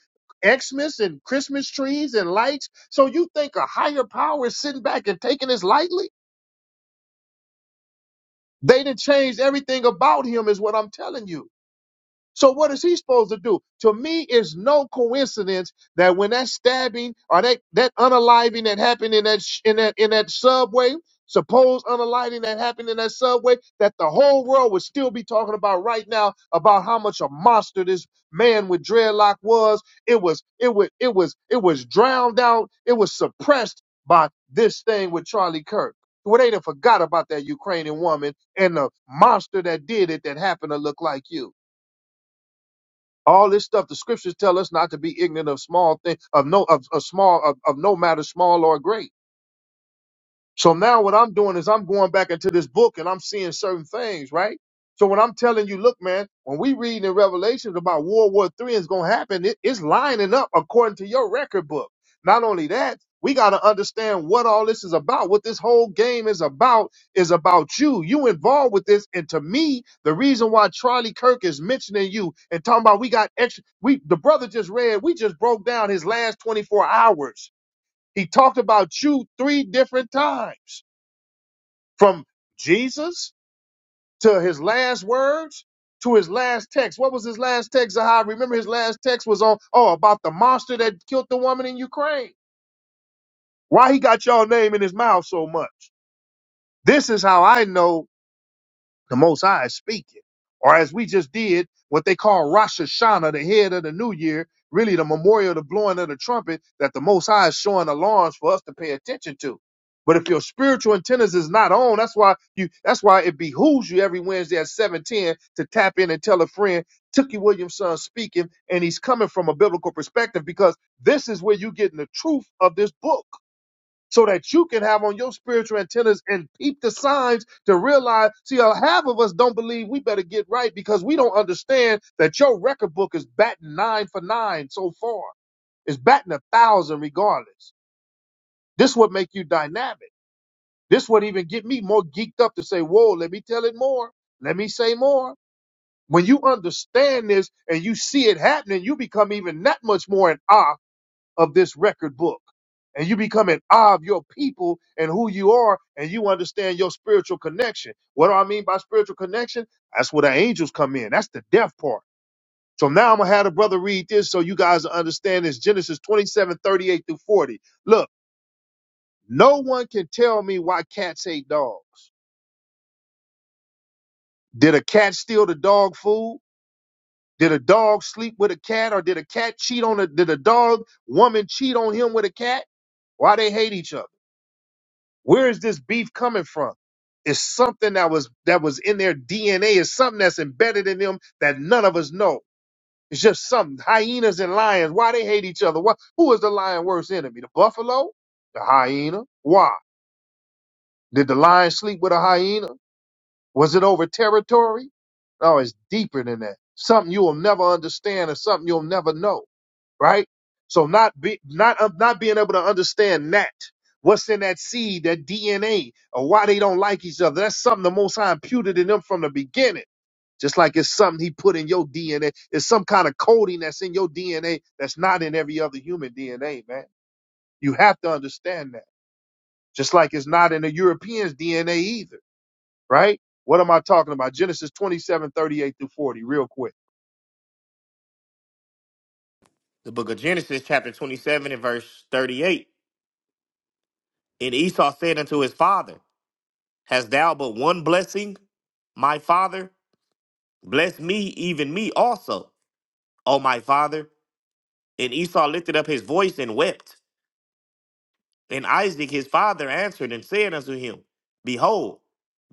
[SPEAKER 1] Xmas and Christmas trees and lights. So you think a higher power is sitting back and taking this lightly? They done changed everything about him, is what I'm telling you. So what is he supposed to do? To me, it's no coincidence that when that stabbing or that that unaliving that happened in that sh- in that in that subway, supposed unaliving that happened in that subway, that the whole world would still be talking about right now about how much a monster this man with dreadlock was. It was it was it was it was drowned out. It was suppressed by this thing with Charlie Kirk. Well, they done forgot about that Ukrainian woman and the monster that did it that happened to look like you. All this stuff, the scriptures tell us not to be ignorant of small things, of no, of, of small, of, of no matter small or great. So now what I'm doing is I'm going back into this book and I'm seeing certain things, right? So when I'm telling you, look, man, when we reading in Revelations about World War Three is going to happen, it- it's lining up according to your record book. Not only that, we got to understand what all this is about. What this whole game is about is about you. You involved with this, and to me, the reason why Charlie Kirk is mentioning you and talking about we got extra, we the brother just read, we just broke down his last 24 hours. He talked about you three different times. From Jesus to his last words to his last text. What was his last text, Zahar? Remember his last text was on, oh, about the monster that killed the woman in Ukraine. Why he got y'all name in his mouth so much? This is how I know The Most High is speaking. Or as we just did, what they call Rosh Hashanah, the head of the new year, really the memorial of the blowing of the trumpet that the Most High is showing alarms for us to pay attention to. But if your spiritual antennas is not on, that's why you that's why it behooves you every Wednesday at 710 to tap in and tell a friend, Tookie Williamson speaking, and he's coming from a biblical perspective because this is where you get getting the truth of this book so that you can have on your spiritual antennas and peep the signs to realize. See, uh, half of us don't believe we better get right because we don't understand that your record book is batting nine for nine so far. It's batting a thousand regardless. This would make you dynamic. This would even get me more geeked up to say, whoa, let me tell it more. Let me say more. When you understand this and you see it happening, you become even that much more in awe of this record book. And you become an eye of your people and who you are, and you understand your spiritual connection. What do I mean by spiritual connection? That's where the angels come in. That's the death part. So now I'm gonna have the brother read this so you guys will understand this Genesis 27:38 through 40. Look, no one can tell me why cats hate dogs. Did a cat steal the dog food? Did a dog sleep with a cat? Or did a cat cheat on a did a dog woman cheat on him with a cat? Why they hate each other? Where is this beef coming from? It's something that was that was in their DNA. It's something that's embedded in them that none of us know. It's just something. Hyenas and lions. Why they hate each other? Why, who is the lion' worst enemy? The buffalo? The hyena? Why? Did the lion sleep with a hyena? Was it over territory? No, it's deeper than that. Something you will never understand and something you'll never know right? So not be, not um, not being able to understand that what's in that seed, that DNA, or why they don't like each other. That's something the Most High imputed in them from the beginning. Just like it's something He put in your DNA. It's some kind of coding that's in your DNA that's not in every other human DNA, man. You have to understand that. Just like it's not in the European's DNA either, right? What am I talking about? Genesis 27, 38 through 40, real quick.
[SPEAKER 3] The book of Genesis, chapter 27, and verse 38. And Esau said unto his father, Hast thou but one blessing, my father? Bless me, even me also, O my father. And Esau lifted up his voice and wept. And Isaac his father answered and said unto him, Behold,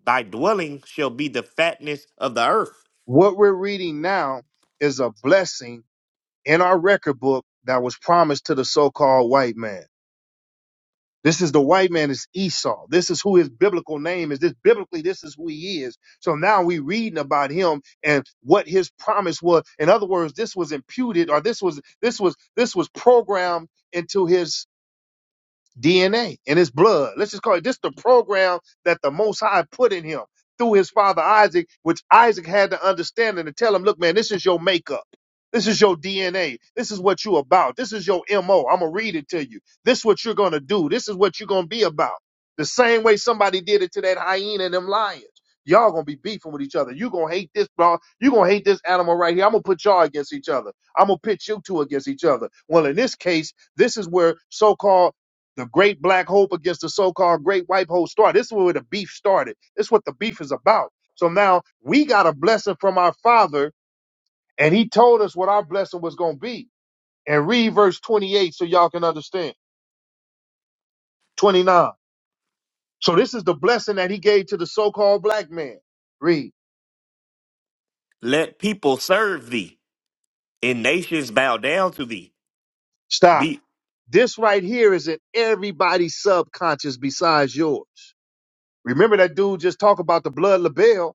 [SPEAKER 3] thy dwelling shall be the fatness of the earth.
[SPEAKER 1] What we're reading now is a blessing in our record book that was promised to the so-called white man. This is the white man is Esau. This is who his biblical name is. This biblically, this is who he is. So now we reading about him and what his promise was. In other words, this was imputed or this was this was this was programmed into his. DNA in his blood. Let's just call it this the program that the Most High put in him through his father Isaac, which Isaac had to understand and to tell him, look, man, this is your makeup. This is your DNA. This is what you're about. This is your MO. I'm going to read it to you. This is what you're going to do. This is what you're going to be about. The same way somebody did it to that hyena and them lions. Y'all gonna be beefing with each other. You gonna hate this dog. You gonna hate this animal right here. I'm gonna put y'all against each other. I'm gonna pit you two against each other. Well, in this case, this is where so-called the great black hope against the so-called great white hope started. This is where the beef started. This is what the beef is about. So now we got a blessing from our father, and he told us what our blessing was going to be. And read verse 28 so y'all can understand. 29. So this is the blessing that he gave to the so-called black man. Read.
[SPEAKER 3] Let people serve thee, and nations bow down to thee.
[SPEAKER 1] Stop.
[SPEAKER 3] Be
[SPEAKER 1] This right here is in everybody's subconscious besides yours. Remember that dude just talked about the blood label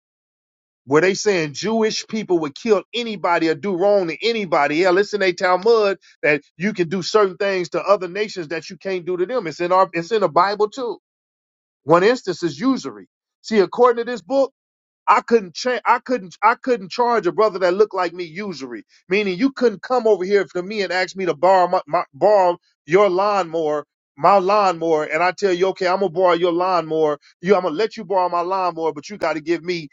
[SPEAKER 1] where they saying Jewish people would kill anybody or do wrong to anybody. Yeah, listen, they Talmud that you can do certain things to other nations that you can't do to them. It's in our it's in the Bible too. One instance is usury. See, according to this book, I couldn't cha- I couldn't I couldn't charge a brother that looked like me usury. Meaning you couldn't come over here to me and ask me to borrow my, my borrow your lawnmower, my lawnmower, and I tell you, okay, I'm gonna borrow your lawnmower. You I'm gonna let you borrow my lawnmower, but you gotta give me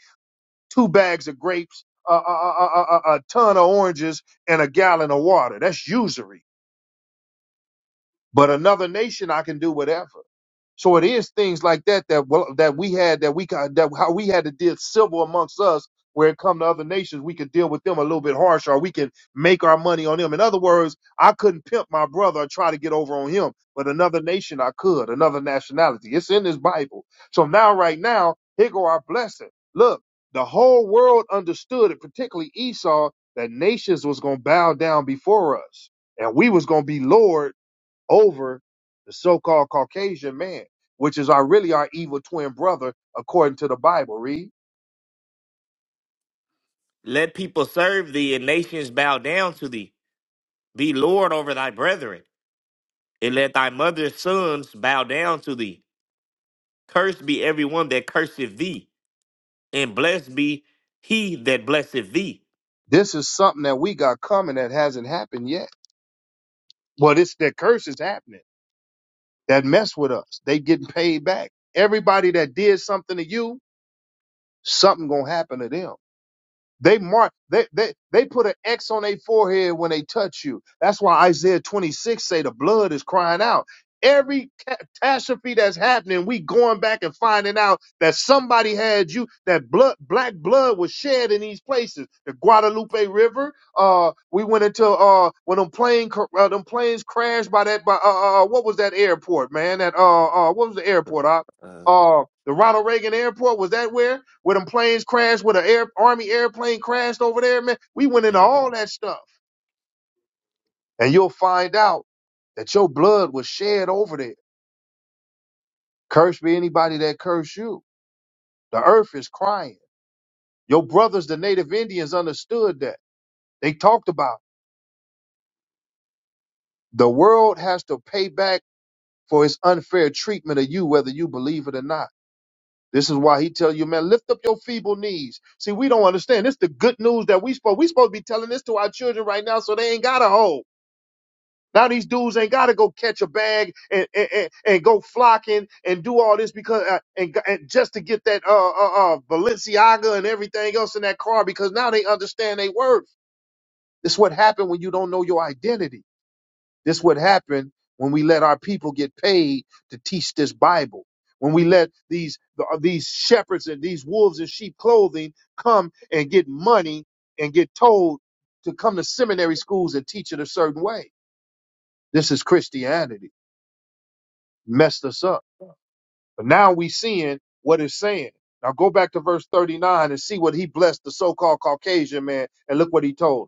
[SPEAKER 1] two bags of grapes, a, a, a, a, a ton of oranges, and a gallon of water. That's usury. But another nation, I can do whatever. So it is things like that that well, that we had that we got that how we had to deal civil amongst us. Where it come to other nations, we could deal with them a little bit harsher, or we can make our money on them. In other words, I couldn't pimp my brother or try to get over on him, but another nation I could, another nationality. It's in this Bible. So now, right now, here go our blessing. Look, the whole world understood it, particularly Esau, that nations was gonna bow down before us, and we was gonna be lord over the so-called Caucasian man, which is our really our evil twin brother according to the Bible. Read.
[SPEAKER 3] let people serve thee, and nations bow down to thee. Be Lord over thy brethren, and let thy mother's sons bow down to thee. Cursed be everyone that curseth thee, and blessed be he that blesseth thee.
[SPEAKER 1] This is something that we got coming that hasn't happened yet. Well, this that curse is happening. That mess with us. They getting paid back. Everybody that did something to you, something gonna happen to them. They mark they they they put an X on their forehead when they touch you. That's why Isaiah 26 say the blood is crying out. Every ca- catastrophe that's happening, we going back and finding out that somebody had you. That blood, black blood, was shed in these places. The Guadalupe River. Uh, we went into uh when them plane cr- uh, them planes crashed by that by uh, uh uh, what was that airport man? That uh uh what was the airport? uh,
[SPEAKER 3] Uh,
[SPEAKER 1] uh the Ronald Reagan Airport. Was that where where them planes crashed? Where the air, army airplane crashed over there, man? We went into
[SPEAKER 3] yeah.
[SPEAKER 1] all that stuff, and you'll find out that your blood was shed over there. Cursed be anybody that curse you. The earth is crying. Your brothers, the Native Indians, understood that. They talked about it. the world has to pay back for its unfair treatment of you, whether you believe it or not. This is why he tell you, man, lift up your feeble knees. See, we don't understand. This the good news that we supposed we supposed to be telling this to our children right now, so they ain't got a hope. Now these dudes ain't got to go catch a bag and, and and and go flocking and do all this because uh, and, and just to get that uh, uh uh Balenciaga and everything else in that car because now they understand they worth. It's what happened when you don't know your identity. This would happen when we let our people get paid to teach this Bible. When we let these these shepherds and these wolves in sheep clothing come and get money and get told to come to seminary schools and teach it a certain way. This is Christianity. Messed us up. But now we seeing what it's saying. Now go back to verse 39 and see what he blessed the so-called Caucasian man and look what he told him.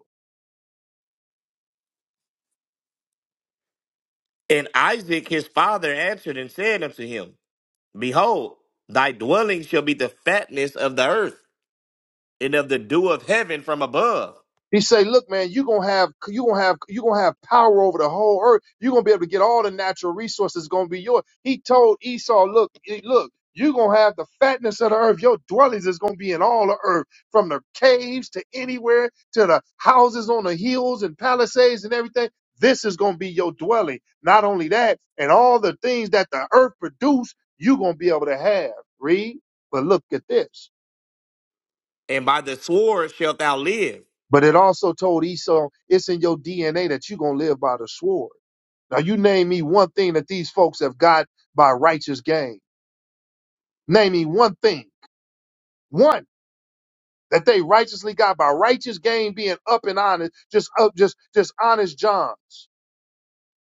[SPEAKER 3] And Isaac his father answered and said unto him, Behold, thy dwelling shall be the fatness of the earth, and of the dew of heaven from above.
[SPEAKER 1] He say, look, man, you're gonna have you gonna have you gonna have power over the whole earth. You're gonna be able to get all the natural resources gonna be yours. He told Esau, look, eh, look, you're gonna have the fatness of the earth. Your dwellings is gonna be in all the earth, from the caves to anywhere to the houses on the hills and palisades and everything. This is gonna be your dwelling. Not only that, and all the things that the earth produce, you're gonna be able to have. Read, but look at this.
[SPEAKER 3] And by the sword shalt thou live,
[SPEAKER 1] But it also told Esau, it's in your DNA that you're going to live by the sword. Now, you name me one thing that these folks have got by righteous gain. Name me one thing, one that they righteously got by righteous gain being up and honest, just up, just, just honest Johns.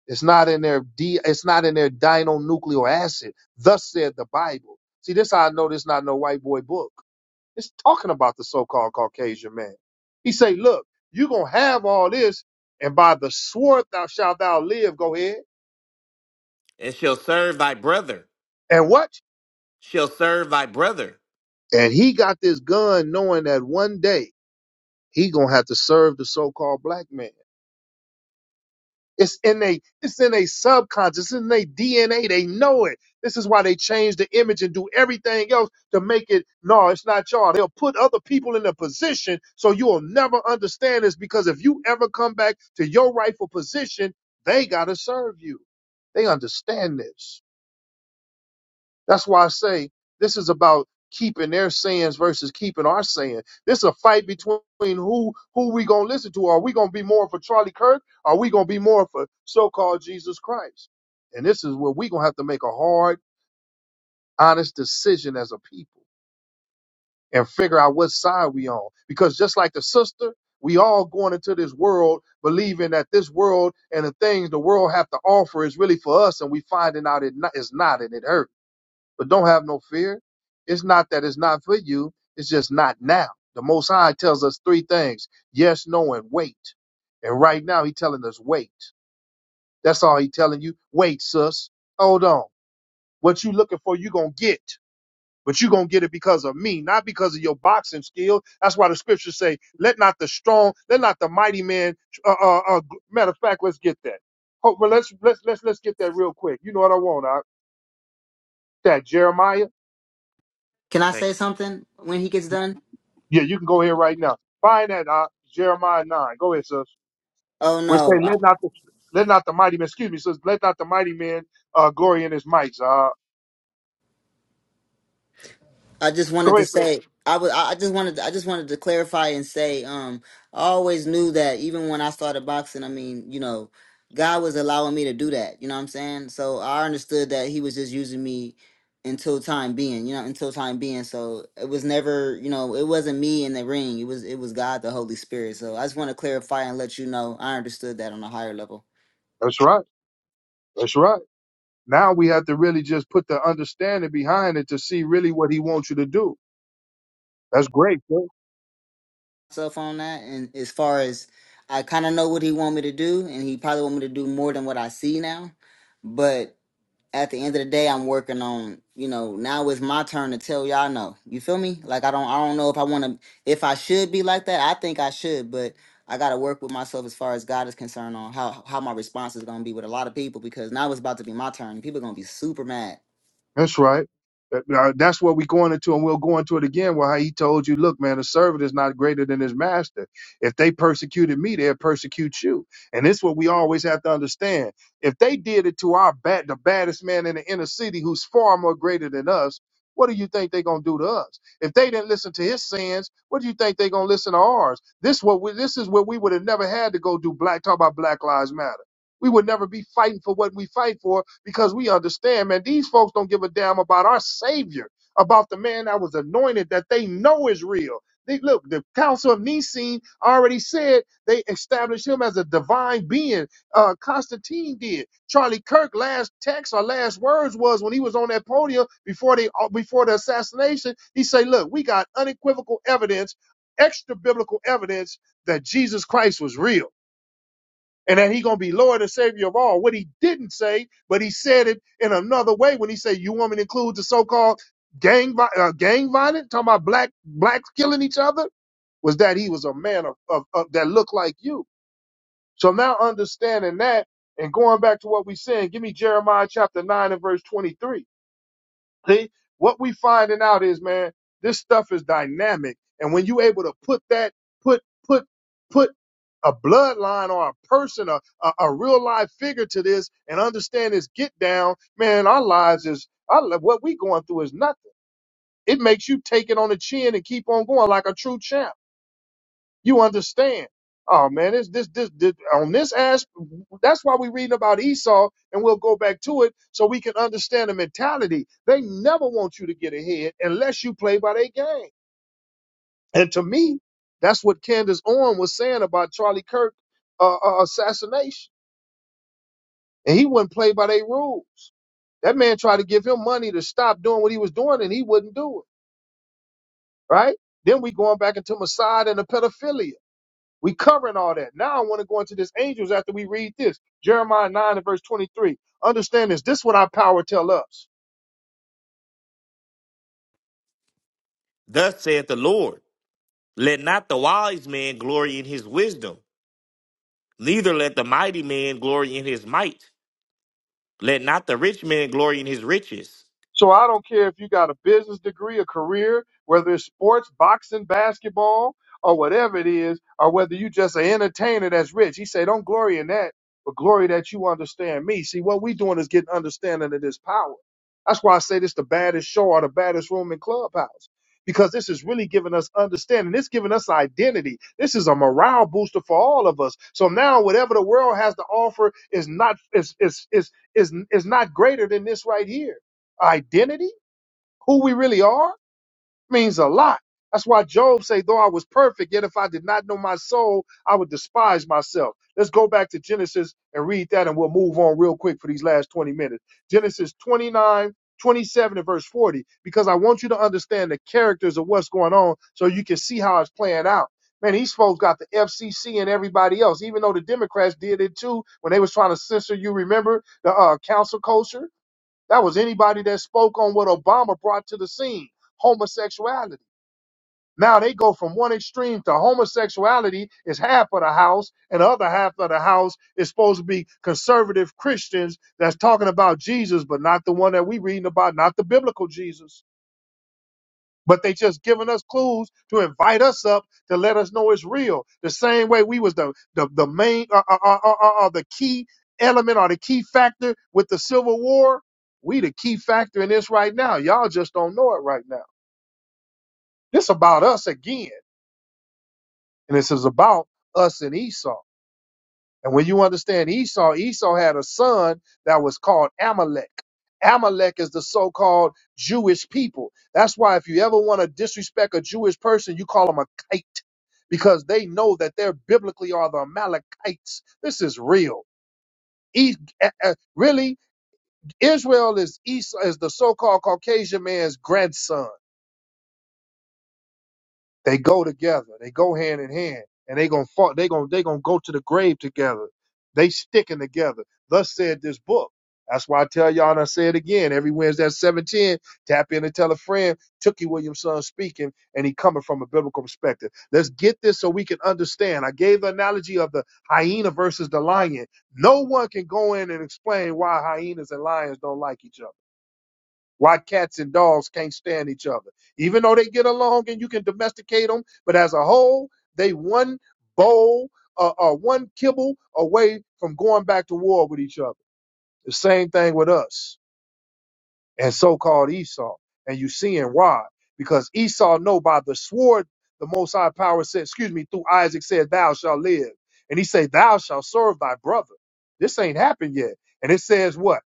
[SPEAKER 1] It's not in their D, it's not in their dinonuclear acid. Thus said the Bible. See, this how I know this not no white boy book. It's talking about the so-called Caucasian man. He say, look, you going to have all this and by the sword thou shalt thou live. Go ahead.
[SPEAKER 3] and shall serve thy brother,
[SPEAKER 1] And what?
[SPEAKER 3] shall serve thy brother.
[SPEAKER 1] And he got this gun knowing that one day he going to have to serve the so-called black man. It's in a it's in a subconscious, it's in their DNA. They know it. This is why they change the image and do everything else to make it no, it's not y'all. They'll put other people in a position so you'll never understand this because if you ever come back to your rightful position, they gotta serve you. They understand this. That's why I say this is about keeping their sayings versus keeping our saying. This is a fight between who who we gonna listen to. Are we gonna be more for Charlie Kirk? Are we gonna be more for so-called Jesus Christ? And this is where we gonna have to make a hard, honest decision as a people and figure out what side we on. Because just like the sister, we all going into this world believing that this world and the things the world have to offer is really for us, and we finding out it not, it's not, and it hurts. But don't have no fear. It's not that it's not for you. It's just not now. The Most High tells us three things: yes, no, and wait. And right now, He's telling us wait. That's all He's telling you. Wait, sus. Hold on. What you looking for, you gonna get. But you gonna get it because of me, not because of your boxing skill. That's why the scriptures say, "Let not the strong, let not the mighty man." Uh, uh, uh, matter of fact, let's get that. Oh, well, let's let's let's let's get that real quick. You know what I want? I, that Jeremiah.
[SPEAKER 4] can i
[SPEAKER 3] Say,
[SPEAKER 4] say something when he gets done
[SPEAKER 1] Yeah, you can go here right now. Find that uh, Jeremiah nine. Go ahead, sis.
[SPEAKER 4] oh
[SPEAKER 1] We're saying
[SPEAKER 4] no
[SPEAKER 1] let not the let not the mighty man. Excuse me, sis. Let not the mighty man uh, glory in his might. Uh,
[SPEAKER 4] I just wanted
[SPEAKER 1] go
[SPEAKER 4] to
[SPEAKER 1] ahead, sis.
[SPEAKER 4] say I was I I just wanted I just wanted to clarify and say um I always knew that even when I started boxing, I mean, you know, God was allowing me to do that, you know what I'm saying? So I understood that he was just using me until time being, you know, until time being. So it was never, you know, it wasn't me in the ring. It was it was God the Holy Spirit. So I just want to clarify and let you know I understood that on a higher level.
[SPEAKER 1] That's right. That's right. Now we have to really just put the understanding behind it to see really what he wants you to do. That's great. sis.
[SPEAKER 4] myself on that. And as far as I kind of know what he want me to do, and he probably want me to do more than what I see now. But at the end of the day, I'm working on you know now it's my turn to tell y'all no. You feel me? Like I don't I don't know if I want to if I should be like that. I think I should, but I got to work with myself as far as God is concerned on how how my response is gonna be with a lot of people because now it's about to be my turn. People gonna be super mad
[SPEAKER 1] That's right. Uh, uh, That's what we're going into, and we'll go into it again. Why he told you, look, man, a servant is not greater than his master. If they persecuted me, they'll persecute you. And this is what we always have to understand. If they did it to our bad, the baddest man in the inner city, who's far more greater than us, what do you think they're gonna do to us? If they didn't listen to his sins, what do you think they're gonna listen to ours? This what we, this is where we would have never had to go do black talk about Black Lives Matter we would never be fighting for what we fight for because we understand, man, these folks don't give a damn about our Savior, about the man that was anointed that they know is real. They, look, the Council of Nicene already said they established him as a divine being. Uh, Constantine did. Charlie Kirk last text or last words was when he was on that podium before they uh, before the assassination. He said, "Look, we got unequivocal evidence, extra biblical evidence that Jesus Christ was real." and that he going to be Lord and Savior of all. What he didn't say, but he said it in another way when he said, "You want me to include the so-called gang vi- uh, gang violence, talking about black blacks killing each other?" Was that he was a man of, of, of that looked like you? So now understanding that and going back to what we said, give me Jeremiah chapter nine and verse twenty-three. See, what we finding out is, man, this stuff is dynamic, and when you able to put that, put put put a bloodline or a person, a, a, a real life figure to this, and understand this get down, man, our lives is our, li- what we going through is nothing. It makes you take it on the chin and keep on going like a true champ. You understand? Oh man, it's this this this on this aspect. That's why we're reading about Esau, and we'll go back to it so we can understand the mentality. They never want you to get ahead unless you play by their game. And to me, that's what Candace Owens was saying about Charlie Kirk uh, uh, assassination, and he wouldn't play by their rules. That man tried to give him money to stop doing what he was doing, and he wouldn't do it. Right? Then we going back into Mossad and the pedophilia. We covering all that. Now I want to go into this angels after we read this. Jeremiah 9 and verse 23. Understand this. This is what our power tell us.
[SPEAKER 3] Thus saith the Lord, let not the wise man glory in his wisdom, neither let the mighty man glory in his might, let not the rich man glory in his riches.
[SPEAKER 1] So I don't care if you got a business degree, a career, whether it's sports, boxing, basketball, or whatever it is, or whether you just an entertainer that's rich. He said, don't glory in that, but glory that you understand me. See, what we doing is getting understanding of this power. That's why I say this the baddest show or the baddest room in Clubhouse. Because this is really giving us understanding. It's giving us identity. This is a morale booster for all of us. So now whatever the world has to offer is not is is is is, is not greater than this right here identity, who we really are, means a lot. That's why Job say, though I was perfect, yet if I did not know my soul, I would despise myself. Let's go back to Genesis and read that and we'll move on real quick for these last 20 minutes. Genesis 29:27 and verse 40, because I want you to understand the characters of what's going on so you can see how it's playing out. Man, these folks got the FCC and everybody else, even though the Democrats did it too when they was trying to censor you, remember, the uh, council culture? That was anybody that spoke on what Obama brought to the scene homosexuality. Now they go from one extreme to homosexuality is half of the house, and the other half of the house is supposed to be conservative Christians that's talking about Jesus, but not the one that we reading about, not the biblical Jesus but they just giving us clues to invite us up to let us know it's real. The same way we was the the, the main or uh, uh, uh, uh, uh, the key element or the key factor with the Civil War. We the key factor in this right now. Y'all just don't know it right now. This about us again, and this is about us and Esau. And when you understand Esau, Esau had a son that was called Amalek. Amalek is the so called Jewish people. That's why if you ever want to disrespect a Jewish person, you call them a kite because they know that they're biblically are the Amalekites. This is real. E- uh, uh, really, Israel is Esau, is the so called Caucasian man's grandson. They go together. They go hand in hand, and they gonna fall. They gonna they gonna go to the grave together. They sticking together. Thus said this book. That's why I tell y'all, and I say it again every Wednesday at seven ten. Tap in and tell a friend. Tookie Williamson speaking, and he coming from a biblical perspective. Let's get this so we can understand. I gave the analogy of the hyena versus the lion. No one can go in and explain why hyenas and lions don't like each other why cats and dogs can't stand each other. Even though they get along and you can domesticate them, but as a whole, they one bowl uh, or one kibble away from going back to war with each other. The same thing with us and so-called Esau. And you seeing why? Because Esau know by the sword the Most High Power said, excuse me, through Isaac said, "Thou shalt live," and he said, "Thou shalt serve thy brother." This ain't happened yet, and it says what?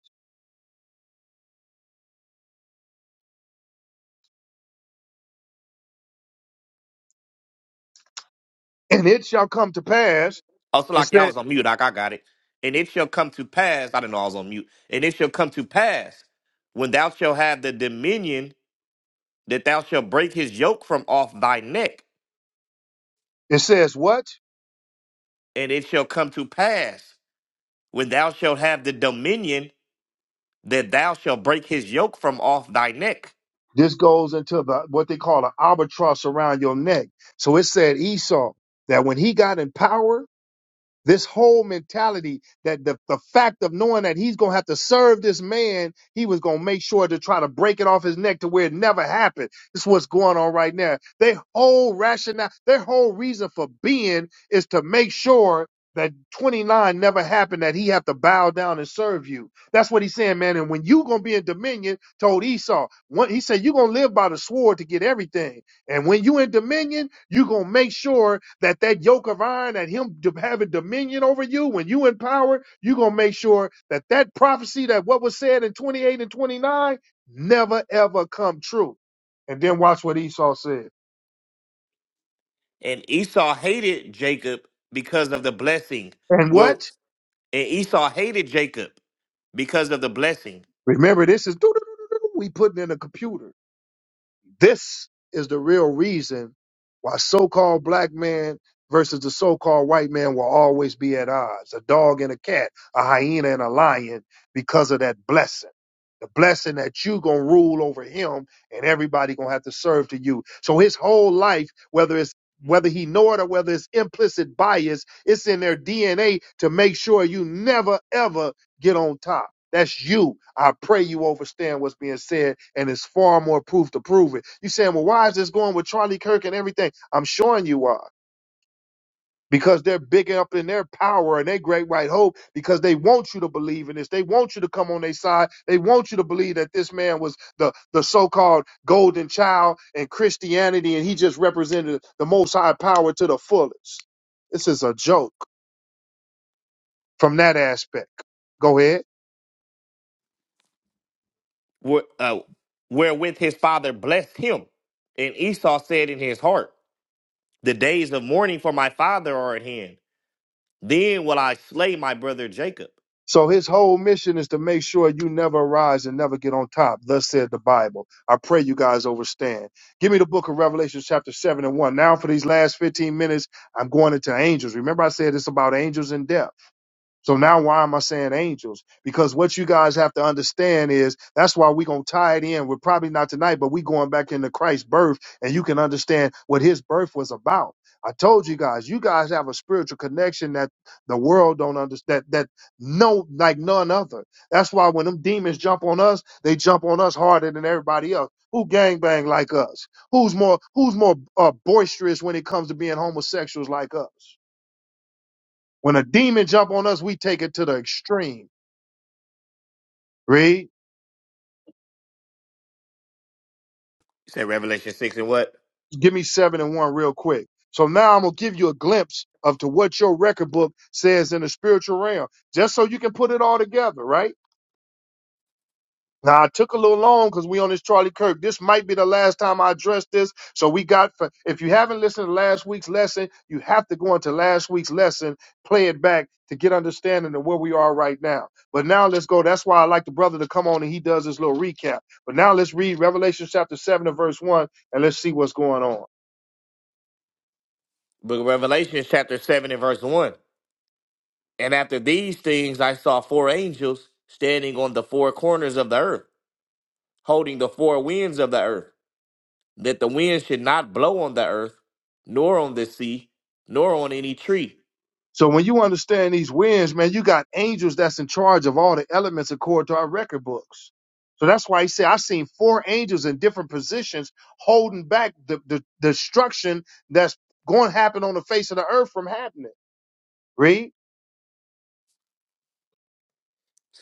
[SPEAKER 1] And it shall come to pass.
[SPEAKER 3] Oh, so
[SPEAKER 1] It
[SPEAKER 3] like yeah, I
[SPEAKER 1] said,
[SPEAKER 3] was on mute, like I got it. And it shall come to pass, I didn't know I was on mute. And it shall come to pass when thou shalt have the dominion that thou shalt break his yoke from off thy neck.
[SPEAKER 1] it says what?
[SPEAKER 3] And it shall come to pass when thou shalt have the dominion that thou shalt break his yoke from off thy neck.
[SPEAKER 1] This goes into the what they call an albatross around your neck. So it said Esau that when he got in power, this whole mentality that the, the fact of knowing that he's going to have to serve this man, he was going to make sure to try to break it off his neck to where it never happened. This is what's going on right now. Their whole rationale, their whole reason for being is to make sure that 29 never happened, that he have to bow down and serve you. That's what he's saying, man. And when you going to be in dominion, told Esau, one, he said, you're going to live by the sword to get everything. And when you in dominion, you gonna make sure that that yoke of iron, that him d- having dominion over you, when you in power, you gonna make sure that that prophecy that what was said in 28 and 29 never ever come true. And then watch what Esau said.
[SPEAKER 3] And Esau hated Jacob because of the blessing.
[SPEAKER 1] And what?
[SPEAKER 3] Well, and Esau hated Jacob because of the blessing.
[SPEAKER 1] Remember, this is we putting in a computer. This is the real reason why so-called black man versus the so-called white man will always be at odds. A dog and a cat, a hyena and a lion, because of that blessing. The blessing that you gonna rule over him and everybody gonna have to serve to you. So his whole life, whether it's whether he know it or whether it's implicit bias, it's in their DNA to make sure you never ever get on top. That's you. I pray you understand what's being said, and it's far more proof to prove it. You saying, well, why is this going with Charlie Kirk and everything? I'm showing you why. Because they're big up in their power and their great white hope, because they want you to believe in this. They want you to come on their side. They want you to believe that this man was the, the so called golden child in Christianity and he just represented the most high power to the fullest. This is a joke from that aspect. Go ahead.
[SPEAKER 3] wh- uh, wherewith his father blessed him. And Esau said in his heart, The days of mourning for my father are at hand. Then will I slay my brother Jacob.
[SPEAKER 1] So his whole mission is to make sure you never rise and never get on top. Thus said the Bible. I pray you guys overstand. Give me the book of Revelation, chapter 7 and 1. Now, for these last 15 minutes, I'm going into angels. Remember, I said it's about angels and death. So now why am I saying angels? Because what you guys have to understand is that's why we're gonna tie it in. We're probably not tonight, but we going back into Christ's birth and you can understand what his birth was about. I told you guys, you guys have a spiritual connection that the world don't understand that no like none other. That's why when them demons jump on us, they jump on us harder than everybody else. Who gangbang like us? Who's more who's more uh, boisterous when it comes to being homosexuals like us? When a demon jump on us, we take it to the extreme. Read.
[SPEAKER 3] He said Revelation 6 and what?
[SPEAKER 1] Give me seven and one real quick. So now I'm gonna give you a glimpse of to what your record book says in the spiritual realm, just so you can put it all together, right? Now I took a little long because we on this Charlie Kirk. This might be the last time I address this. So we got for if you haven't listened to last week's lesson, you have to go into last week's lesson, play it back to get understanding of where we are right now. But now let's go. That's why I like the brother to come on and he does his little recap. But now let's read Revelation chapter seven and verse one and let's see what's going on.
[SPEAKER 3] Book of Revelation, chapter 7 and verse 1. And after these things I saw four angels standing on the four corners of the earth, holding the four winds of the earth, that the wind should not blow on the earth, nor on the sea, nor on any tree.
[SPEAKER 1] So when you understand these winds, man, you got angels that's in charge of all the elements according to our record books. So that's why he said, I've seen four angels in different positions holding back the, the destruction that's going to happen on the face of the earth from happening. Read.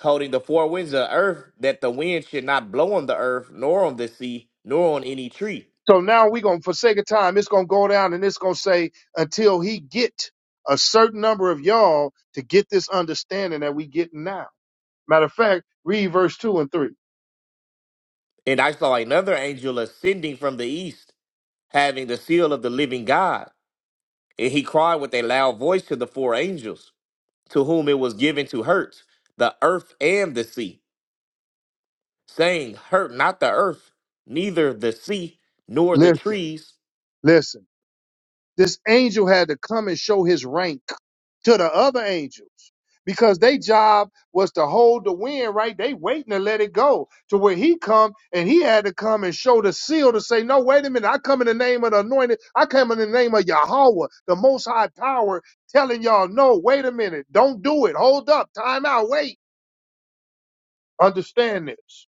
[SPEAKER 3] holding the four winds of the earth, that the wind should not blow on the earth, nor on the sea, nor on any tree.
[SPEAKER 1] So now we're going to, for sake of time, it's going to go down and it's going to say, until he get a certain number of y'all to get this understanding that we getting now. Matter of fact, read verse two and three.
[SPEAKER 3] And I saw another angel ascending from the east, having the seal of the living God. And he cried with a loud voice to the four angels, to whom it was given to hurt the earth and the sea, saying, Hurt not the earth, neither the sea, nor the
[SPEAKER 1] Listen,
[SPEAKER 3] trees,
[SPEAKER 1] listen. This angel had to come and show his rank to the other angels because their job was to hold the wind, right? They waiting to let it go to where he come and he had to come and show the seal to say, no, wait a minute. I come in the name of the anointed. I come in the name of Yahweh, the most high power telling y'all, no, wait a minute. Don't do it. Hold up. Time out. Wait. Understand this.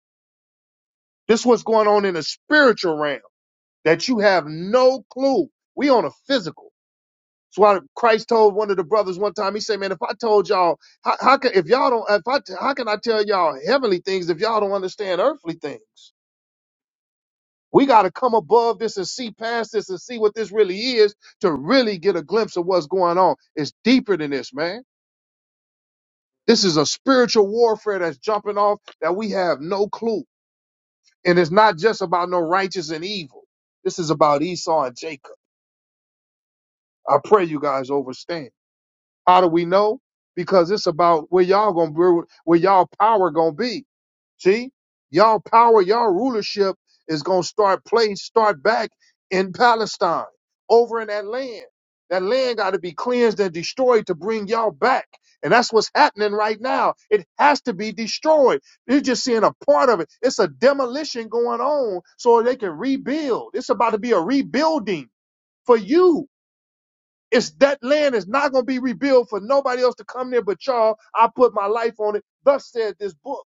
[SPEAKER 1] This is what's going on in the spiritual realm that you have no clue. We on a physical. That's why Christ told one of the brothers one time. He said, "Man, if I told y'all, how, how can if y'all don't, if I, how can I tell y'all heavenly things if y'all don't understand earthly things? We got to come above this and see past this and see what this really is to really get a glimpse of what's going on. It's deeper than this, man. This is a spiritual warfare that's jumping off that we have no clue, and it's not just about no righteous and evil. This is about Esau and Jacob. I pray you guys overstand." How do we know? Because it's about where y'all gonna be, where y'all power gonna be. See, y'all power, y'all rulership is gonna start place, start back in Palestine, over in that land. That land got to be cleansed and destroyed to bring y'all back, and that's what's happening right now. It has to be destroyed. You're just seeing a part of it. It's a demolition going on so they can rebuild. It's about to be a rebuilding for you it's that land is not going to be rebuilt for nobody else to come there but y'all. I put my life on it. Thus said this book.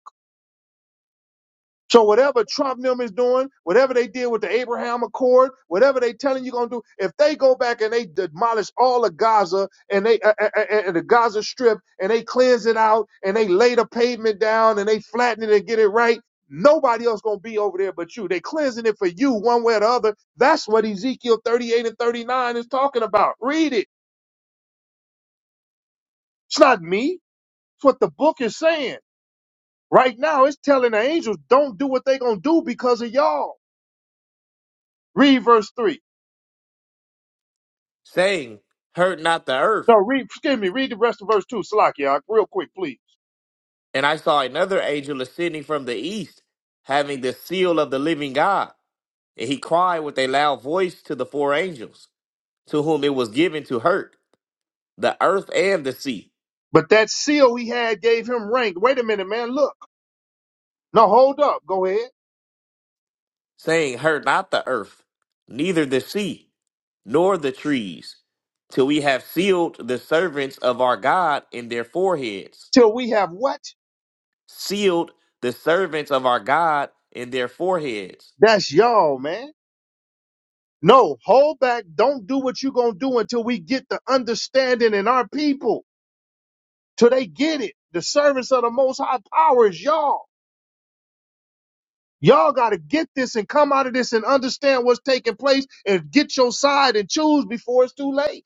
[SPEAKER 1] So whatever Trump and them is doing, whatever they did with the Abraham Accord, whatever they telling you gonna do, if they go back and they demolish all of Gaza and they uh, uh, uh, and the Gaza Strip and they cleanse it out and they lay the pavement down and they flatten it and get it right, nobody else gonna be over there but you. They cleansing it for you one way or the other. That's what Ezekiel 38 and 39 is talking about. Read it. It's not me. That's what the book is saying. Right now, it's telling the angels, don't do what they're going to do because of y'all. Read verse 3.
[SPEAKER 3] saying, Hurt not the earth.
[SPEAKER 1] No, read, excuse me, read the rest of verse 2, Salakia, real quick, please.
[SPEAKER 3] And I saw another angel ascending from the east, having the seal of the living God And he cried with a loud voice to the four angels, to whom it was given to hurt the earth and the sea,
[SPEAKER 1] But that seal we had gave him rank. Wait a minute, man, look. No, hold up, go ahead.
[SPEAKER 3] saying, Hurt not the earth, neither the sea, nor the trees, till we have sealed the servants of our God in their foreheads.
[SPEAKER 1] Till we have what?
[SPEAKER 3] Sealed the servants of our God in their foreheads.
[SPEAKER 1] That's y'all, man. No, hold back. Don't do what you're going to do until we get the understanding in our people, till they get it. The servants of the most high power is y'all. Y'all got to get this and come out of this and understand what's taking place and get your side and choose before it's too late.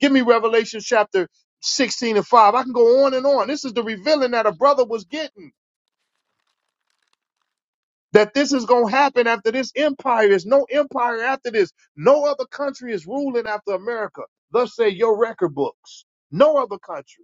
[SPEAKER 1] Give me Revelation chapter 16 and 5. I can go on and on. This is the revealing that a brother was getting that this is going to happen after this empire. There's no empire after this. No other country is ruling after America. Thus say your record books. No other country.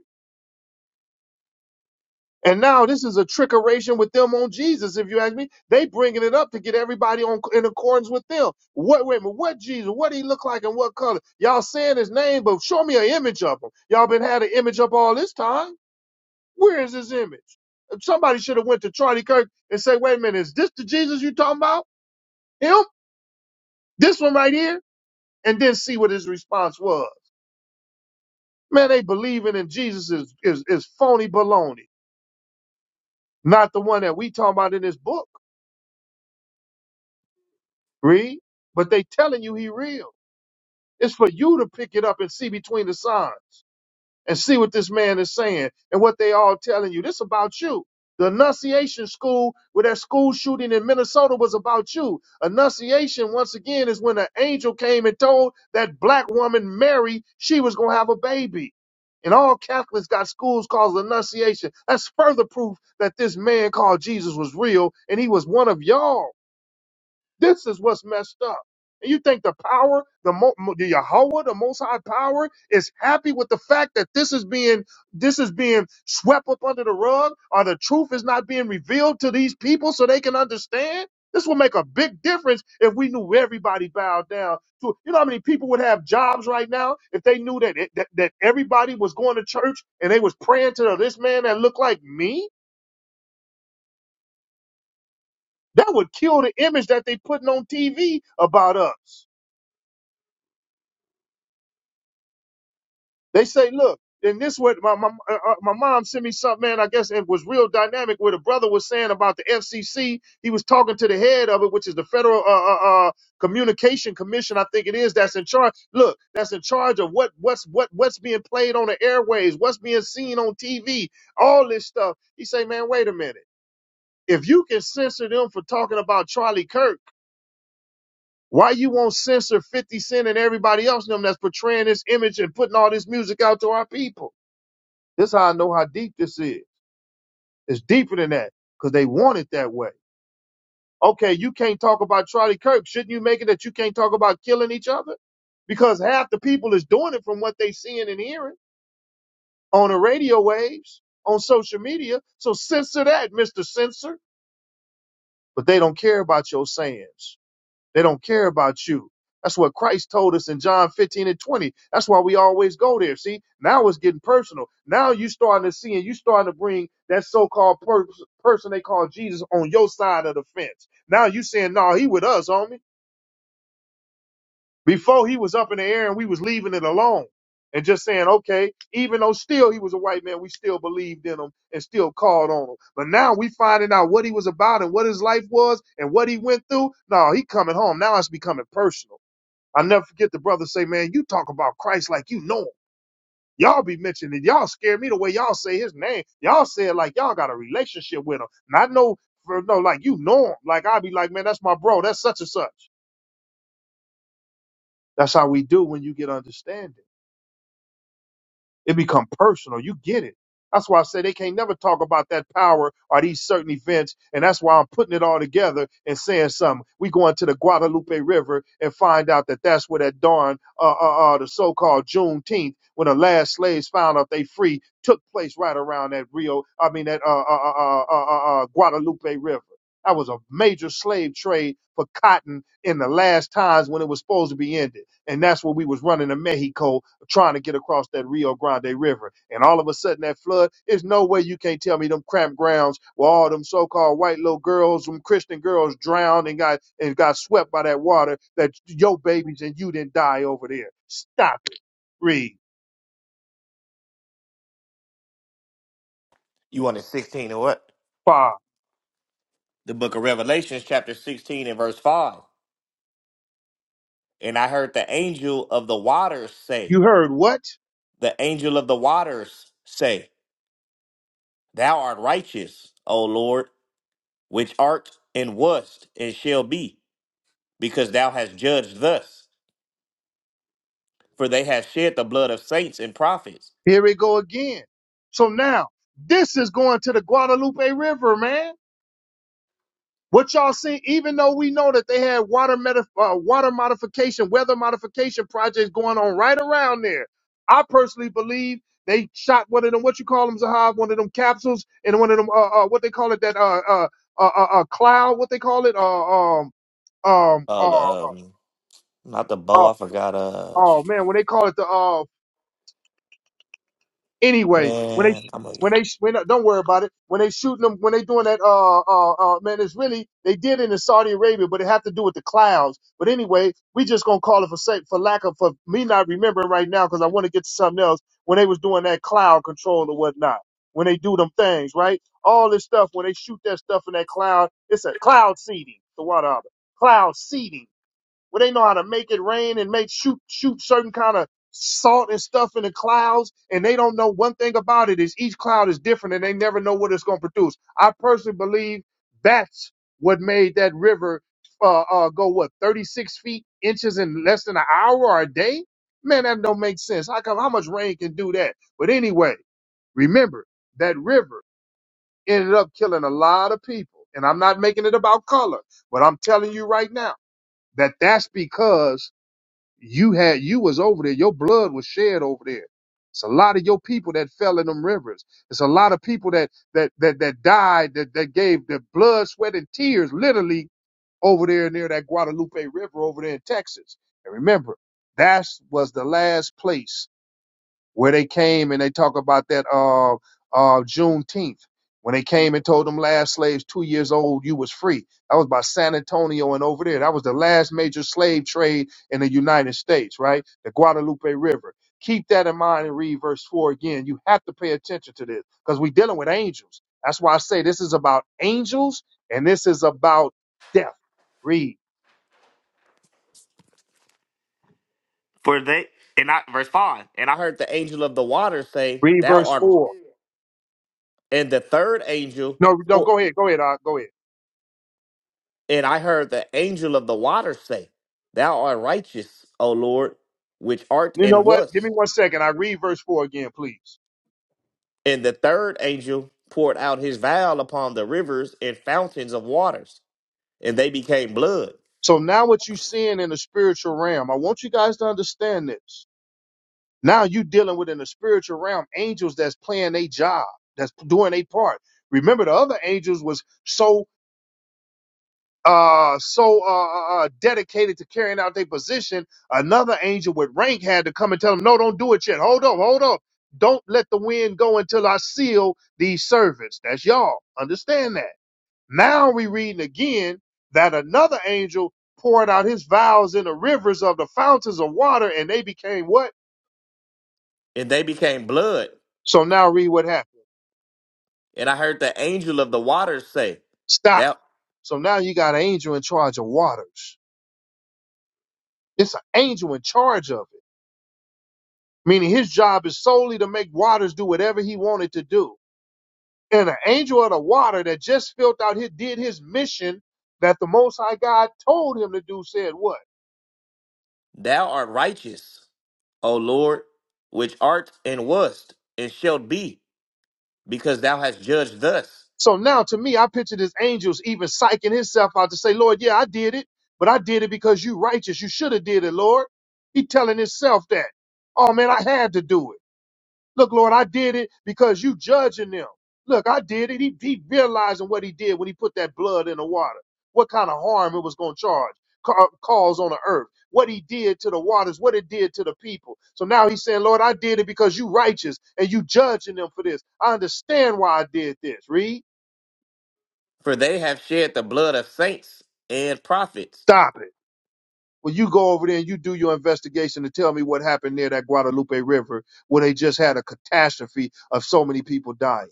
[SPEAKER 1] And now this is a trickeration with them on Jesus, if you ask me. They bringing it up to get everybody on in accordance with them. What? Wait a minute. What Jesus? What he look like and what color? Y'all saying his name, but show me an image of him. Y'all been had an image up all this time. Where is his image? Somebody should have went to Charlie Kirk and say, "Wait a minute, is this the Jesus you talking about? Him? This one right here?" And then see what his response was. Man, they believing in Jesus is is, is phony baloney, not the one that we talking about in this book. Read. But they telling you he real. It's for you to pick it up and see between the signs and see what this man is saying and what they all telling you. This about you. The Annunciation School, where that school shooting in Minnesota was about you. Annunciation, once again, is when an angel came and told that black woman Mary she was gonna have a baby. And all Catholics got schools called Annunciation. That's further proof that this man called Jesus was real and he was one of y'all. This is what's messed up. And you think the power, the, Mo, Mo- the Yahweh, the Most High Power, is happy with the fact that this is being this is being swept up under the rug, or the truth is not being revealed to these people so they can understand? This will make a big difference if we knew everybody bowed down to. You know how many people would have jobs right now if they knew that it, that, that everybody was going to church and they was praying to this man that looked like me? That would kill the image that they putting on TV about us. They say, look, in this way, my, my, uh, uh, my mom sent me something, man, I guess it was real dynamic where the brother was saying about the FCC. He was talking to the head of it, which is the Federal uh, uh, uh, Communication Commission, I think it is, that's in charge. Look, that's in charge of what what's what what's being played on the airways, what's being seen on TV, all this stuff. He say, man, wait a minute. If you can censor them for talking about Charlie Kirk, why you won't censor 50 Cent and everybody else in them that's portraying this image and putting all this music out to our people? This how I know how deep this is. It's deeper than that because they want it that way. Okay, you can't talk about Charlie Kirk. Shouldn't you make it that you can't talk about killing each other? Because half the people is doing it from what they seeing and hearing on the radio waves, on social media. So censor that, Mr. Censor. But they don't care about your sayings. They don't care about you. That's what Christ told us in John 15 and 20. That's why we always go there. See, now it's getting personal. Now you starting to see and you starting to bring that so-called per- person they call Jesus on your side of the fence. Now you saying, no, he with us, homie. Before he was up in the air and we was leaving it alone and just saying, okay, even though still he was a white man, we still believed in him and still called on him. But now we finding out what he was about and what his life was and what he went through. No, he coming home. Now it's becoming personal. I never forget the brother say, man, you talk about Christ like you know him. Y'all be mentioning it. Y'all scare me the way y'all say his name. Y'all say it like y'all got a relationship with him. And I know, for, no, like you know him. Like i be like, man, that's my bro. That's such and such. That's how we do when you get understanding. It become personal. You get it. That's why I say they can't never talk about that power or these certain events. And that's why I'm putting it all together and saying something. We going to the Guadalupe River and find out that that's where that darn, uh, uh, uh, the so-called Juneteenth, when the last slaves found out they free, took place right around that Rio, I mean, that, uh, uh, uh, uh, uh, uh uh, uh, Guadalupe River. That was a major slave trade for cotton in the last times when it was supposed to be ended. And that's what we was running to Mexico trying to get across that Rio Grande River. And all of a sudden that flood, there's no way you can't tell me them cramped grounds where all them so-called white little girls, them Christian girls drowned and got and got swept by that water that your babies and you didn't die over there. Stop it. Read.
[SPEAKER 3] You wanted 16 or what?
[SPEAKER 1] Five.
[SPEAKER 3] The book of Revelations, chapter 16 and verse 5. And I heard the angel of the waters say,
[SPEAKER 1] You heard what?
[SPEAKER 3] the angel of the waters say. Thou art righteous, O Lord, which art and wast and shall be, because thou hast judged thus. For they have shed the blood of saints and prophets.
[SPEAKER 1] Here we go again. So now this is going to the Guadalupe River, man. What y'all seen, even though we know that they had water metaf- uh, water modification, weather modification projects going on right around there, I personally believe they shot one of them, what you call them, Zahab, one of them capsules, and one of them, uh, uh, what they call it, that uh, uh, uh, uh, uh, cloud, what they call it, uh, um, um,
[SPEAKER 3] Oh, the,
[SPEAKER 1] uh,
[SPEAKER 3] um, not the
[SPEAKER 1] uh,
[SPEAKER 3] bow. I forgot. Uh,
[SPEAKER 1] oh man, when they call it the uh, Anyway, when they
[SPEAKER 3] man, I'm gonna
[SPEAKER 1] when
[SPEAKER 3] get
[SPEAKER 1] they
[SPEAKER 3] it.
[SPEAKER 1] when don't worry about it. When they shooting them, when they doing that, uh, uh, uh, man, it's really they did it in Saudi Arabia, but it have to do with the clouds. But anyway, we just gonna call it for sake for lack of for me not remembering right now because I want to get to something else. When they was doing that cloud control or whatnot, when they do them things, right? All this stuff when they shoot that stuff in that cloud, it's a cloud seeding. The water cloud seeding where they know how to make it rain and make shoot shoot certain kind of salt and stuff in the clouds and they don't know one thing about it is each cloud is different and they never know what it's going to produce i personally believe that's what made that river uh, uh go what 36 feet inches in less than an hour or a day man that don't make sense how come how much rain can do that but anyway remember that river ended up killing a lot of people and i'm not making it about color but i'm telling you right now that that's because you had you was over there. Your blood was shed over there. It's a lot of your people that fell in them rivers. It's a lot of people that that that that died that that gave their blood, sweat, and tears literally over there near that Guadalupe River over there in Texas. And remember, that was the last place where they came and they talk about that uh uh Juneteenth when they came and told them last slaves two years old you was free. That was by San Antonio and over there. That was the last major slave trade in the United States, right? The Guadalupe River. Keep that in mind and read verse four again. You have to pay attention to this because we're dealing with angels. That's why I say this is about angels and this is about death. Read.
[SPEAKER 3] For they and I verse five. And I heard the angel of the water say,
[SPEAKER 1] Read
[SPEAKER 3] "Thou
[SPEAKER 1] verse
[SPEAKER 3] art."
[SPEAKER 1] four.
[SPEAKER 3] And the third angel,
[SPEAKER 1] No, no,
[SPEAKER 3] or-
[SPEAKER 1] go ahead. Go ahead. Uh, go ahead.
[SPEAKER 3] and I heard the angel of the water say, "Thou art righteous, O Lord, which art
[SPEAKER 1] You know
[SPEAKER 3] and
[SPEAKER 1] what? Give
[SPEAKER 3] wast."
[SPEAKER 1] me one second. I read verse four again, please.
[SPEAKER 3] And the third angel poured out his vial upon the rivers and fountains of waters, and they became blood.
[SPEAKER 1] So now what you're seeing in the spiritual realm, I want you guys to understand this. Now you dealing with in the spiritual realm angels that's playing a job, that's doing a part. Remember, the other angels was so uh so uh, uh uh, dedicated to carrying out their position. Another angel with rank had to come and tell them, no, don't do it yet. Hold up, hold up. Don't let the wind go until I seal these servants. That's y'all. Understand that. Now we reading again that another angel poured out his vows in the rivers of the fountains of water, and they became what?
[SPEAKER 3] And they became blood.
[SPEAKER 1] So now read what happened.
[SPEAKER 3] And I heard the angel of the waters say,
[SPEAKER 1] Stop.
[SPEAKER 3] Thou,
[SPEAKER 1] So now you got an angel in charge of waters. It's an angel in charge of it, meaning his job is solely to make waters do whatever he wanted to do. And an angel of the water that just filled out here did his mission that the Most High God told him to do said what?
[SPEAKER 3] thou art righteous, O Lord, which art and wast and shalt be, because thou hast judged thus.
[SPEAKER 1] So now to me, I picture this angels even psyching himself out to say, Lord, yeah, I did it, but I did it because you righteous. You should have did it, Lord. He telling himself that. Oh man, I had to do it. Look, Lord, I did it because you judging them. Look, I did it. He, he realizing what he did when he put that blood in the water. What kind of harm it was going to charge, ca- uh, cause on the earth. What he did to the waters, what it did to the people. So now he's saying, Lord, I did it because you righteous and you judging them for this. I understand why I did this. Read.
[SPEAKER 3] For they have shed the blood of saints and prophets.
[SPEAKER 1] Stop it. Well, you go over there and you do your investigation to tell me what happened near that Guadalupe River where they just had a catastrophe of so many people dying.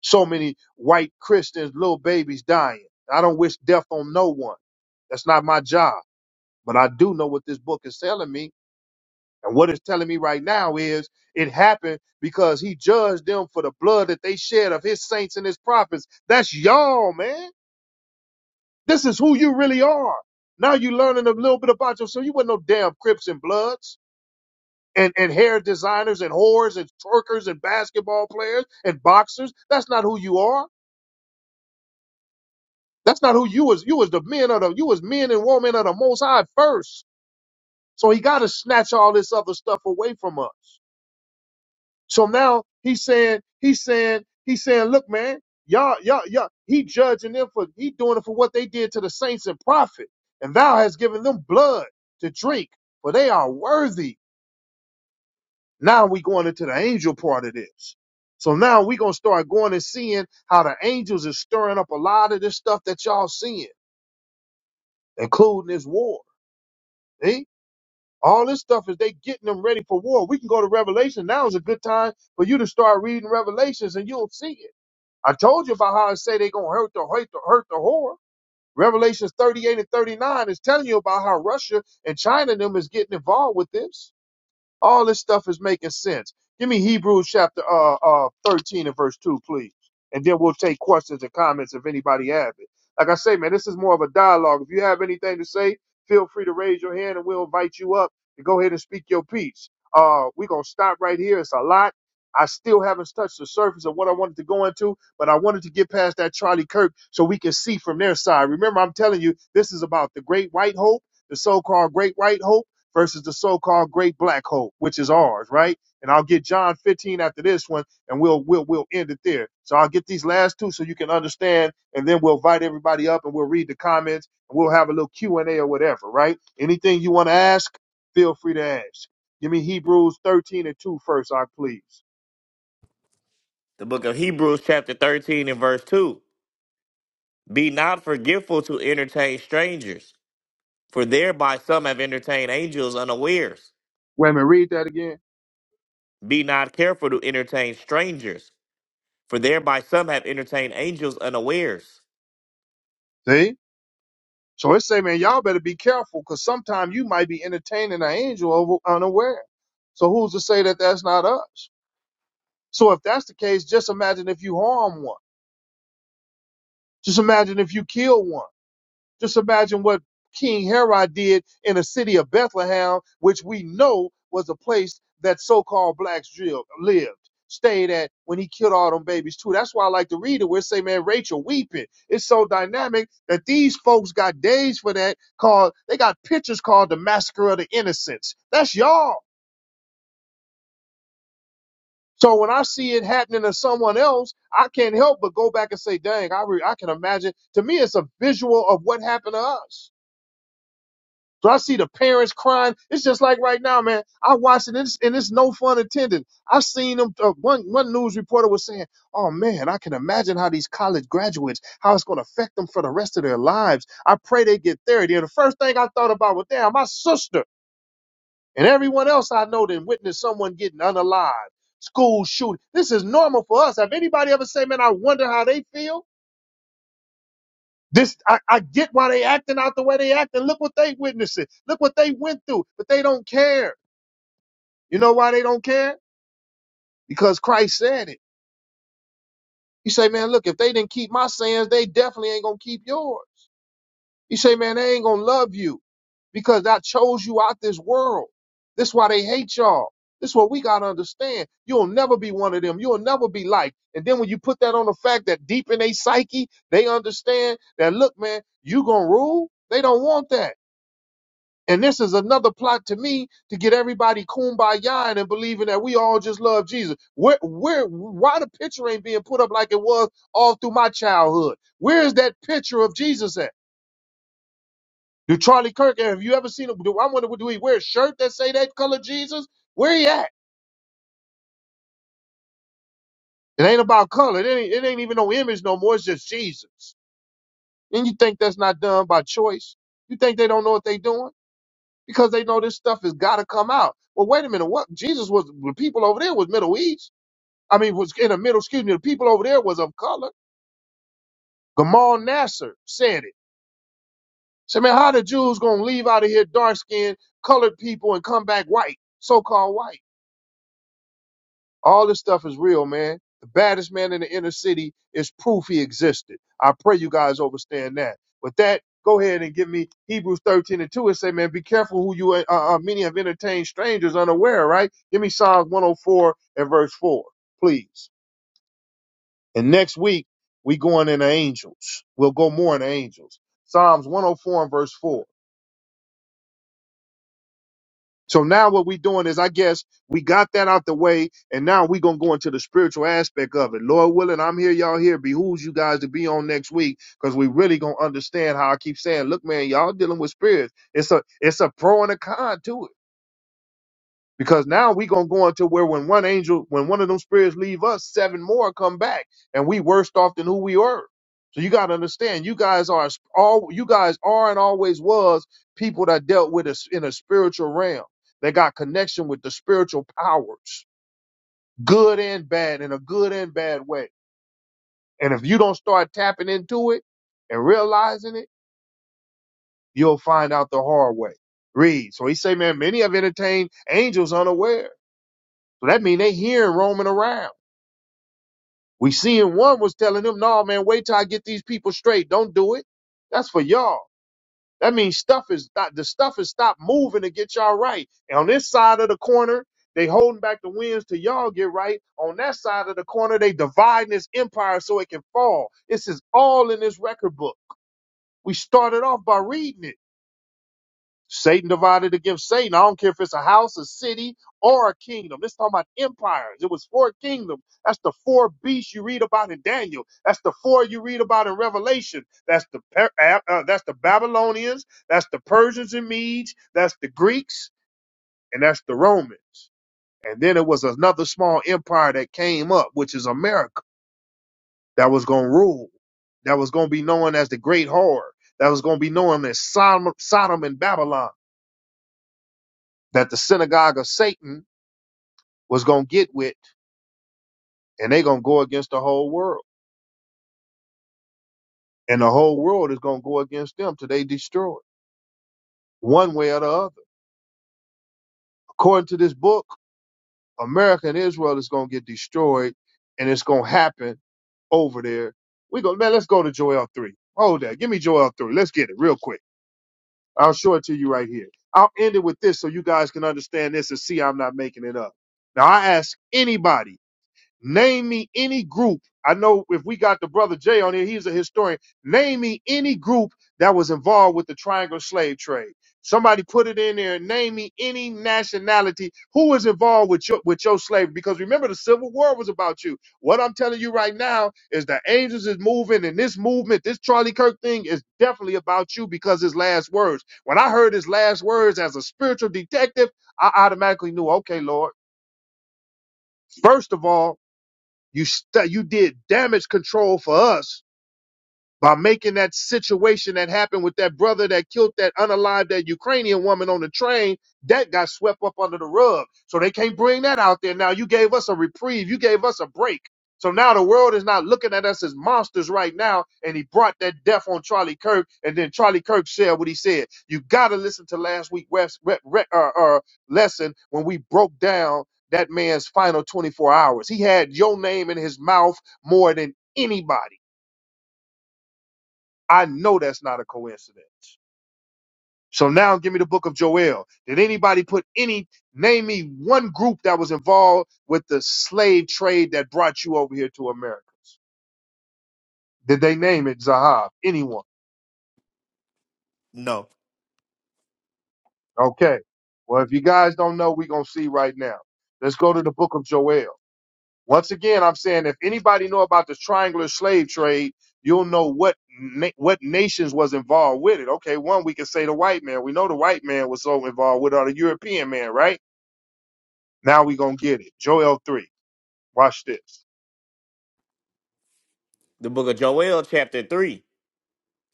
[SPEAKER 1] So many white Christians, little babies dying. I don't wish death on no one. That's not my job. But I do know what this book is telling me. And what it's telling me right now is it happened because he judged them for the blood that they shed of his saints and his prophets. That's y'all, man. This is who you really are. Now you're learning a little bit about yourself. You weren't no damn Crips and Bloods and, and hair designers and whores and twerkers and basketball players and boxers. That's not who you are. That's not who you was. You was the men of the you was men and women of the most high first. So he gotta snatch all this other stuff away from us. So now he's saying, he's saying, he's saying, look, man, y'all, y'all, y'all, he judging them for, he doing it for what they did to the saints and prophet. And thou has given them blood to drink, for they are worthy. Now we going into the angel part of this. So now we going to start going and seeing how the angels is stirring up a lot of this stuff that y'all seeing, including this war. eh? All this stuff is they getting them ready for war. We can go to Revelation. Now is a good time for you to start reading Revelations and you'll see it. I told you about how I say they're gonna hurt the hurt the hurt the whore. Revelations 38 and 39 is telling you about how Russia and China and them is getting involved with this. All this stuff is making sense. Give me Hebrews chapter uh, uh, 13 and verse 2, please. And then we'll take questions and comments if anybody have it. Like I say, man, this is more of a dialogue. If you have anything to say, feel free to raise your hand and we'll invite you up and go ahead and speak your piece. Uh, we're going to stop right here. It's a lot. I still haven't touched the surface of what I wanted to go into, but I wanted to get past that Charlie Kirk so we can see from their side. Remember, I'm telling you, this is about the great white hope, the so called great white hope versus the so-called great black hole, which is ours, right? And I'll get John 15 after this one, and we'll we'll we'll end it there. So I'll get these last two so you can understand, and then we'll invite everybody up and we'll read the comments and we'll have a little Q and A or whatever, right? Anything you want to ask, feel free to ask. Give me Hebrews 13 and 2 first, I please.
[SPEAKER 3] The book of Hebrews, chapter 13, and verse 2. Be not forgetful to entertain strangers For thereby some have entertained angels unawares.
[SPEAKER 1] Wait a minute, read that again.
[SPEAKER 3] Be not careful to entertain strangers, for thereby some have entertained angels unawares.
[SPEAKER 1] See? So it say, man, y'all better be careful because sometimes you might be entertaining an angel over unaware. So who's to say that that's not us? So if that's the case, just imagine if you harm one. Just imagine if you kill one. Just imagine what King Herod did in the city of Bethlehem, which we know was a place that so-called blacks drilled, lived, stayed at when he killed all them babies too. That's why I like to read it. Where it say, man, Rachel weeping. It's so dynamic that these folks got days for that called, they got pictures called the Massacre of the Innocents. That's y'all. So when I see it happening to someone else, I can't help but go back and say, dang, I, re- I can imagine. To me, it's a visual of what happened to us. So I see the parents crying. It's just like right now, man. I watch it and it's, and it's no fun attending. I seen them. Uh, one one news reporter was saying, "Oh man, I can imagine how these college graduates, how it's going to affect them for the rest of their lives." I pray they get therapy. And the first thing I thought about was, "Damn, my sister." And everyone else I know that witnessed someone getting unalive, school shooting. This is normal for us. Have anybody ever say, man, I wonder how they feel? This I, I get why they acting out the way they acting. Look what they witnessing. Look what they went through. But they don't care. You know why they don't care? Because Christ said it. You say, man, look, if they didn't keep my sayings, they definitely ain't gonna keep yours. He say, man, they ain't gonna love you because I chose you out this world. This why they hate y'all. This what we gotta understand. You'll never be one of them. You'll never be like. And then when you put that on the fact that deep in their psyche, they understand that look, man, you gonna rule. They don't want that. And this is another plot to me to get everybody kumbaya and believing that we all just love Jesus. Where, where, why the picture ain't being put up like it was all through my childhood? Where is that picture of Jesus at? Do Charlie Kirk, have you ever seen him? Do I wonder, do he wear a shirt that say that color Jesus? Where he at? It ain't about color. It ain't, it ain't even no image no more. It's just Jesus. And you think that's not done by choice? You think they don't know what they doing? Because they know this stuff has got to come out. Well, wait a minute. What? Jesus was, the people over there was Middle East. I mean, was in the middle, excuse me, the people over there was of color. Gamal Nasser said it. Said, man, how the Jews going to leave out of here dark skinned, colored people and come back white, so called white? All this stuff is real, man. The baddest man in the inner city is proof he existed. I pray you guys understand that. With that, go ahead and give me Hebrews 13 and 2 and say, man, be careful who you, uh, uh, uh, many have entertained strangers unaware, right? Give me Psalms 104 and verse 4, please. And next week, we going into angels. We'll go more into angels. Psalms 104 and verse 4. So now what we're doing is, I guess we got that out the way, and now we're gonna go into the spiritual aspect of it. Lord willing, I'm here, y'all here. Behooves you guys to be on next week because we really gonna understand how I keep saying, look, man, y'all dealing with spirits. It's a it's a pro and a con to it. Because now we gonna go into where when one angel, when one of them spirits leave us, seven more come back, and we worse off than who we were. So you gotta understand, you guys are all you guys are and always was people that dealt with us in a spiritual realm. They got connection with the spiritual powers, good and bad, in a good and bad way. And if you don't start tapping into it and realizing it, you'll find out the hard way. Read. So he say, man, many have entertained angels unaware. So that mean they hearing roaming around. We seeing one was telling him, no, man, wait till I get these people straight. Don't do it. That's for y'all. That means stuff is the stuff is stopped moving to get y'all right. And on this side of the corner, they holding back the winds till y'all get right. On that side of the corner, they dividing this empire so it can fall. This is all in this record book. We started off by reading it. Satan divided against Satan. I don't care if it's a house, a city, or a kingdom. It's talking about empires. It was four kingdoms. That's the four beasts you read about in Daniel. That's the four you read about in Revelation. That's the Per- uh, uh, that's the Babylonians. That's the Persians and Medes. That's the Greeks, and that's the Romans. And then it was another small empire that came up, which is America, that was going to rule. That was going to be known as the Great Whore. That was going to be known as Sodom, Sodom and Babylon that the synagogue of Satan was going to get with, and they're going to go against the whole world. And the whole world is going to go against them till they destroyed, one way or the other. According to this book, America and Israel is going to get destroyed, and it's going to happen over there. We go, man, let's go to Joel 3. Hold that. Give me Joel 3. Let's get it real quick. I'll show it to you right here. I'll end it with this so you guys can understand this and see I'm not making it up. Now, I ask anybody Name me any group. I know if we got the brother Jay on here, he's a historian. Name me any group that was involved with the triangle slave trade. Somebody put it in there name me any nationality who was involved with your with your slavery. Because remember, the Civil War was about you. What I'm telling you right now is the angels is moving, and this movement, this Charlie Kirk thing, is definitely about you because his last words. When I heard his last words as a spiritual detective, I automatically knew, okay, Lord. First of all. You stu you did damage control for us, by making that situation that happened with that brother that killed that unalived that Ukrainian woman on the train, that got swept up under the rug. So they can't bring that out there now. You gave us a reprieve. You gave us a break. So now the world is not looking at us as monsters right now. And he brought that death on Charlie Kirk. And then Charlie Kirk said what he said. You got to listen to last week's res- re- re- uh, uh, lesson when we broke down that man's final 24 hours. He had your name in his mouth more than anybody I know that's not a coincidence. So now give me the book of Joel. Did anybody put any, name me one group that was involved with the slave trade that brought you over here to America? Did they name it Zahab? Anyone?
[SPEAKER 3] No.
[SPEAKER 1] Okay. Well, if you guys don't know, we're going to see right now. Let's go to the book of Joel. Once again, I'm saying if anybody know about the triangular slave trade, you'll know what na- what nations was involved with it. Okay, one we can say the white man. We know the white man was so involved with it, or the European man, right? Now we gonna get it. Joel three. Watch this.
[SPEAKER 3] The book of Joel, chapter 3.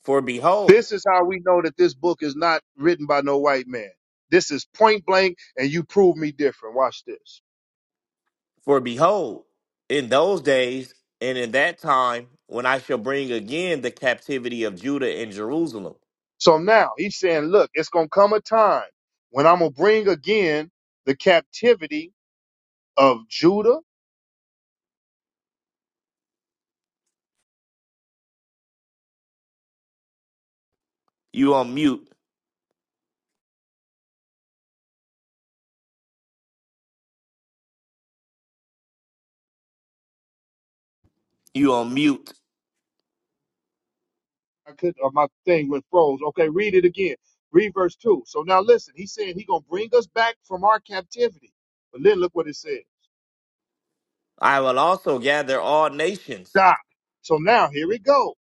[SPEAKER 3] For behold,
[SPEAKER 1] This is how we know that this book is not written by no white man. This is point blank, and you prove me different. Watch this.
[SPEAKER 3] for behold, in those days and in that time, when I shall bring again the captivity of Judah and Jerusalem.
[SPEAKER 1] So now he's saying, look, it's gonna come a time when I'm gonna bring again the captivity of Judah.
[SPEAKER 3] You on mute. You on mute.
[SPEAKER 1] I could, uh, my thing went froze. Okay, read it again. Read verse two. So now listen. He's saying he's gonna bring us back from our captivity. But then look what it says.
[SPEAKER 3] I will also gather all nations
[SPEAKER 1] Doc. So now here we go.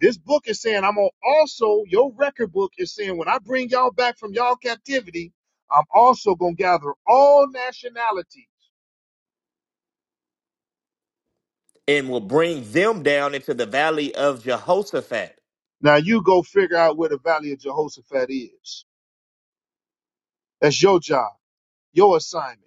[SPEAKER 1] This book is saying, I'm gonna also, your record book is saying, when I bring y'all back from y'all captivity, I'm also gonna gather all nationalities.
[SPEAKER 3] and will bring them down into the valley of Jehoshaphat
[SPEAKER 1] Now you go figure out where the Valley of Jehoshaphat is. That's your job. Your assignment.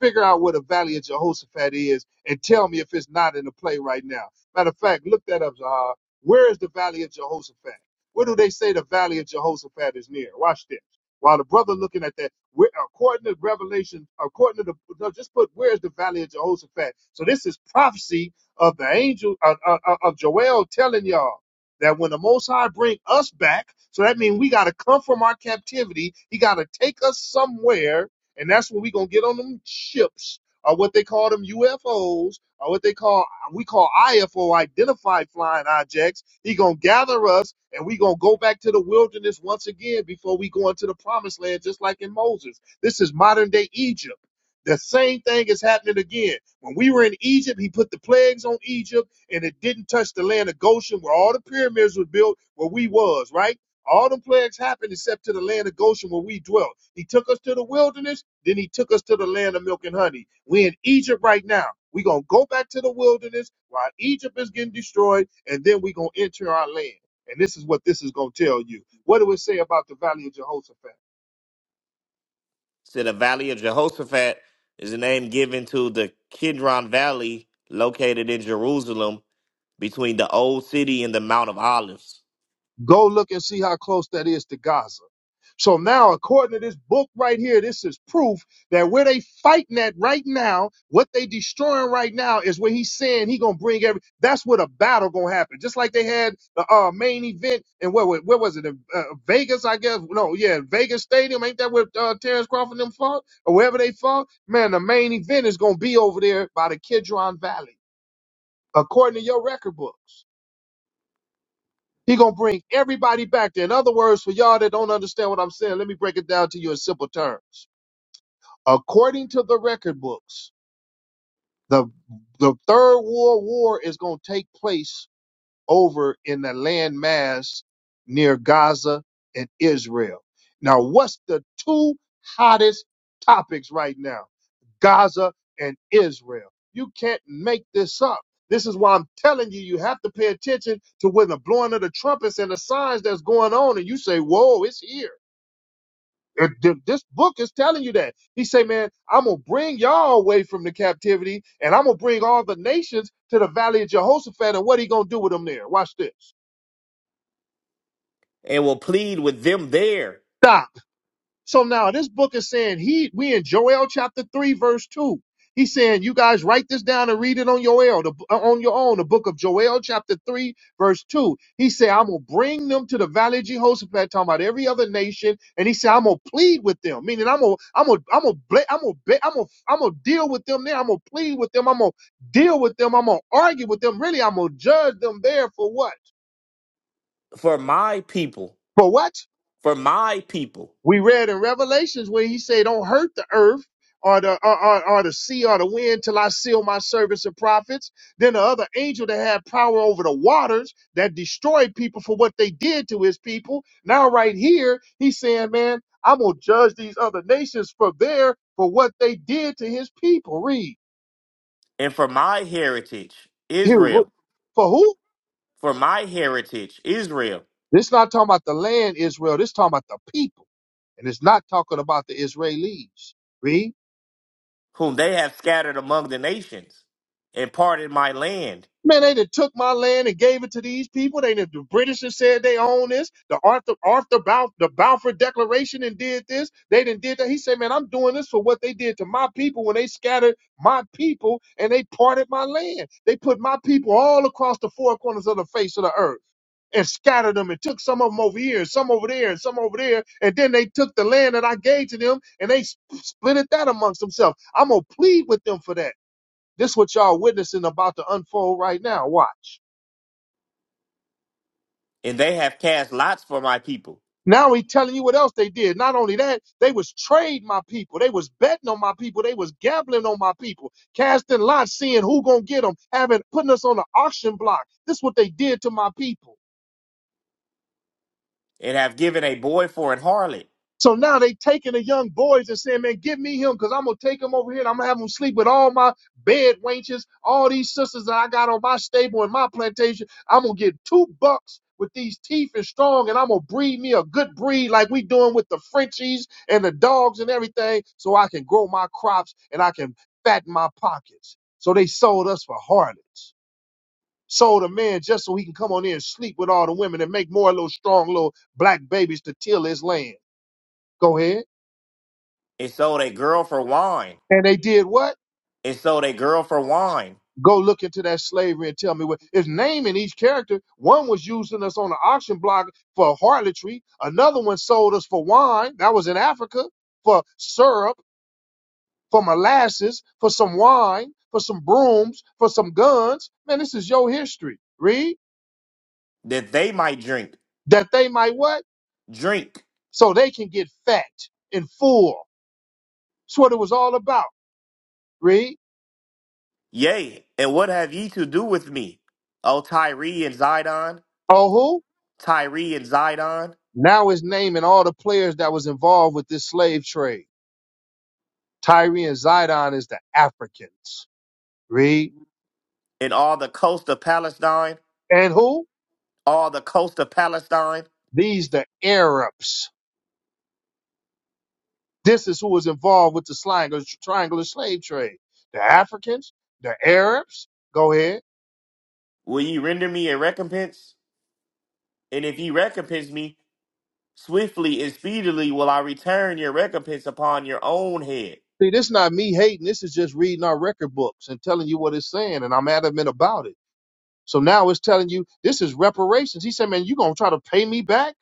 [SPEAKER 1] Figure out what a Valley of Jehoshaphat is and tell me if it's not in the play right now. Matter of fact, look that up, Zahar. Where is the Valley of Jehoshaphat? Where do they say the Valley of Jehoshaphat is near? Watch this. While the brother looking at that, where, according to Revelation, according to the, no, just put, where's the Valley of Jehoshaphat? So this is prophecy of the angel, uh, uh, uh, of Joel telling y'all that when the Most High bring us back, so that means we got to come from our captivity. He got to take us somewhere and that's when we gonna get on them ships, or what they call them UFOs, or what they call we call IFO identified flying objects. He gonna gather us, and we gonna go back to the wilderness once again before we go into the promised land, just like in Moses. This is modern day Egypt. The same thing is happening again. When we were in Egypt, he put the plagues on Egypt, and it didn't touch the land of Goshen, where all the pyramids were built, where we was right. All the plagues happened except to the land of Goshen where we dwelt. He took us to the wilderness then he took us to the land of milk and honey. we in Egypt right now. We're going to go back to the wilderness while Egypt is getting destroyed, and then we're going to enter our land. And this is what this is going to tell you. What do it say about the valley of Jehoshaphat?
[SPEAKER 3] To the Valley of Jehoshaphat is the name given to the Kidron Valley located in Jerusalem between the old city and the Mount of Olives,
[SPEAKER 1] Go look and see how close that is to Gaza. So now, according to this book right here, this is proof that where they fighting at right now, what they destroying right now is where he's saying he gonna bring every. That's where the battle gonna happen. Just like they had the uh, main event and where where where was it? In, Uh, Vegas, I guess. No, yeah, Vegas Stadium. Ain't that where uh, Terrence Crawford and them fought or wherever they fought? Man, the main event is gonna be over there by the Kidron Valley, according to your record books. He gonna bring everybody back there. In other words, for y'all that don't understand what I'm saying, let me break it down to you in simple terms. According to the record books, the the third world war is gonna take place over in the landmass near Gaza and Israel. Now, what's the two hottest topics right now? Gaza and Israel. You can't make this up. This is why I'm telling you, you have to pay attention to when the blowing of the trumpets and the signs that's going on, and you say, Whoa, it's here. It- th- this book is telling you that. He say, Man, I'm gonna bring y'all away from the captivity, and I'm gonna bring all the nations to the valley of Jehoshaphat, and what he gonna do with them there? Watch this.
[SPEAKER 3] and will plead with them there
[SPEAKER 1] Stop. So now this book is saying he we in Joel chapter three verse two. He's saying you guys write this down and read it on your el- the- uh, on your own. The book of Joel chapter three verse two. He said I'm gonna bring them to the valley of Jehoshaphat, talking about every other nation, and he said I'm gonna plead with them, meaning I'm gonna I'm gonna I'm gonna ble- I'm gonna be- I'm gonna I'm gonna deal with them there. I'm gonna plead with them. I'm gonna deal with them. I'm gonna argue with them. Really, I'm gonna judge them there for what?
[SPEAKER 3] for my people,
[SPEAKER 1] For what?
[SPEAKER 3] for my people,
[SPEAKER 1] We read in Revelations where he said, "Don't hurt the earth or the or, or, or the sea or the wind till I seal my servants and prophets." Then the other angel that had power over the waters that destroyed people for what they did to his people. Now right here, he's saying, "Man, I'm gonna judge these other nations for their for what they did to his people." Read
[SPEAKER 3] and for my heritage,
[SPEAKER 1] here who-
[SPEAKER 3] Israel,
[SPEAKER 1] for who?
[SPEAKER 3] for my heritage, Israel.
[SPEAKER 1] This not talking about the land Israel. This talking about the people, and it's not talking about the Israelis. Read.
[SPEAKER 3] whom they have scattered among the nations, and parted my land.
[SPEAKER 1] Man, they done took my land and gave it to these people. They done, the British have said they own this. The Arthur Arthur Balf- the Balfour Declaration and did this. They done did that. He said, Man, I'm doing this for what they did to my people when they scattered my people and they parted my land. They put my people all across the four corners of the face of the earth and scattered them and took some of them over here and some over there and some over there. And then they took the land that I gave to them and they sp- split it that amongst themselves. I'm gonna plead with them for that. This what y'all witnessing about to unfold right now. Watch.
[SPEAKER 3] And they have cast lots for my people,
[SPEAKER 1] Now he telling you what else they did. Not only that, they was trading my people. They was betting on my people. They was gambling on my people, casting lots, seeing who gonna get them, having putting us on the auction block. This what they did to my people.
[SPEAKER 3] and have given a boy for an harlot,
[SPEAKER 1] So now they taking the young boys and saying, man, give me him because I'm going to take him over here and I'm going to have him sleep with all my bed wenches, all these sisters that I got on my stable and my plantation. I'm going to get two bucks with these teeth and strong and I'm going to breed me a good breed like we doing with the Frenchies and the dogs and everything so I can grow my crops and I can fatten my pockets. So they sold us for harlots. Sold a man just so he can come on in and sleep with all the women and make more little strong little black babies to till his land. Go ahead.
[SPEAKER 3] and sold a girl for wine,
[SPEAKER 1] And they did what?
[SPEAKER 3] and sold a girl for wine,
[SPEAKER 1] Go look into that slavery and tell me what. It's naming each character. One was using us on the auction block for harlotry. Another one sold us for wine. That was in Africa for syrup, for molasses, for some wine, for some brooms, for some guns. Man, this is your history. Read
[SPEAKER 3] that they might drink,
[SPEAKER 1] that they might what?
[SPEAKER 3] drink.
[SPEAKER 1] So they can get fat and full. That's what it was all about. Read.
[SPEAKER 3] Yea, and what have ye to do with me, O Tyre and Zidon,
[SPEAKER 1] Oh, who?
[SPEAKER 3] Tyre and Zidon,
[SPEAKER 1] Now it's naming all the players that was involved with this slave trade. Tyree and Zidon is the Africans. Read.
[SPEAKER 3] and all the coast of Palestine,
[SPEAKER 1] And who?
[SPEAKER 3] all the coast of Palestine?
[SPEAKER 1] These the Arabs. This is who was involved with the triangular, triangular slave trade. The Africans, the Arabs. Go ahead.
[SPEAKER 3] Will ye render me a recompense? And if ye recompense me, swiftly and speedily will I return your recompense upon your own head,
[SPEAKER 1] See, this is not me hating. This is just reading our record books and telling you what it's saying, and I'm adamant about it. So now it's telling you this is reparations. He said, man, you going to try to pay me back?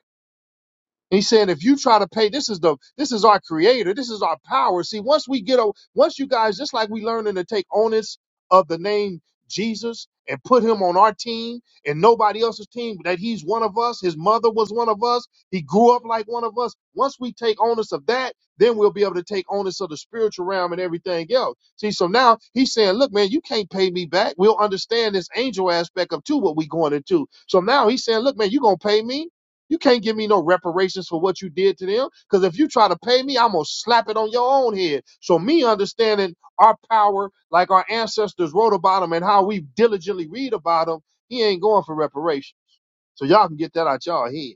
[SPEAKER 1] He said, if you try to pay, this is the this is our creator, this is our power. See, once we get o- once you guys, just like we learning to take onus of the name Jesus and put him on our team and nobody else's team, that he's one of us, his mother was one of us, he grew up like one of us. Once we take onus of that, then we'll be able to take onus of the spiritual realm and everything else. See, so now he's saying, Look, man, you can't pay me back. We'll understand this angel aspect of too what we going into. So now he's saying, Look, man, you gonna pay me? You can't give me no reparations for what you did to them. Because if you try to pay me, I'm going to slap it on your own head. So, me understanding our power, like our ancestors wrote about them and how we diligently read about them, he ain't going for reparations. So, y'all can get that out y'all head.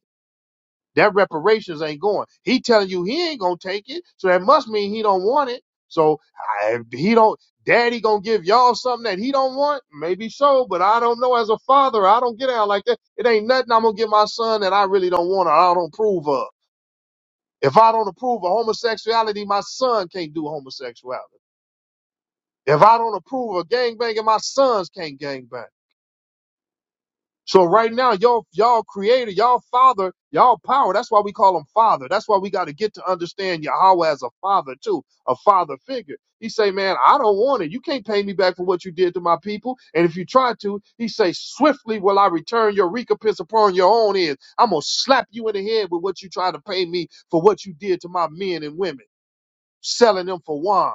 [SPEAKER 1] That reparations ain't going. He telling you he ain't gonna take it, so that must mean he don't want it. So I, if he don't. Daddy gonna give y'all something that he don't want? Maybe so, but I don't know. As a father, I don't get out like that. It ain't nothing I'm gonna give my son that I really don't want or I don't approve of. If I don't approve of homosexuality, my son can't do homosexuality. If I don't approve of gangbanging, my sons can't gangbang. So right now, y'all, y'all creator, y'all father, y'all power. That's why we call him father. That's why we got to get to understand Yahweh as a father too, a father figure. He say, man, I don't want it. You can't pay me back for what you did to my people. And if you try to, he say, swiftly will I return your recompense upon your own head. I'm gonna slap you in the head with what you try to pay me for what you did to my men and women, selling them for wine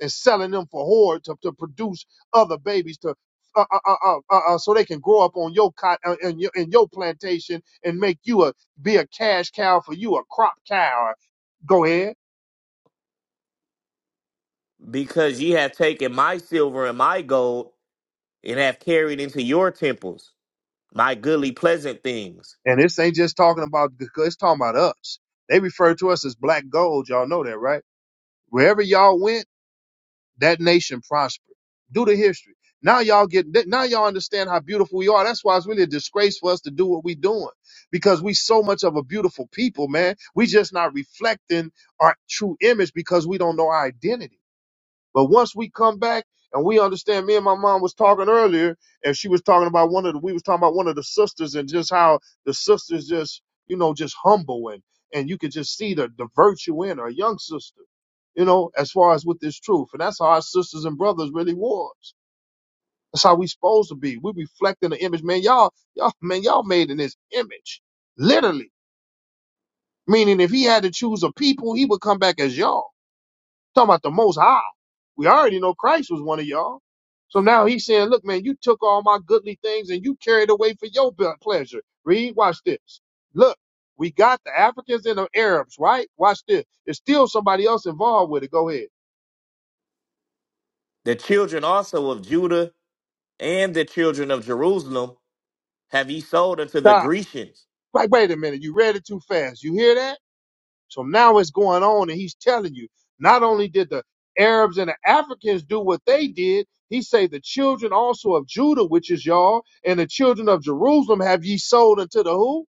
[SPEAKER 1] and selling them for whore to, to produce other babies to uh, uh, uh, uh, uh, uh, so they can grow up on your cot uh, in your in your plantation and make you a be a cash cow for you a crop cow. Go ahead.
[SPEAKER 3] because ye have taken my silver and my gold, and have carried into your temples my goodly pleasant things.
[SPEAKER 1] And this ain't just talking about it's talking about us. They refer to us as black gold. Y'all know that, right? Wherever y'all went that nation prospered Do the history. Now y'all get now y'all understand how beautiful we are. That's why it's really a disgrace for us to do what we're doing because we so much of a beautiful people, man. We just not reflecting our true image because we don't know our identity. But once we come back and we understand, me and my mom was talking earlier, and she was talking about one of the, we was talking about one of the sisters and just how the sisters just, you know, just humble and, and you could just see the, the virtue in her, a young sister, you know, as far as with this truth. And that's how our sisters and brothers really was. That's how we supposed to be. We reflecting the image, man. Y'all, y'all, man, y'all made in his image, literally. Meaning, if he had to choose a people, he would come back as y'all talking about the most high. We already know Christ was one of y'all. So now he's saying, look, man, you took all my goodly things and you carried away for your be- pleasure. Read, watch this. Look, we got the Africans and the Arabs, right? Watch this. There's still somebody else involved with it. Go ahead.
[SPEAKER 3] The children also of Judah and the children of Jerusalem have ye sold unto the
[SPEAKER 1] Stop.
[SPEAKER 3] Grecians.
[SPEAKER 1] Like, wait a minute. You read it too fast. You hear that? So now it's going on, and he's telling you not only did the Arabs and the Africans do what they did, he say the children also of Judah, which is y'all, and the children of Jerusalem have ye sold unto the who?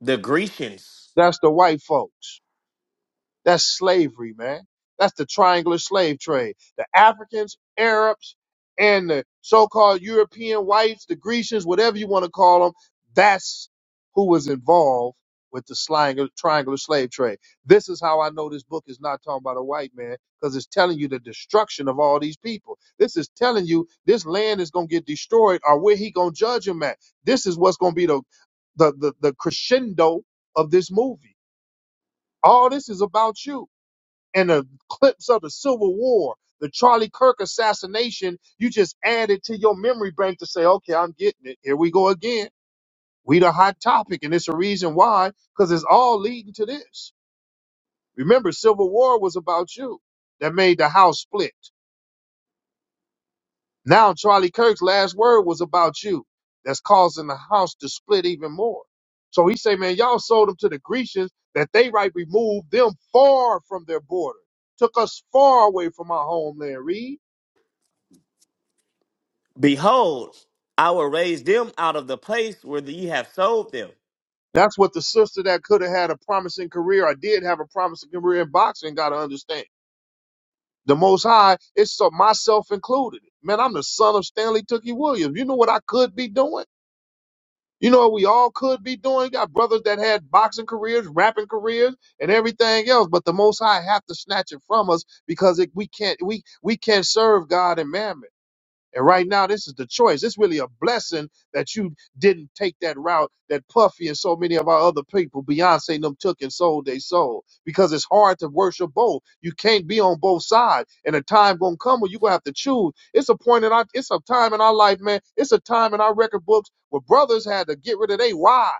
[SPEAKER 3] The Grecians,
[SPEAKER 1] That's the white folks. That's slavery, man. That's the triangular slave trade. The Africans, Arabs, and the so-called European whites, the Grecians, whatever you want to call them, that's who was involved with the slang- triangular slave trade. This is how I know this book is not talking about a white man because it's telling you the destruction of all these people. This is telling you this land is going to get destroyed or where he going to judge him at. This is what's going to be the, the, the, the crescendo of this movie. All this is about you and the clips of the Civil War, the Charlie Kirk assassination, you just add it to your memory bank to say, okay, I'm getting it. Here we go again. We the hot topic, and it's a reason why, because it's all leading to this. Remember, Civil War was about you. That made the house split. Now Charlie Kirk's last word was about you. That's causing the house to split even more. So he say, man, y'all sold them to the Grecians that they right removed them far from their border, took us far away from our homeland. Read
[SPEAKER 3] behold, I will raise them out of the place where ye have sold them.
[SPEAKER 1] That's what the sister that could have had a promising career or did have a promising career in boxing got to understand. The Most High, it's so myself included. Man, I'm the son of Stanley Tookie Williams. You know what I could be doing? You know what we all could be doing? You got brothers that had boxing careers, rapping careers, and everything else, but the Most High have to snatch it from us because it, we can't we we can't serve God and mammon. And right now, this is the choice. It's really a blessing that you didn't take that route that Puffy and so many of our other people, Beyonce and them, took and sold their soul. Because it's hard to worship both. You can't be on both sides. And a time gonna come where you gonna have to choose. It's a point in our, it's a time in our life, man. It's a time in our record books where brothers had to get rid of their wives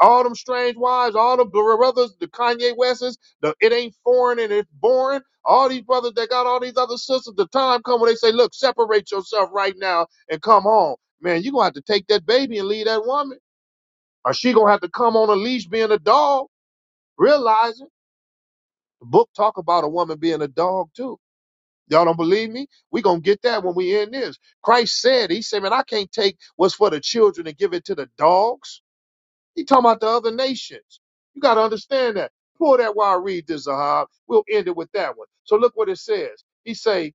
[SPEAKER 1] all them strange wives, all the brothers, the Kanye Wests, the it ain't foreign and it's boring. All these brothers that got all these other sisters, the time come when they say, look, separate yourself right now and come home. Man, you gonna have to take that baby and leave that woman. Or she gonna have to come on a leash being a dog. Realize it. The book talk about a woman being a dog too. Y'all don't believe me? We gonna get that when we end this. Christ said, He said, Man, I can't take what's for the children and give it to the dogs. He talking about the other nations. You got to understand that. Pull that while I read this, Zahab. We'll end it with that one. So look what it says. He say,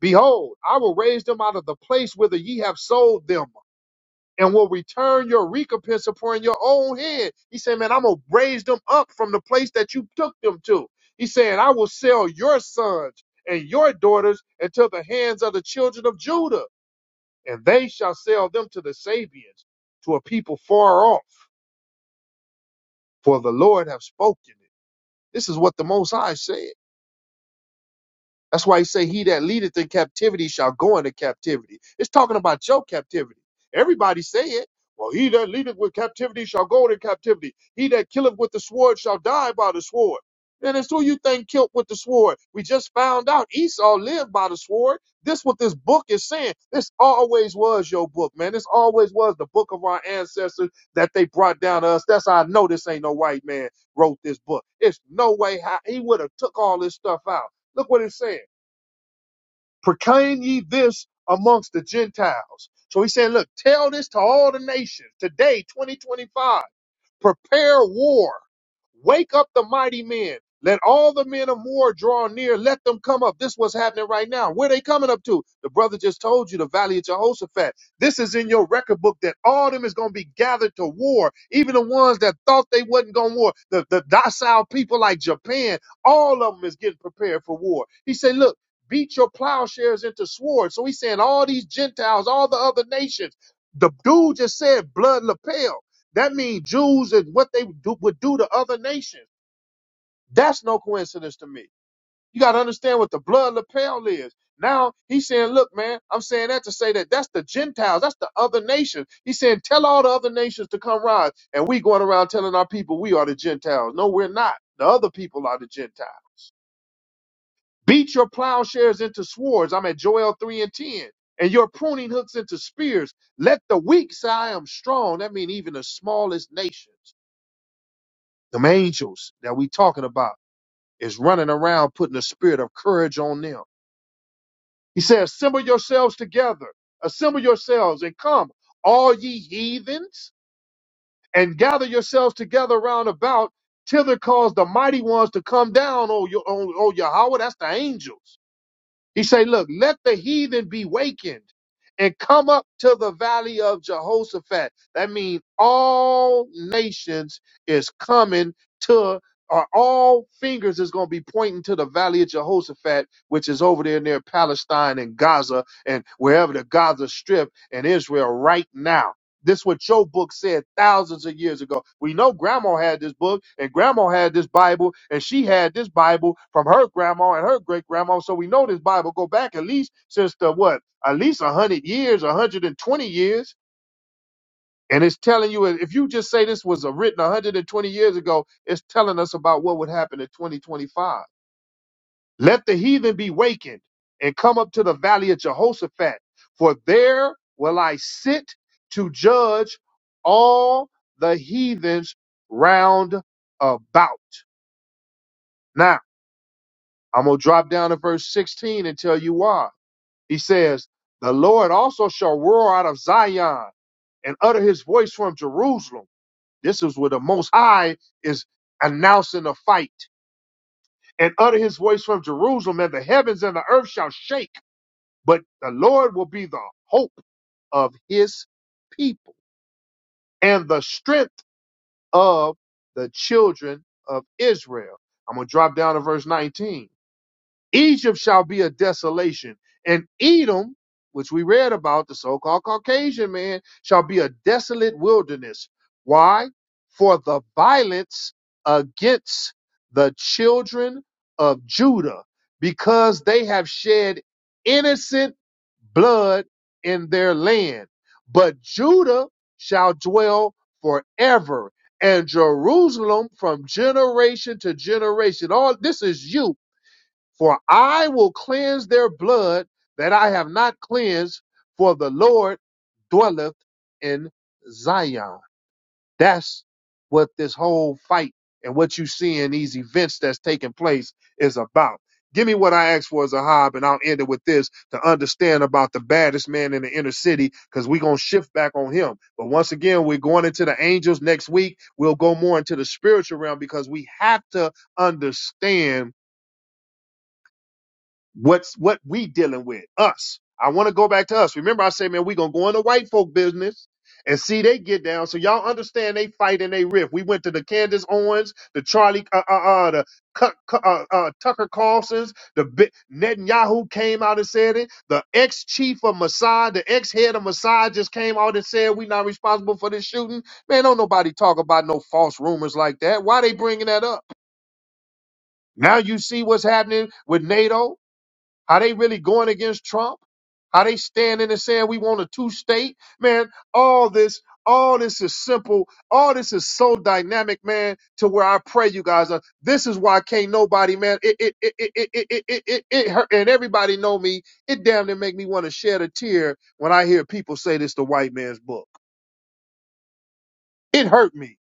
[SPEAKER 1] Behold, I will raise them out of the place whither ye have sold them, and will return your recompense upon your own head. He said, Man, I'm gonna raise them up from the place that you took them to. He saying, I will sell your sons and your daughters into the hands of the children of Judah, and they shall sell them to the Sabians, to a people far off for the Lord have spoken it. This is what the Most High said. That's why he say, "He that leadeth in captivity shall go into captivity." It's talking about your captivity. Everybody say it. Well, he that leadeth with captivity shall go into captivity. He that killeth with the sword shall die by the sword. And it's who you think killed with the sword. We just found out Esau lived by the sword. This what this book is saying. This always was your book, man. This always was the book of our ancestors that they brought down to us. That's how I know this ain't no white man wrote this book. It's no way how he would have took all this stuff out. Look what it's saying proclaim ye this amongst the Gentiles. So he said, look, tell this to all the nations today, 2025. Prepare war. Wake up the mighty men. Let all the men of war draw near. Let them come up. This is what's happening right now. Where they coming up to? The brother just told you the valley of Jehoshaphat. This is in your record book that all them is going to be gathered to war. Even the ones that thought they wasn't going to war, the, the docile people like Japan, all of them is getting prepared for war. He said, look, beat your plowshares into swords. So he's saying all these Gentiles, all the other nations, the dude just said blood lapels. That means Jews and what they do, would do to other nations. That's no coincidence to me. You got to understand what the blood lapel is. Now he's saying, look, man, I'm saying that to say that that's the Gentiles, that's the other nations. He's saying, tell all the other nations to come rise. And we going around telling our people we are the Gentiles. No, we're not. The other people are the Gentiles. Beat your plowshares into swords. I'm at Joel 3 and 10. And your pruning hooks into spears. Let the weak say I am strong. That means even the smallest nations. Them angels that we talking about is running around putting a spirit of courage on them. He says, assemble yourselves together, assemble yourselves and come, all ye heathens, and gather yourselves together round about, till thither cause the mighty ones to come down, O, Yo- o, o Yahweh. That's the angels he say, look, let the heathen be wakened and come up to the valley of Jehoshaphat. That means all nations is coming to, or all fingers is going to be pointing to the valley of Jehoshaphat, which is over there near Palestine and Gaza and wherever the Gaza Strip and Israel right now. This what your book said thousands of years ago. We know grandma had this book and grandma had this Bible and she had this Bible from her grandma and her great grandma. So we know this Bible go back at least since the what? At least a hundred years, a hundred and twenty years. And it's telling you if you just say this was uh, written 120 years ago, it's telling us about what would happen in 2025. Let the heathen be wakened and come up to the valley of Jehoshaphat, for there will I sit to judge all the heathens round about. Now, I'm going to drop down to verse 16 and tell you why. He says, The Lord also shall roar out of Zion and utter his voice from Jerusalem. This is where the Most High is announcing a fight. And utter his voice from Jerusalem, and the heavens and the earth shall shake but the Lord will be the hope of his people and the strength of the children of Israel. I'm going to drop down to verse 19. Egypt shall be a desolation, and Edom, which we read about, the so called Caucasian man, shall be a desolate wilderness. Why? For the violence against the children of Judah, because they have shed innocent blood in their land. But Judah shall dwell forever, and Jerusalem from generation to generation. All this is you for I will cleanse their blood that I have not cleansed, for the Lord dwelleth in Zion. That's what this whole fight and what you see in these events that's taking place is about. Give me what I asked for, Zahab, and I'll end it with this to understand about the baddest man in the inner city, because we're going to shift back on him. But once again, we're going into the angels next week. We'll go more into the spiritual realm because we have to understand What's what we dealing with? Us. I want to go back to us. Remember, I say, man, we gonna go into white folk business and see they get down. So y'all understand they fight and they riff. We went to the Candace Owens, the Charlie, uh, uh, uh the Cu- Cu- uh, uh, Tucker Carlson's, the Bi- Netanyahu came out and said it. The ex chief of Mossad, the ex head of Mossad just came out and said we not responsible for this shooting. Man, don't nobody talk about no false rumors like that. Why they bringing that up? Now you see what's happening with NATO. Are they really going against Trump? Are they standing and saying we want a two state? Man, all this, all this is simple. All this is so dynamic, man, to where I pray you guys are. This is why can't nobody, man, it, it, it, it, it, it, it, it, it hurt. And everybody know me. It damn near make me want to shed a tear when I hear people say this the white man's book. It hurt me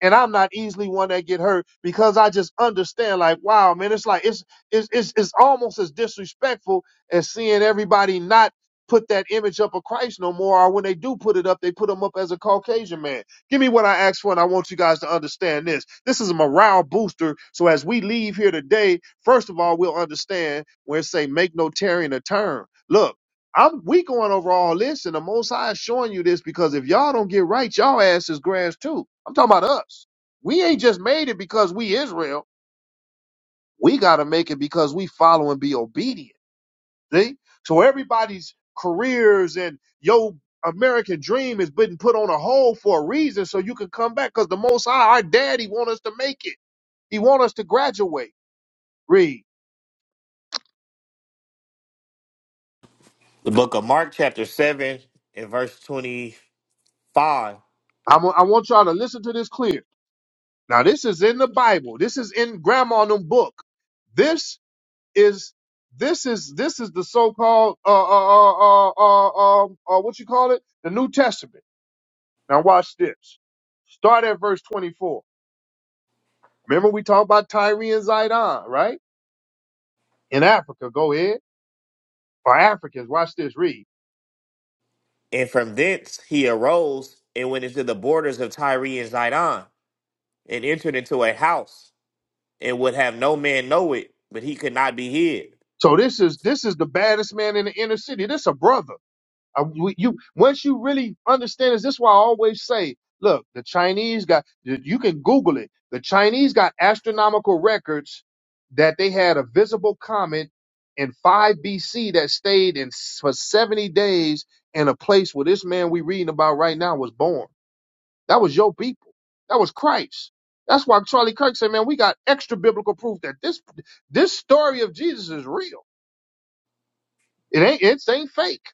[SPEAKER 1] and I'm not easily one that get hurt because I just understand. Like, wow, man, it's like it's it's it's, it's almost as disrespectful as seeing everybody not put that image up of Christ no more, or when they do put it up, they put him up as a Caucasian man. Give me what I asked for, and I want you guys to understand this. This is a morale booster. So as we leave here today, first of all, we'll understand where it say make no tearing a turn. Look. I'm we going over all this, and the Most High is showing you this because if y'all don't get right, y'all ass is grass too. I'm talking about us. We ain't just made it because we Israel. We got to make it because we follow and be obedient. See, so everybody's careers and your American dream is being put on a hold for a reason, so you can come back because the Most High, our Daddy, want us to make it. He want us to graduate. Read.
[SPEAKER 3] The book of Mark, chapter 7, and verse 25.
[SPEAKER 1] I'm, I want y'all to listen to this clear. Now, this is in the Bible. This is in Grandma and them book. This is this is this is the so-called uh uh uh uh, uh, um, uh what you call it the New Testament. Now watch this. Start at verse 24. Remember we talked about Tyre and Zidon, right? In Africa, go ahead. Or Africans, watch this. Read.
[SPEAKER 3] And from thence he arose and went into the borders of Tyre and Zidon, and entered into a house, and would have no man know it, but he could not be hid.
[SPEAKER 1] So this is this is the baddest man in the inner city. This a brother. Uh, we- you once you really understand this, this is why I always say, look, the Chinese got you can Google it. The Chinese got astronomical records that they had a visible comet in 5 BC that stayed in s- for 70 days in a place where this man we reading about right now was born. That was your people. That was Christ. That's why Charlie Kirk said, man, we got extra biblical proof that this this story of Jesus is real. It ain't it ain't fake.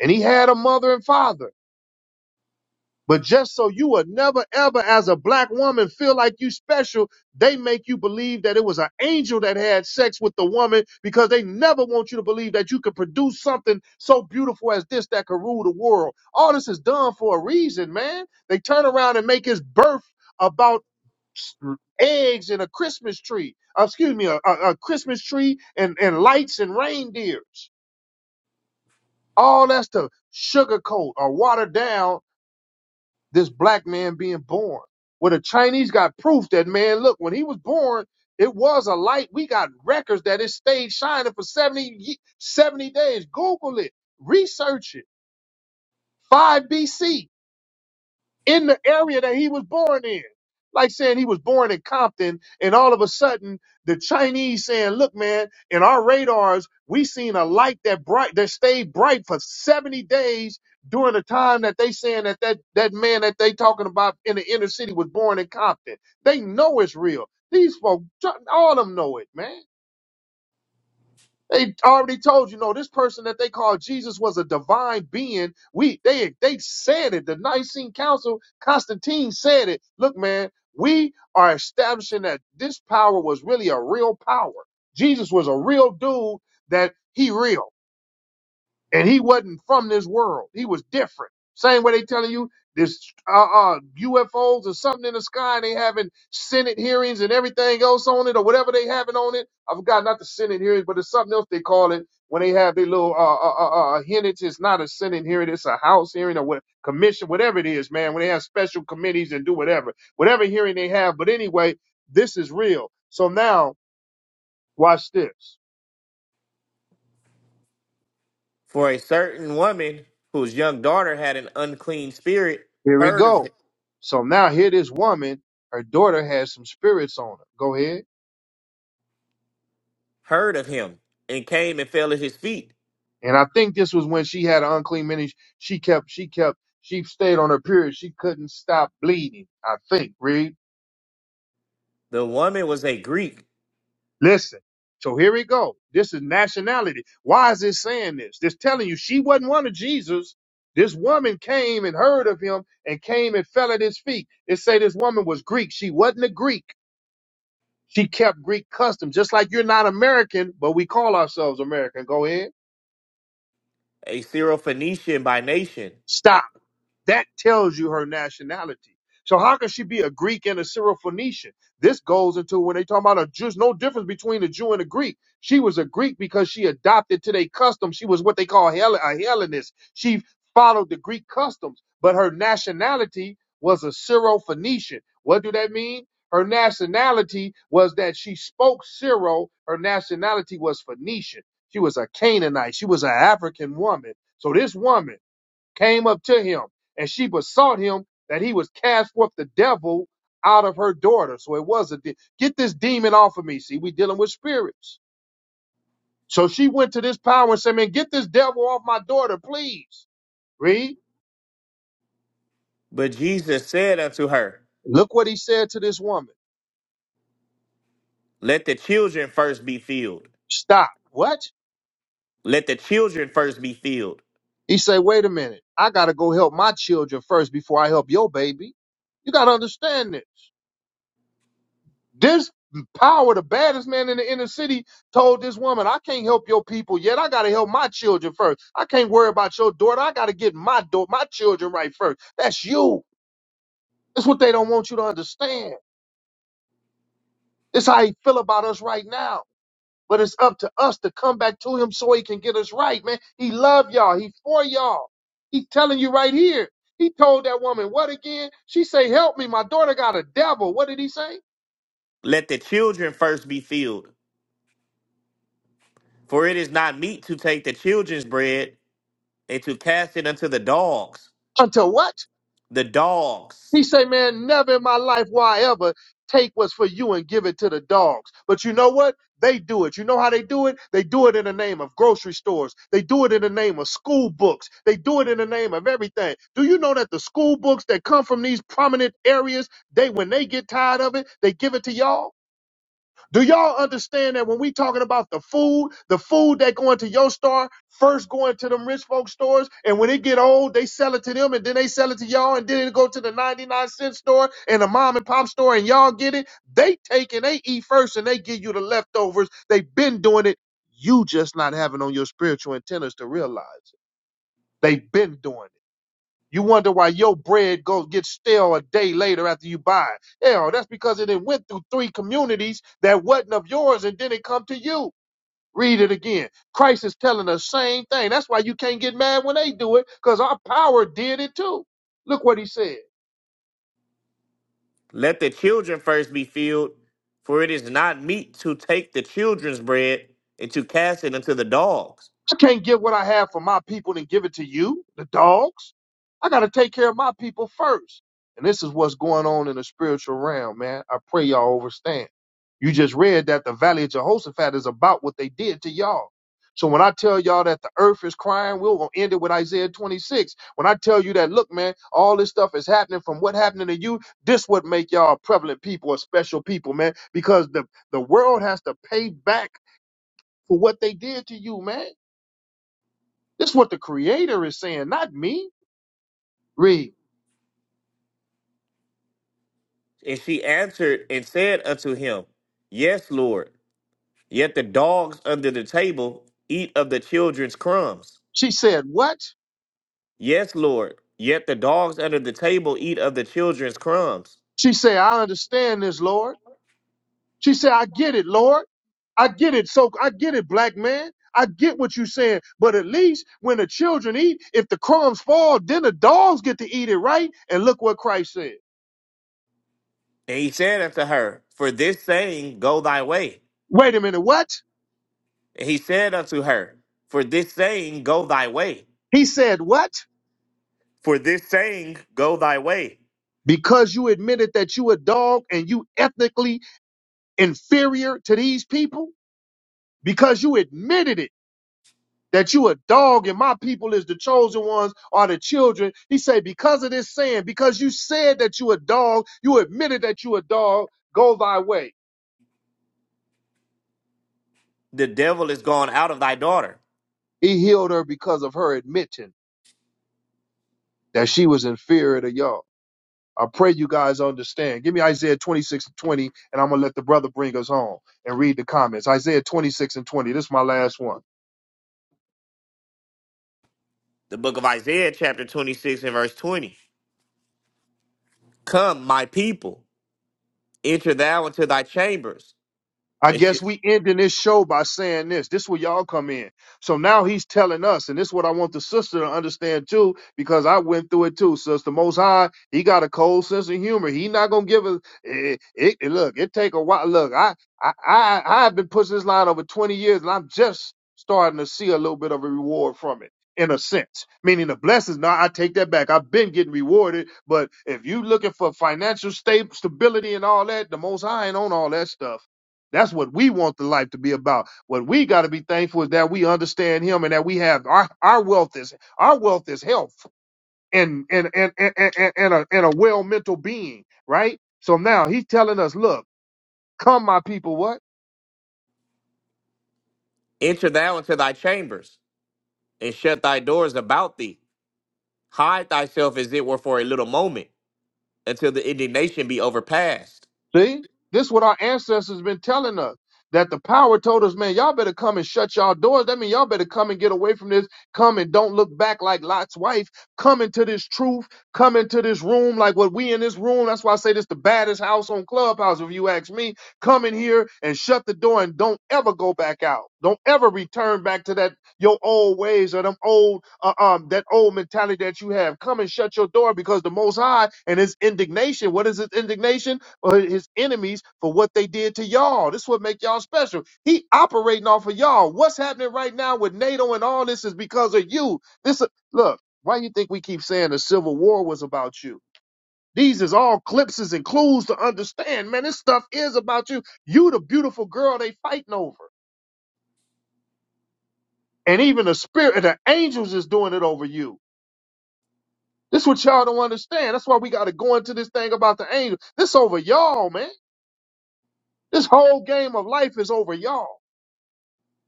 [SPEAKER 1] And he had a mother and father. But just so you would never ever as a black woman feel like you special, they make you believe that it was an angel that had sex with the woman because they never want you to believe that you could produce something so beautiful as this that could rule the world. All this is done for a reason, man. They turn around and make his birth about s- eggs and a Christmas tree. Uh, excuse me, a, a a Christmas tree and, and lights and reindeers. All that's to sugarcoat or water down this black man being born. Where the Chinese got proof that man, look, when he was born, it was a light. We got records that it stayed shining for 70, ye- 70 days. Google it, research it. 5 BC in the area that he was born in. Like saying he was born in Compton, and all of a sudden the Chinese saying, "Look, man, in our radars, we seen a light that bright that stayed bright for 70 days during the time that they saying that that that man that they talking about in the inner city was born in Compton. They know it's real. These folks, all of them know it, man. They already told you, no, this person that they called Jesus was a divine being. We they they said it. The Nicene Council, Constantine said it. Look, man, we are establishing that this power was really a real power. Jesus was a real dude that he real and he wasn't from this world. He was different. Same way they telling you this uh, uh, UFOs or something in the sky, and they having Senate hearings and everything else on it, or whatever they having on it. I forgot not the Senate hearings, but it's something else they call it when they have their little uh, uh, uh, uh hearings. It's not a Senate hearing, it's a House hearing or what commission, whatever it is, man. When they have special committees and do whatever, whatever hearing they have. But anyway, this is real. So now watch this.
[SPEAKER 3] For a certain woman whose young daughter had an unclean spirit
[SPEAKER 1] Here we
[SPEAKER 3] heard of him,
[SPEAKER 1] go. So now here this woman, her daughter has some spirits on her. Go ahead.
[SPEAKER 3] heard of him, and came and fell at his feet
[SPEAKER 1] And I think this was when she had an unclean minute. She kept, she kept, she stayed on her period. She couldn't stop bleeding. I think. Read.
[SPEAKER 3] The woman was a Greek,
[SPEAKER 1] Listen. So here we go. This is nationality. Why is this saying this? This telling you she wasn't one of Jesus. This woman came and heard of him and came and fell at his feet. It say this woman was Greek. She wasn't a Greek. She kept Greek customs, just like you're not American, but we call ourselves American. Go ahead.
[SPEAKER 3] a Syrophoenician by nation.
[SPEAKER 1] Stop. That tells you her nationality. So how can she be a Greek and a Syrophoenician? This goes into when they talk about a Jew. There's No difference between a Jew and a Greek. She was a Greek because she adopted to their customs. She was what they call Hell- a Hellenist. She followed the Greek customs, but her nationality was a Syrophoenician. What do that mean? Her nationality was that she spoke Syro. Her nationality was Phoenician. She was a Canaanite. She was an African woman. So this woman came up to him, and she besought him that he would cast forth the devil out of her daughter. So it was a de- get this demon off of me. See, we dealing with spirits. So she went to this power and said, "Man, get this devil off my daughter, please." Read.
[SPEAKER 3] But Jesus said unto her,
[SPEAKER 1] Look what he said to this woman.
[SPEAKER 3] Let the children first be filled.
[SPEAKER 1] Stop. What?
[SPEAKER 3] Let the children first be filled.
[SPEAKER 1] He said, "Wait a minute. I gotta go help my children first before I help your baby. You gotta understand this." This power, the baddest man in the inner city, told this woman, I can't help your people yet. I gotta help my children first. I can't worry about your daughter. I gotta get my daughter, my children right first. That's you. That's what they don't want you to understand. That's how he feel about us right now. But it's up to us to come back to him so he can get us right, man. He love y'all. He for y'all. He telling you right here. He told that woman what again? She say, "Help me, my daughter got a devil." What did he say?
[SPEAKER 3] Let the children first be filled. For it is not meet to take the children's bread and to cast it unto the dogs.
[SPEAKER 1] Until what?
[SPEAKER 3] The
[SPEAKER 1] He
[SPEAKER 3] dogs.
[SPEAKER 1] say, man, never in my life will I ever take what's for you and give it to the dogs. But you know what? They do it. You know how they do it? They do it in the name of grocery stores. They do it in the name of school books. They do it in the name of everything. Do you know that the school books that come from these prominent areas, they when they get tired of it, they give it to y'all? Do y'all understand that when we talking about the food, the food that go into your store first going to them rich folk stores, and when it get old, they sell it to them, and then they sell it to y'all, and then it go to the ninety nine cent store and the mom and pop store, and y'all get it. They take and they eat first, and they give you the leftovers. They've been doing it. You just not having on your spiritual antennas to realize it. They've been doing it. You wonder why your bread go gets stale a day later after you buy it. Hell, that's because it done went through three communities that wasn't of yours and then it come to you. Read it again. Christ is telling the same thing. That's why you can't get mad when they do it, because our power did it too. Look what he said.
[SPEAKER 3] Let the children first be filled. For it is not meet to take the children's bread and to cast it unto the dogs.
[SPEAKER 1] I can't give what I have for my people and give it to you, the dogs. I got to take care of my people first. And this is what's going on in the spiritual realm, man. I pray y'all understand. You just read that the Valley of Jehoshaphat is about what they did to y'all. So when I tell y'all that the earth is crying, we're going to end it with Isaiah 26. When I tell you that, look, man, all this stuff is happening from what happening to you, this would make y'all a prevalent people or special people, man, because the, the world has to pay back for what they did to you, man. This is what the creator is saying, not me. Read.
[SPEAKER 3] And she answered and said unto him, Yes, Lord. Yet the dogs under the table eat of the children's crumbs.
[SPEAKER 1] She said, What?
[SPEAKER 3] Yes, Lord. Yet the dogs under the table eat of the children's crumbs.
[SPEAKER 1] She said, I understand this, Lord. She said, I get it, Lord. I get it. So I get it, black man. I get what you're saying. But at least when the children eat, if the crumbs fall, then the dogs get to eat it, right? And look what Christ said.
[SPEAKER 3] And he said unto her, For this saying, go thy way.
[SPEAKER 1] Wait a minute, what?
[SPEAKER 3] And he said unto her, For this saying, go thy way.
[SPEAKER 1] He said, What?
[SPEAKER 3] For this saying, go thy way.
[SPEAKER 1] Because you admitted that you a dog and you ethnically inferior to these people? Because you admitted it that you a dog and my people is the chosen ones are the children. He said, because of this saying, because you said that you a dog, you admitted that you a dog, go thy way.
[SPEAKER 3] The devil is gone out of thy daughter.
[SPEAKER 1] He healed her because of her admitting that she was inferior to y'all. I pray you guys understand. Give me Isaiah 26 and 20, and I'm going to let the brother bring us home and read the comments. Isaiah 26 and 20. This is my last one.
[SPEAKER 3] The book of Isaiah, chapter 26, and verse 20. Come, my people, enter thou into thy chambers.
[SPEAKER 1] I
[SPEAKER 3] and sh-
[SPEAKER 1] guess we ending this show by saying this. This where y'all come in. So now he's telling us, and this is what I want the sister to understand too, because I went through it too. Sister Most High, he got a cold sense of humor. He not gonna give us. It, it, it- look, it take a while. Look, I, I, I, I have been pushing this line over 20 years, and I'm just starting to see a little bit of a reward from it. In a sense, meaning the blessings. Now I take that back. I've been getting rewarded, but if you looking for financial sta- stability and all that, the Most High ain't on all that stuff. That's what we want the life to be about. What we got to be thankful is that we understand Him and that we have our, our wealth is our wealth is health and and and and, and, and a and a well mental being, right? So now He's telling us, look, come, my people, what?
[SPEAKER 3] Enter thou into thy chambers and shut thy doors about thee. Hide thyself as it were for a little moment, until the indignation be overpast.
[SPEAKER 1] See, this is what our ancestors been telling us. That the power told us, man, y'all better come and shut y'all doors. That means y'all better come and get away from this. Come and don't look back like Lot's wife. Come into this truth. Come into this room like what we in this room. That's why I say this the baddest house on Clubhouse, if you ask me. Come in here and shut the door and don't ever go back out. Don't ever return back to that your old ways or them old uh, um that old mentality that you have. Come and shut your door because the Most High and His indignation. What is His indignation? or his enemies for what they did to y'all. This is what make y'all special. He operating off of y'all. What's happening right now with NATO and all this is because of you. This look, why you think we keep saying the Civil War was about you? These is all clipses and clues to understand, man. This stuff is about you. You the beautiful girl they fighting over. And even the spirit of the angels is doing it over you. This what y'all don't understand. That's why we gotta go into this thing about the angels. This over y'all, man. This whole game of life is over y'all.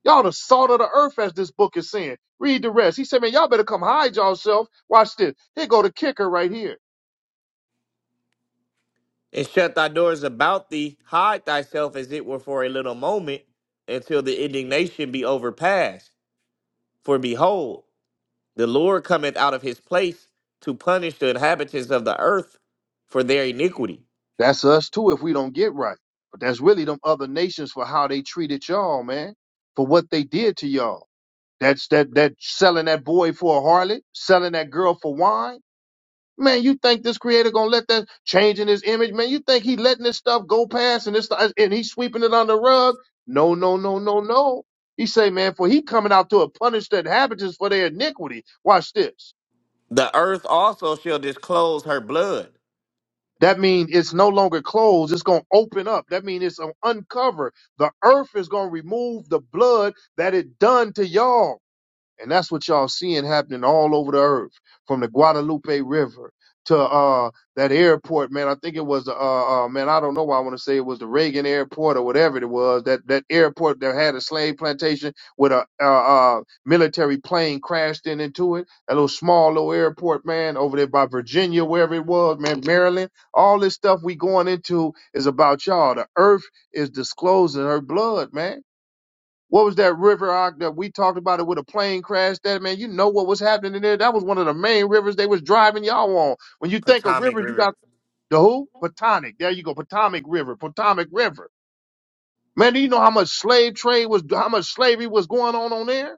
[SPEAKER 1] Y'all the salt of the earth, as this book is saying. Read the rest. He said, man, y'all better come hide yourself. Watch this. Here go the kicker right here.
[SPEAKER 3] And shut thy doors about thee. Hide thyself as it were for a little moment, until the indignation be overpast. For behold, the Lord cometh out of his place to punish the inhabitants of the earth for their iniquity.
[SPEAKER 1] That's us too if we don't get right. But that's really them other nations for how they treated y'all, man. For what they did to y'all. That's that that selling that boy for a harlot, selling that girl for wine Man, you think this creator gonna let that change in his image? Man, you think he letting this stuff go past and this and he's sweeping it on the rug? No, no, no, no, no. He say, man, for he coming out to punish the inhabitants for their iniquity. Watch this.
[SPEAKER 3] The earth also shall disclose her blood.
[SPEAKER 1] That means it's no longer closed. It's gonna open up. That means it's gonna uncover. The earth is gonna remove the blood that it done to y'all And that's what y'all seeing happening all over the earth, from the Guadalupe River to uh that airport, man. I think it was uh, uh man, I don't know why I want to say it was the Reagan airport or whatever it was, that that airport that had a slave plantation with a uh, uh military plane crashed in into it. That little small little airport, man, over there by Virginia, wherever it was, man, Maryland. All this stuff we going into is about y'all. The earth is disclosing her blood, man what was that river out that we talked about it with a plane crash? That man, you know what was happening in there? That was one of the main rivers they was driving y'all on. When you think of
[SPEAKER 3] Potomac
[SPEAKER 1] rivers, you got
[SPEAKER 3] River.
[SPEAKER 1] the who? Potomac. There you go, Potomac River, Potomac River. Man, do you know how much slave trade was? How much slavery was going on on there?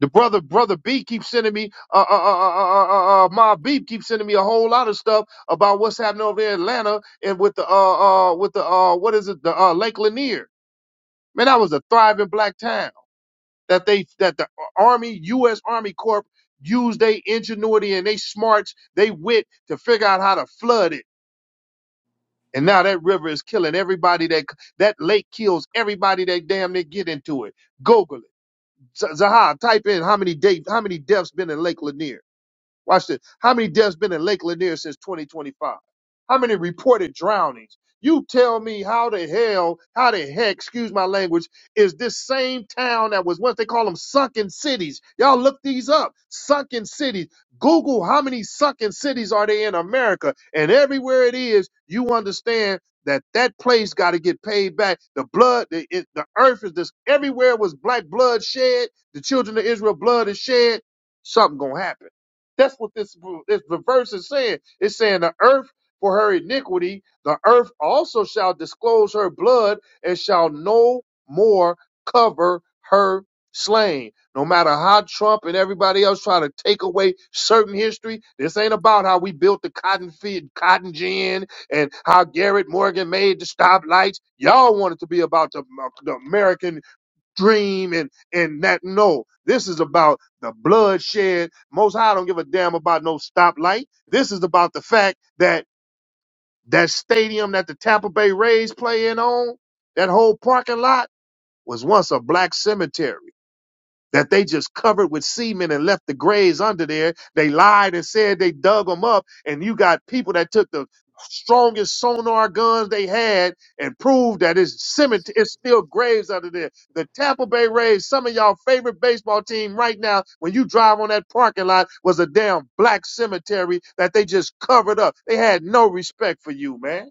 [SPEAKER 1] The brother, brother B keeps sending me, uh, uh, uh, uh, uh, uh, uh, my B keeps sending me a whole lot of stuff about what's happening over there in Atlanta and with the, uh, uh, with the, uh, what is it, the uh, Lake Lanier. Man, that was a thriving black town. that they that the Army, U.S. Army Corp, used their ingenuity and they smarts, they wit to figure out how to flood it. And now that river is killing everybody that that lake kills everybody that damn near get into it. Google it. Z- Zaha, type in how many de- how many deaths been in Lake Lanier. Watch this. How many deaths been in Lake Lanier since 2025? How many reported drownings? You tell me how the hell, how the heck, excuse my language, is this same town that was once they call them sunken cities. Y'all look these up. Sunken cities. Google how many sunken cities are they in America. And everywhere it is, you understand that that place got to get paid back. The blood, the, it, the earth is this. Everywhere was black blood shed. The children of Israel blood is shed. Something going to happen. That's what this, this the verse is saying. It's saying the earth for her iniquity, the earth also shall disclose her blood and shall no more cover her slain. No matter how Trump and everybody else try to take away certain history, this ain't about how we built the cotton feed, cotton gin, and how Garrett Morgan made the stoplights. Y'all want it to be about the, the American dream and and that no this is about the bloodshed most high don't give a damn about no stoplight this is about the fact that that stadium that the tampa bay rays play in on that whole parking lot was once a black cemetery that they just covered with semen and left the graves under there. They lied and said they dug them up, and you got people that took the strongest sonar guns they had and proved that it's cemetery, it's still graves under there. The Tampa Bay Rays, some of y'all favorite baseball team right now, when you drive on that parking lot, was a damn black cemetery that they just covered up. They had no respect for you, man.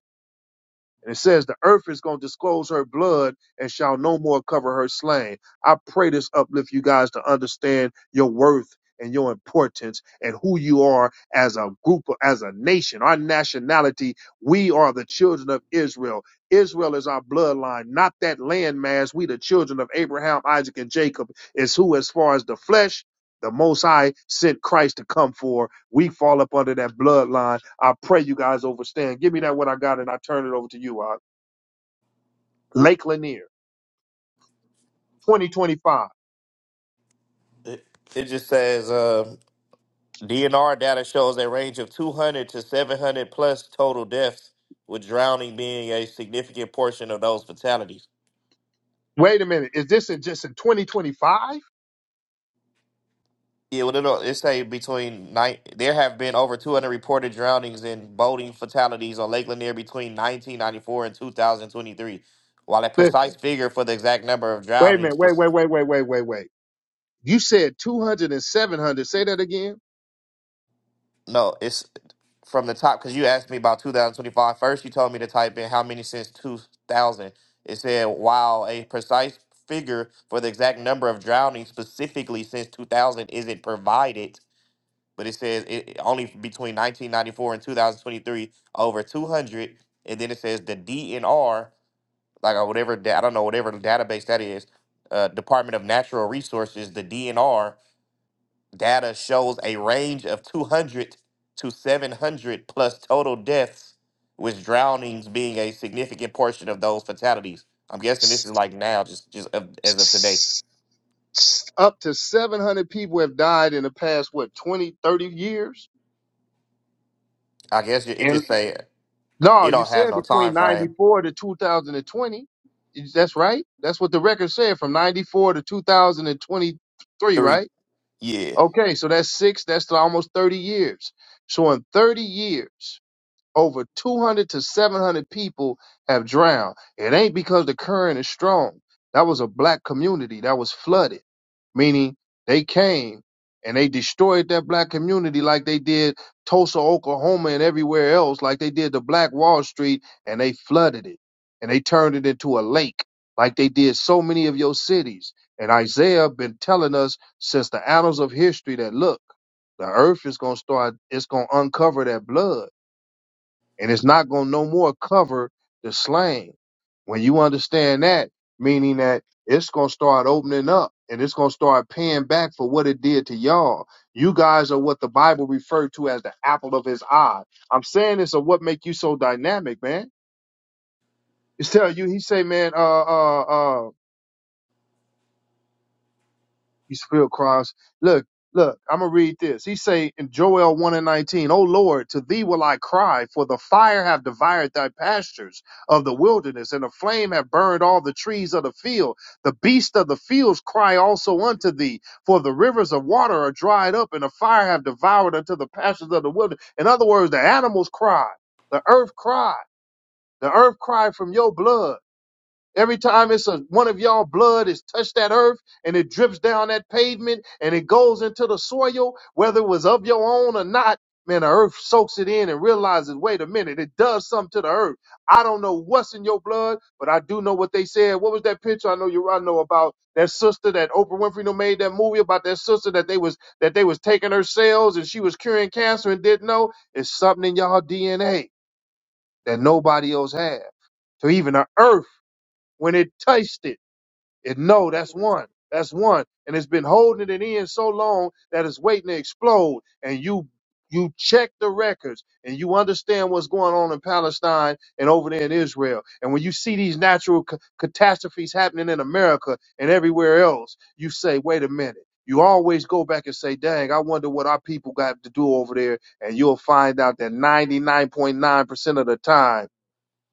[SPEAKER 1] And it says, The earth is going to disclose her blood and shall no more cover her slain. I pray this uplift you guys to understand your worth and your importance and who you are as a group, as a nation, our nationality. We are the children of Israel. Israel is our bloodline, not that landmass. We, the children of Abraham, Isaac, and Jacob, is who, as far as the flesh, the Most High sent Christ to come for we fall up under that bloodline. I pray you guys overstand. Give me that what I got and I turn it over to you. Uh, Lake Lanier, 2025.
[SPEAKER 3] It, it just says. uh, DNR data shows a range of 200 to 700 plus total deaths, with drowning being a significant portion of those fatalities.
[SPEAKER 1] Wait a minute. Is this in just in 2025?
[SPEAKER 3] Yeah, well, it'll, it say between nine. There have been over 200 reported drownings and boating fatalities on Lake Lanier between 1994 and 2023. While a precise figure for the exact number of
[SPEAKER 1] Wait a minute.
[SPEAKER 3] drownings
[SPEAKER 1] Wait, wait, wait, wait, wait, wait, wait. You said 200 and 700. Say that again.
[SPEAKER 3] No, it's from the top because you asked me about 2025. First, you told me to type in how many since 2000. It said, while a precise figure for the exact number of drownings specifically since 2000 isn't provided, but it says it it- only between 1994 and 2023, over 200. And then it says the DNR, like or whatever, da- I don't know, whatever database that is, uh, Department of Natural Resources, the DNR Data shows a range of 200 to 700 plus total deaths, with drownings being a significant portion of those fatalities. I'm guessing this is like now, just just of, as of today.
[SPEAKER 1] Up to 700 people have died in the past, what, 20, 30 years?
[SPEAKER 3] I guess it, it just say
[SPEAKER 1] No,
[SPEAKER 3] it
[SPEAKER 1] you
[SPEAKER 3] don't have
[SPEAKER 1] said
[SPEAKER 3] no
[SPEAKER 1] between
[SPEAKER 3] time frame.
[SPEAKER 1] 94 to 2020. Is- That's right. That's what the record said from 94 to 2023,
[SPEAKER 3] Three,
[SPEAKER 1] right?
[SPEAKER 3] yeah.
[SPEAKER 1] Okay, so that's six, that's almost 30 years. So in 30 years, over 200 to 700 people have drowned. It ain't because the current is strong. That was a black community that was flooded, meaning they came and they destroyed that black community like they did Tulsa, Oklahoma, and everywhere else, like they did the Black Wall Street, and they flooded it and they turned it into a lake like they did so many of your cities. And Isaiah been telling us since the annals of history that look, the earth is gonna start, it's gonna uncover that blood and it's not going to no more cover the slang. When you understand that, meaning that it's going to start opening up and it's going to start paying back for what it did to y'all. You guys are what the Bible referred to as the apple of his eye. I'm saying this of what make you so dynamic, man. It's tell you, he say, man, uh, uh, uh, He's filled cross. Look, look, I'm gonna read this. He say in Joel 1 and 19, O Lord, to thee will I cry, for the fire have devoured thy pastures of the wilderness, and the flame have burned all the trees of the field. The beasts of the fields cry also unto thee, for the rivers of water are dried up, and the fire have devoured unto the pastures of the wilderness. In other words, the animals cry, the earth cry, the earth cry from your blood. Every time it's a, one of y'all blood is touched that earth and it drips down that pavement and it goes into the soil, whether it was of your own or not, man, the earth soaks it in and realizes, wait a minute, it does something to the earth. I don't know what's in your blood, but I do know what they said. What was that picture? I know you I know about that sister that Oprah Winfrey done made that movie about that sister that they was that they was taking her cells and she was curing cancer and didn't know. It's something in y'all DNA that nobody else had. So even the earth, when it touched it it no, that's one. That's one. And it's been holding it in so long that it's waiting to explode. And you you check the records and you understand what's going on in Palestine and over there in Israel. And when you see these natural ca- catastrophes happening in America and everywhere else, you say, wait a minute. You always go back and say, dang, I wonder what our people got to do over there. And you'll find out that 99.9% of the time,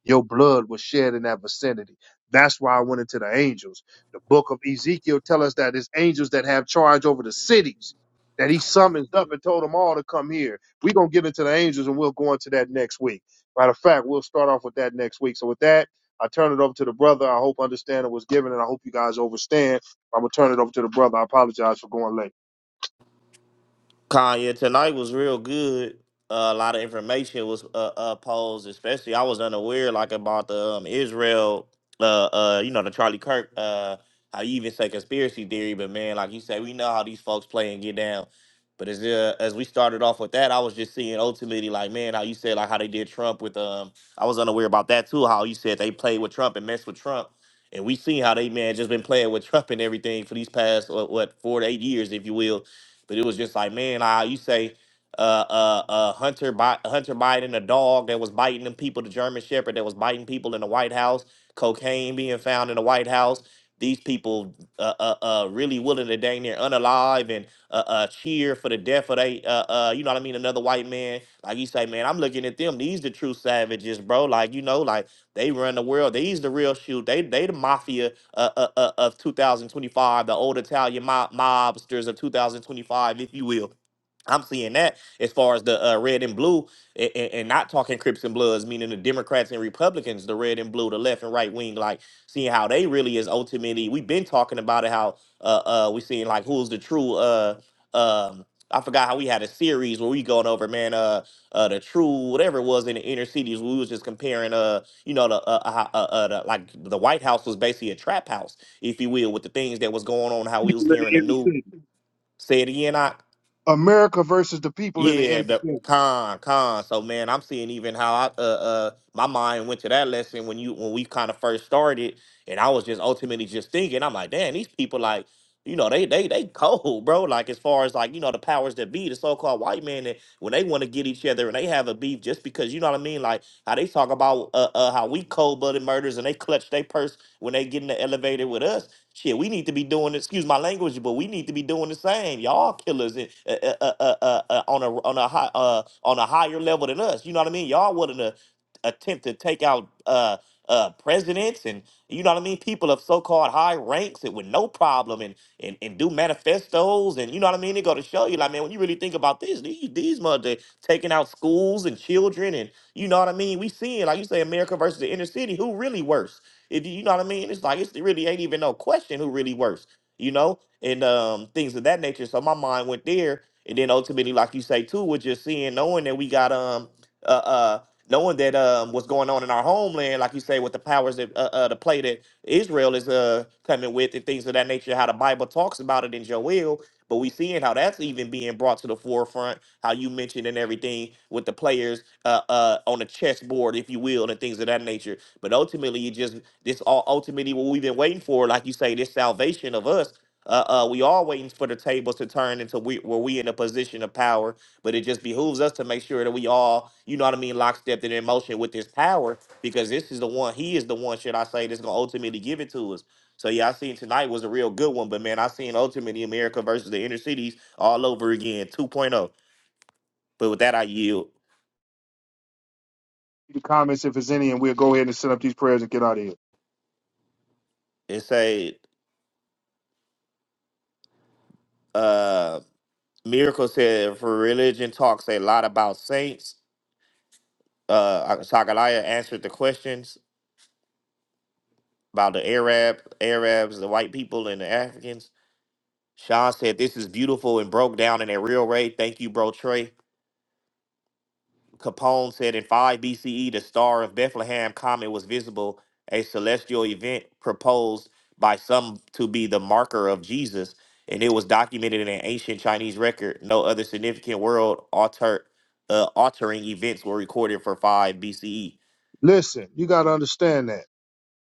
[SPEAKER 1] your blood was shed in that vicinity. That's why I went into the angels. The book of Ezekiel tell us that it's angels that have charge over the cities that he summons up and told them all to come here. We're going to get into the angels and we'll go into that next week. Matter of fact, we'll start off with that next week. So with that, I turn it over to the brother. I hope understanding was given and I hope you guys overstand. I'm going to turn it over to the brother. I apologize for going late.
[SPEAKER 3] Kanye, tonight was real good. Uh, a lot of information was uh, uh posed, especially I was unaware like about the um, Israel, uh, uh, you know the Charlie Kirk, uh, how you even say conspiracy theory, but man, like you say, we know how these folks play and get down. But as uh, as we started off with that, I was just seeing ultimately like man, how you said like how they did Trump with um, I was unaware about that too, how you said they played with Trump and messed with Trump. And we seen how they man just been playing with Trump and everything for these past what, what four to eight years, if you will but it was just like, man, I you say uh uh uh Hunter Bi- Hunter Biden, a dog that was biting them people, the German Shepherd that was biting people in the White House, cocaine being found in the White House. These people uh, uh, uh, really willing to dang near unalive and uh, uh, cheer for the death of they, uh, uh, you know what I mean, another white man. Like you say, man, I'm looking at them. These the true savages, bro. Like, you know, like they run the world. These the real shoot. They they the mafia uh, uh, uh, of 2025, the old Italian mob, mobsters of 2025, if you will. I'm seeing that as far as the uh, red and blue, and, and not talking Crips and Bloods, meaning the Democrats and Republicans, the red and blue, the left and right wing, like seeing how they really is ultimately. We've been talking about it, how uh, uh, we seeing like who's the true. Uh, um, I forgot how we had a series where we going over, man, uh, uh, the true whatever it was in the inner cities. We was just comparing, uh, you know, the uh, uh, uh, uh the, like the White House was basically a trap house, if you will, with the things that was going on, how we was
[SPEAKER 1] People in
[SPEAKER 3] hearing
[SPEAKER 1] the
[SPEAKER 3] the
[SPEAKER 1] inner
[SPEAKER 3] new.
[SPEAKER 1] city.
[SPEAKER 3] Say it again,
[SPEAKER 1] America versus the people in the
[SPEAKER 3] yeah,
[SPEAKER 1] inner
[SPEAKER 3] the
[SPEAKER 1] city.
[SPEAKER 3] con con. So man, I'm seeing even how I uh uh my mind went to that lesson when you when we kind of first started, and I was just ultimately just thinking, I'm like, damn, these people like, you know, they they they cold, bro. Like as far as like you know the powers that be, the so called white man, that when they want to get each other and they have a beef just because you know what I mean, like how they talk about uh, uh how we cold blooded murders and they clutch their purse when they get in the elevator with us Shit, we need to be doing. Excuse my language, but we need to be doing the same. Y'all killers in, uh, uh, uh, uh, uh, uh, on a on a high, uh, on a higher level than us. You know what I mean? Y'all wouldn't uh, attempt to take out uh, uh, presidents and you know what I mean. People of so-called high ranks and with no problem and and, and do manifestos and you know what I mean. They go to show you like man, when you really think about this, these these mother taking out schools and children and you know what I mean. We seeing like you say America versus the inner city. Who really worse? If you know what I mean? It's like it's, it really ain't even no question who really works, you know, and um things of that nature. So my mind went there, and then ultimately, like you say too, with just seeing, knowing that we got um uh uh knowing that um what's going on in our homeland, like you say, with the powers that uh, uh the play that Israel is uh coming with and things of that nature, how the Bible talks about it in Joel, but we seeing how that's even being brought to the forefront, how you mentioned and everything with the players uh uh on the chessboard, if you will, and things of that nature. But ultimately, it just this all ultimately what we've been waiting for, like you say, this salvation of us. Uh, uh, we are waiting for the tables to turn into we, where we in a position of power, but it just behooves us to make sure that we all, you know what I mean, lockstep and in motion with this power, because this is the one, he is the one, should I say, that's gonna ultimately give it to us. So yeah, I seen tonight was a real good one, but man, I seen ultimately America versus the inner cities all over again, 2.0. But with that, I yield
[SPEAKER 1] The comments, if there's any, and we'll go ahead and set up these prayers and get out of here.
[SPEAKER 3] and say, uh, Miracle said, for religion talks a lot about saints uh Sagalaya answered the questions about the Arab, Arabs, the white people, and the Africans. Sean said this is beautiful and broke down in a real way. Thank you, bro Trey. Capone said in 5 BCE, the star of Bethlehem comet was visible, a celestial event proposed by some to be the marker of Jesus, and it was documented in an ancient Chinese record. No other significant world alter uh, altering events were recorded for 5 BCE.
[SPEAKER 1] Listen, you got to understand that.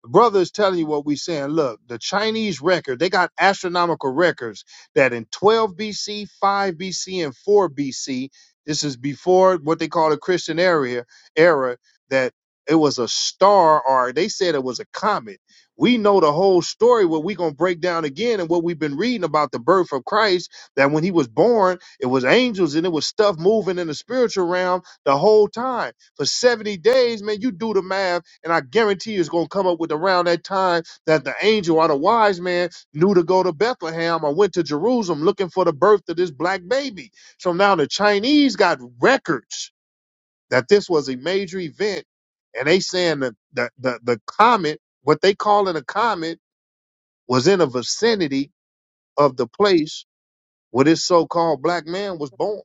[SPEAKER 1] The brother is telling you what we're saying. Look, the Chinese record, they got astronomical records that in 12 BC, 5 BC, and 4 BC, this is before what they call the Christian era, era that it was a star or they said it was a comet. We know the whole story, what we're going to break down again, and what we've been reading about the birth of Christ, that when he was born, it was angels and it was stuff moving in the spiritual realm the whole time. For 70 days, man, you do the math and I guarantee you it's going to come up with around that time that the angel or the wise man knew to go to Bethlehem or went to Jerusalem looking for the birth of this black baby. So now the Chinese got records that this was a major event. And they saying that the, the, the comet, what they call it a comet, was in a vicinity of the place where this so-called black man was born.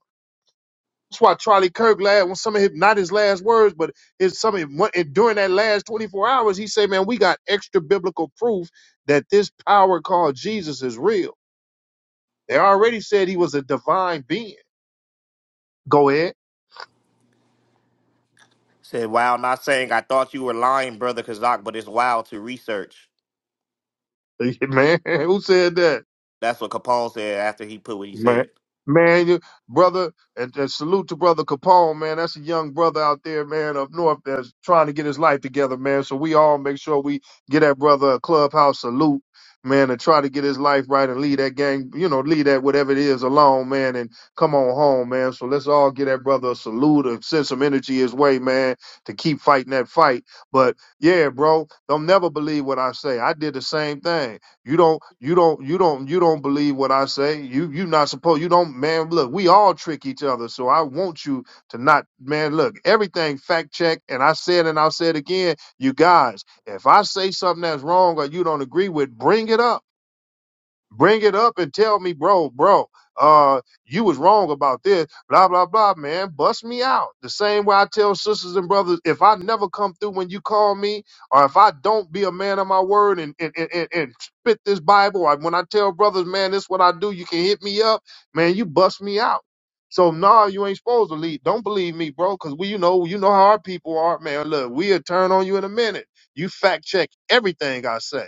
[SPEAKER 1] That's why Charlie Kirk last when some of his not his last words, but his some of his, and during that last 24 hours, he said, Man, we got extra biblical proof that this power called Jesus is real. They already said he was a divine being. Go ahead.
[SPEAKER 3] Said, wow, not saying I thought you were lying, Brother Kazak, but it's wild to research.
[SPEAKER 1] Man, who said that?
[SPEAKER 3] That's what Capone said after he put what he
[SPEAKER 1] Man,
[SPEAKER 3] said.
[SPEAKER 1] man, you, brother, and, and salute to brother Capone, man. That's a young brother out there, man, up north that's trying to get his life together, man. So we all make sure we get that brother a clubhouse salute, man, and try to get his life right and leave that gang, you know, leave that whatever it is alone, man, and come on home, man. So let's all get that brother a salute and send some energy his way, man, to keep fighting that fight. But yeah, bro, don't never believe what I say. I did the same thing. You don't you don't you don't you don't believe what I say. You you not supposed you don't man look, we all trick each other. So I want you to not man look, everything fact check and I said and I'll say it again, you guys, if I say something that's wrong or you don't agree with, bring it up bring it up and tell me, bro, bro, uh, you was wrong about this, blah, blah, blah, man. Bust me out. The same way I tell sisters and brothers, if I never come through when you call me, or if I don't be a man of my word and and, and, and, and spit this Bible, or when I tell brothers, man, this what I do, you can hit me up, man, you bust me out. So nah, you ain't supposed to lead. Don't believe me, bro, because we you know you know how our people are, man. Look, we'll turn on you in a minute. You fact check everything I say.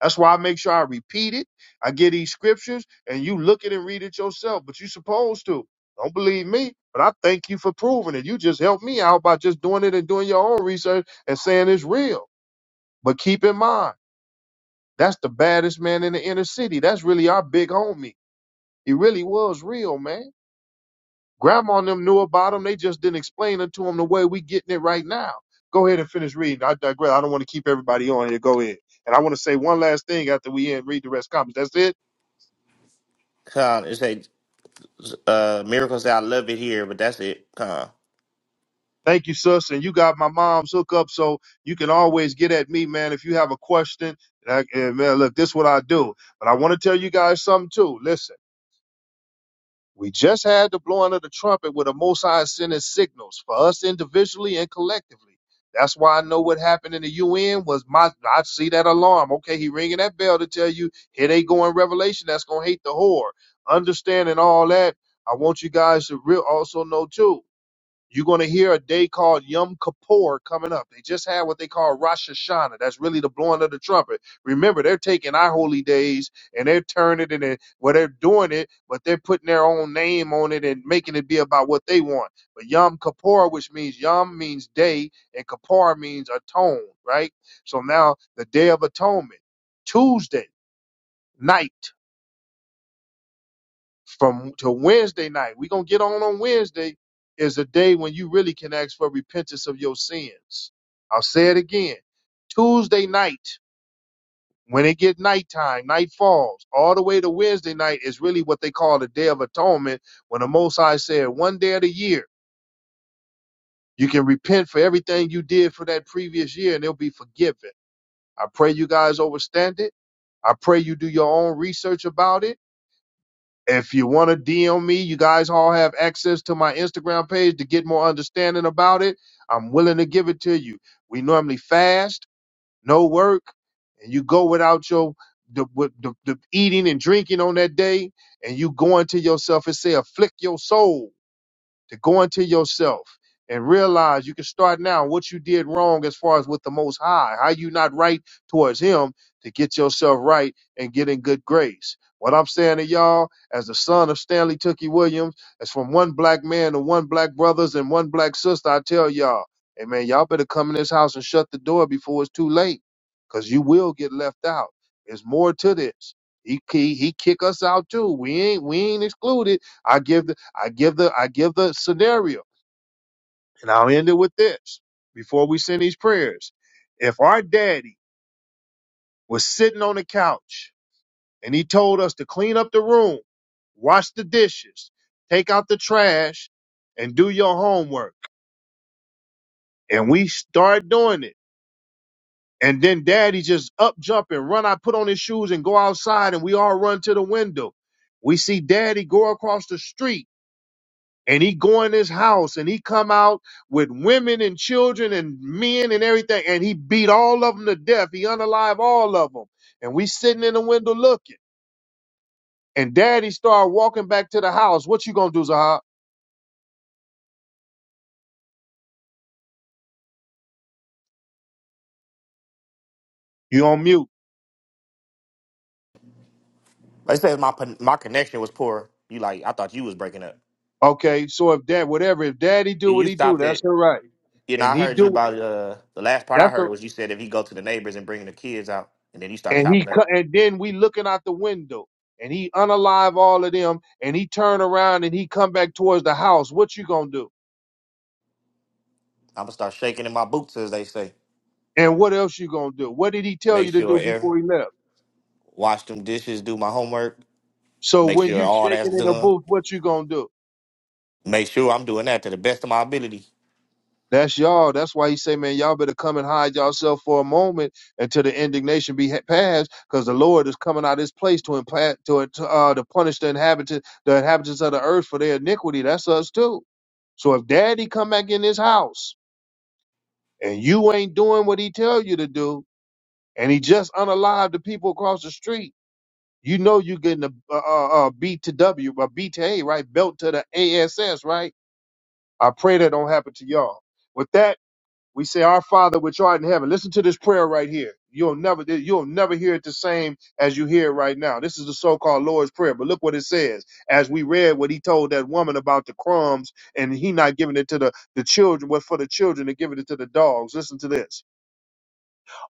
[SPEAKER 1] That's why I make sure I repeat it. I get these scriptures and you look at it and read it yourself, but you're supposed to. Don't believe me, but I thank you for proving it. You just helped me out by just doing it and doing your own research and saying it's real. But keep in mind, that's the baddest man in the inner city. That's really our big homie. He really was real, man. Grandma and them knew about him. They just didn't explain it to him the way we getting it right now. Go ahead and finish reading. I digress. I don't want to keep everybody on here. Go ahead. And I want to say one last thing after we end, read the rest comments. That's it.
[SPEAKER 3] Con, it said, uh, Miracle said, I love it here, but that's it. Con.
[SPEAKER 1] Thank you, sis. And you got my mom's hookup, so you can always get at me, man, if you have a question. And, I, and man, look, this is what I do. But I want to tell you guys something too. Listen, we just had the blowing of the trumpet with the Most High sending signals for us individually and collectively. That's why I know what happened in the UN was my. I see that alarm. Okay, he ringing that bell to tell you here they go in Revelation. That's gonna hate the whore. Understanding all that, I want you guys to real also know too. You're going to hear a day called Yom Kippur coming up. They just had what they call Rosh Hashanah. That's really the blowing of the trumpet. Remember, they're taking our holy days and they're turning it and well, they're doing it, but they're putting their own name on it and making it be about what they want. But Yom Kippur, which means Yom means day and Kippur means atone, right? So now the Day of Atonement, Tuesday night from to Wednesday night. We're gonna get on on Wednesday is a day when you really can ask for repentance of your sins. I'll say it again. Tuesday night, when it get nighttime, night falls, all the way to Wednesday night is really what they call the day of atonement. When the Most High said, one day of the year, you can repent for everything you did for that previous year and it'll be forgiven. I pray you guys overstand it. I pray you do your own research about it. If you want to DM me, you guys all have access to my Instagram page to get more understanding about it. I'm willing to give it to you. We normally fast, no work, and you go without your the, with the, the eating and drinking on that day, and you go into yourself and say, afflict your soul to go into yourself and realize you can start now what you did wrong as far as with the most high how you not right towards him to get yourself right and get in good grace what i'm saying to y'all as the son of stanley tookie williams as from one black man to one black brothers and one black sister i tell y'all hey man y'all better come in this house and shut the door before it's too late because you will get left out there's more to this he, he, he kick us out too we ain't we ain't excluded I give I give the I give the scenario, and I'll end it with this before we send these prayers. If our daddy was sitting on the couch and he told us to clean up the room, wash the dishes, take out the trash, and do your homework, and we start doing it, and then daddy just up jump and run, I put on his shoes and go outside, and we all run to the window. We see daddy go across the street and he go in his house and he come out with women and children and men and everything and he beat all of them to death he unalive all of them and we sitting in the window looking and daddy started walking back to the house what you gonna do Zahab? you on mute
[SPEAKER 3] They said my my connection was poor. You like, I thought you was breaking up.
[SPEAKER 1] okay so if dad whatever if daddy do what
[SPEAKER 3] You
[SPEAKER 1] he do
[SPEAKER 3] stopped
[SPEAKER 1] that's
[SPEAKER 3] it.
[SPEAKER 1] all right
[SPEAKER 3] You know,
[SPEAKER 1] and
[SPEAKER 3] I
[SPEAKER 1] he
[SPEAKER 3] heard you
[SPEAKER 1] do
[SPEAKER 3] about, uh, the last part I
[SPEAKER 1] that's a
[SPEAKER 3] heard was you said if he go to the neighbors and bring the kids out, and then you start
[SPEAKER 1] and he
[SPEAKER 3] chopping up.
[SPEAKER 1] cut and then we looking out the window and he unalive all of them and he turn around and he come back towards the house what you gonna do
[SPEAKER 3] I'm going to start shaking in my boots, as they say.
[SPEAKER 1] And what else you gonna do? What did he tell you
[SPEAKER 3] Make
[SPEAKER 1] to
[SPEAKER 3] sure
[SPEAKER 1] do
[SPEAKER 3] air,
[SPEAKER 1] before he left?
[SPEAKER 3] wash them dishes, do my homework,
[SPEAKER 1] So
[SPEAKER 3] make
[SPEAKER 1] when
[SPEAKER 3] sure
[SPEAKER 1] you
[SPEAKER 3] all that's
[SPEAKER 1] shaking in the
[SPEAKER 3] done.
[SPEAKER 1] booth, what you gonna do?
[SPEAKER 3] Make sure I'm doing that to the best of my ability.
[SPEAKER 1] That's y'all. That's why he say, man, y'all better come and hide yourself for a moment until the indignation be ha- passed, because the Lord is coming out of His place to implant to, to uh to punish the inhabitants the inhabitants of the earth for their iniquity. That's us too. So if Daddy come back in this house and you ain't doing what he tell you to do, and he just unalived the people across the street. You know you're getting a, a, a a B to W, a B to A, right? Belt to the ASS, right? I pray that don't happen to y'all. With that, we say, Our Father which art in heaven. Listen to this prayer right here. You'll never you'll never hear it the same as you hear it right now. This is the so-called Lord's Prayer, but look what it says. As we read what he told that woman about the crumbs and he not giving it to the, the children, but for the children to give it to the dogs. Listen to this.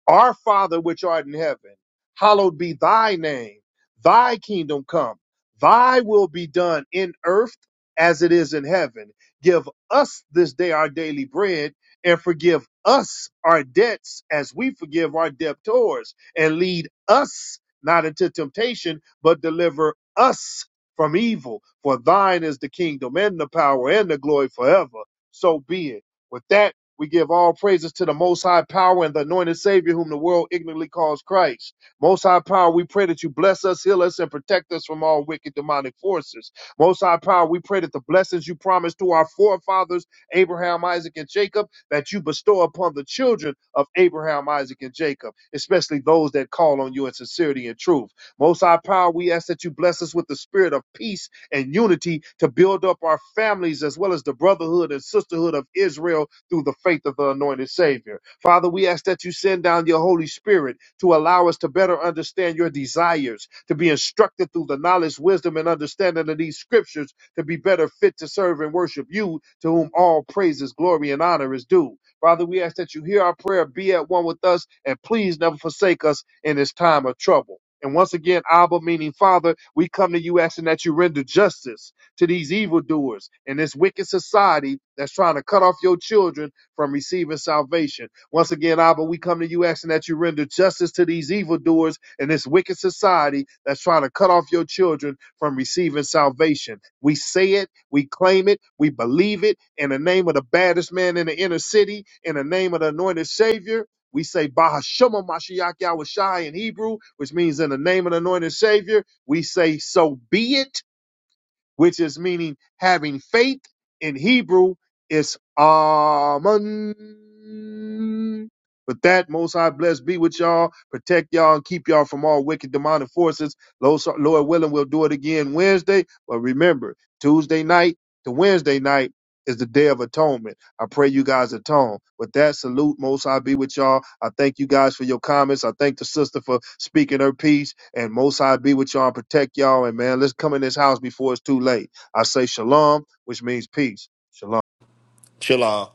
[SPEAKER 1] Our Father which art in heaven, hallowed be thy name. Thy kingdom come. Thy will be done in earth as it is in heaven. Give us this day our daily bread and forgive us our debts as we forgive our debtors and lead us not into temptation, but deliver us from evil. For thine is the kingdom and the power and the glory forever. So be it. With that, we give all praises to the Most High Power and the anointed Savior, whom the world ignorantly calls Christ. Most High Power, we pray that you bless us, heal us, and protect us from all wicked demonic forces. Most High Power, we pray that the blessings you promised to our forefathers, Abraham, Isaac, and Jacob, that you bestow upon the children of Abraham, Isaac, and Jacob, especially those that call on you in sincerity and truth. Most High Power, we ask that you bless us with the spirit of peace and unity to build up our families as well as the brotherhood and sisterhood of Israel through the faith of the anointed Savior. Father, we ask that you send down your Holy Spirit to allow us to better understand your desires, to be instructed through the knowledge, wisdom, and understanding of these scriptures to be better fit to serve and worship you, to whom all praises, glory, and honor is due. Father, we ask that you hear our prayer, be at one with us, and please never forsake us in this time of trouble. And once again, Abba, meaning Father, we come to you asking that you render justice to these evildoers and this wicked society that's trying to cut off your children from receiving salvation. Once again, Abba, we come to you asking that you render justice to these evildoers and this wicked society that's trying to cut off your children from receiving salvation. We say it, we claim it, we believe it in the name of the baddest man in the inner city, in the name of the anointed Savior we say Bahashema Mashiach Yahweh Shai in Hebrew, which means in the name of the anointed Savior. We say so be it, which is meaning having faith in Hebrew it's Amen. With that, Most High blessed be with y'all, protect y'all, and keep y'all from all wicked demonic forces. Lord so, Lord willing, we'll do it again Wednesday. But remember, Tuesday night to Wednesday night is the Day of Atonement. I pray you guys atone. With that, salute. Most High, be with y'all. I thank you guys for your comments. I thank the sister for speaking her piece. And most High, be with y'all and protect y'all. And man, let's come in this house before it's too late. I say shalom, which means peace. Shalom.
[SPEAKER 3] Chill on.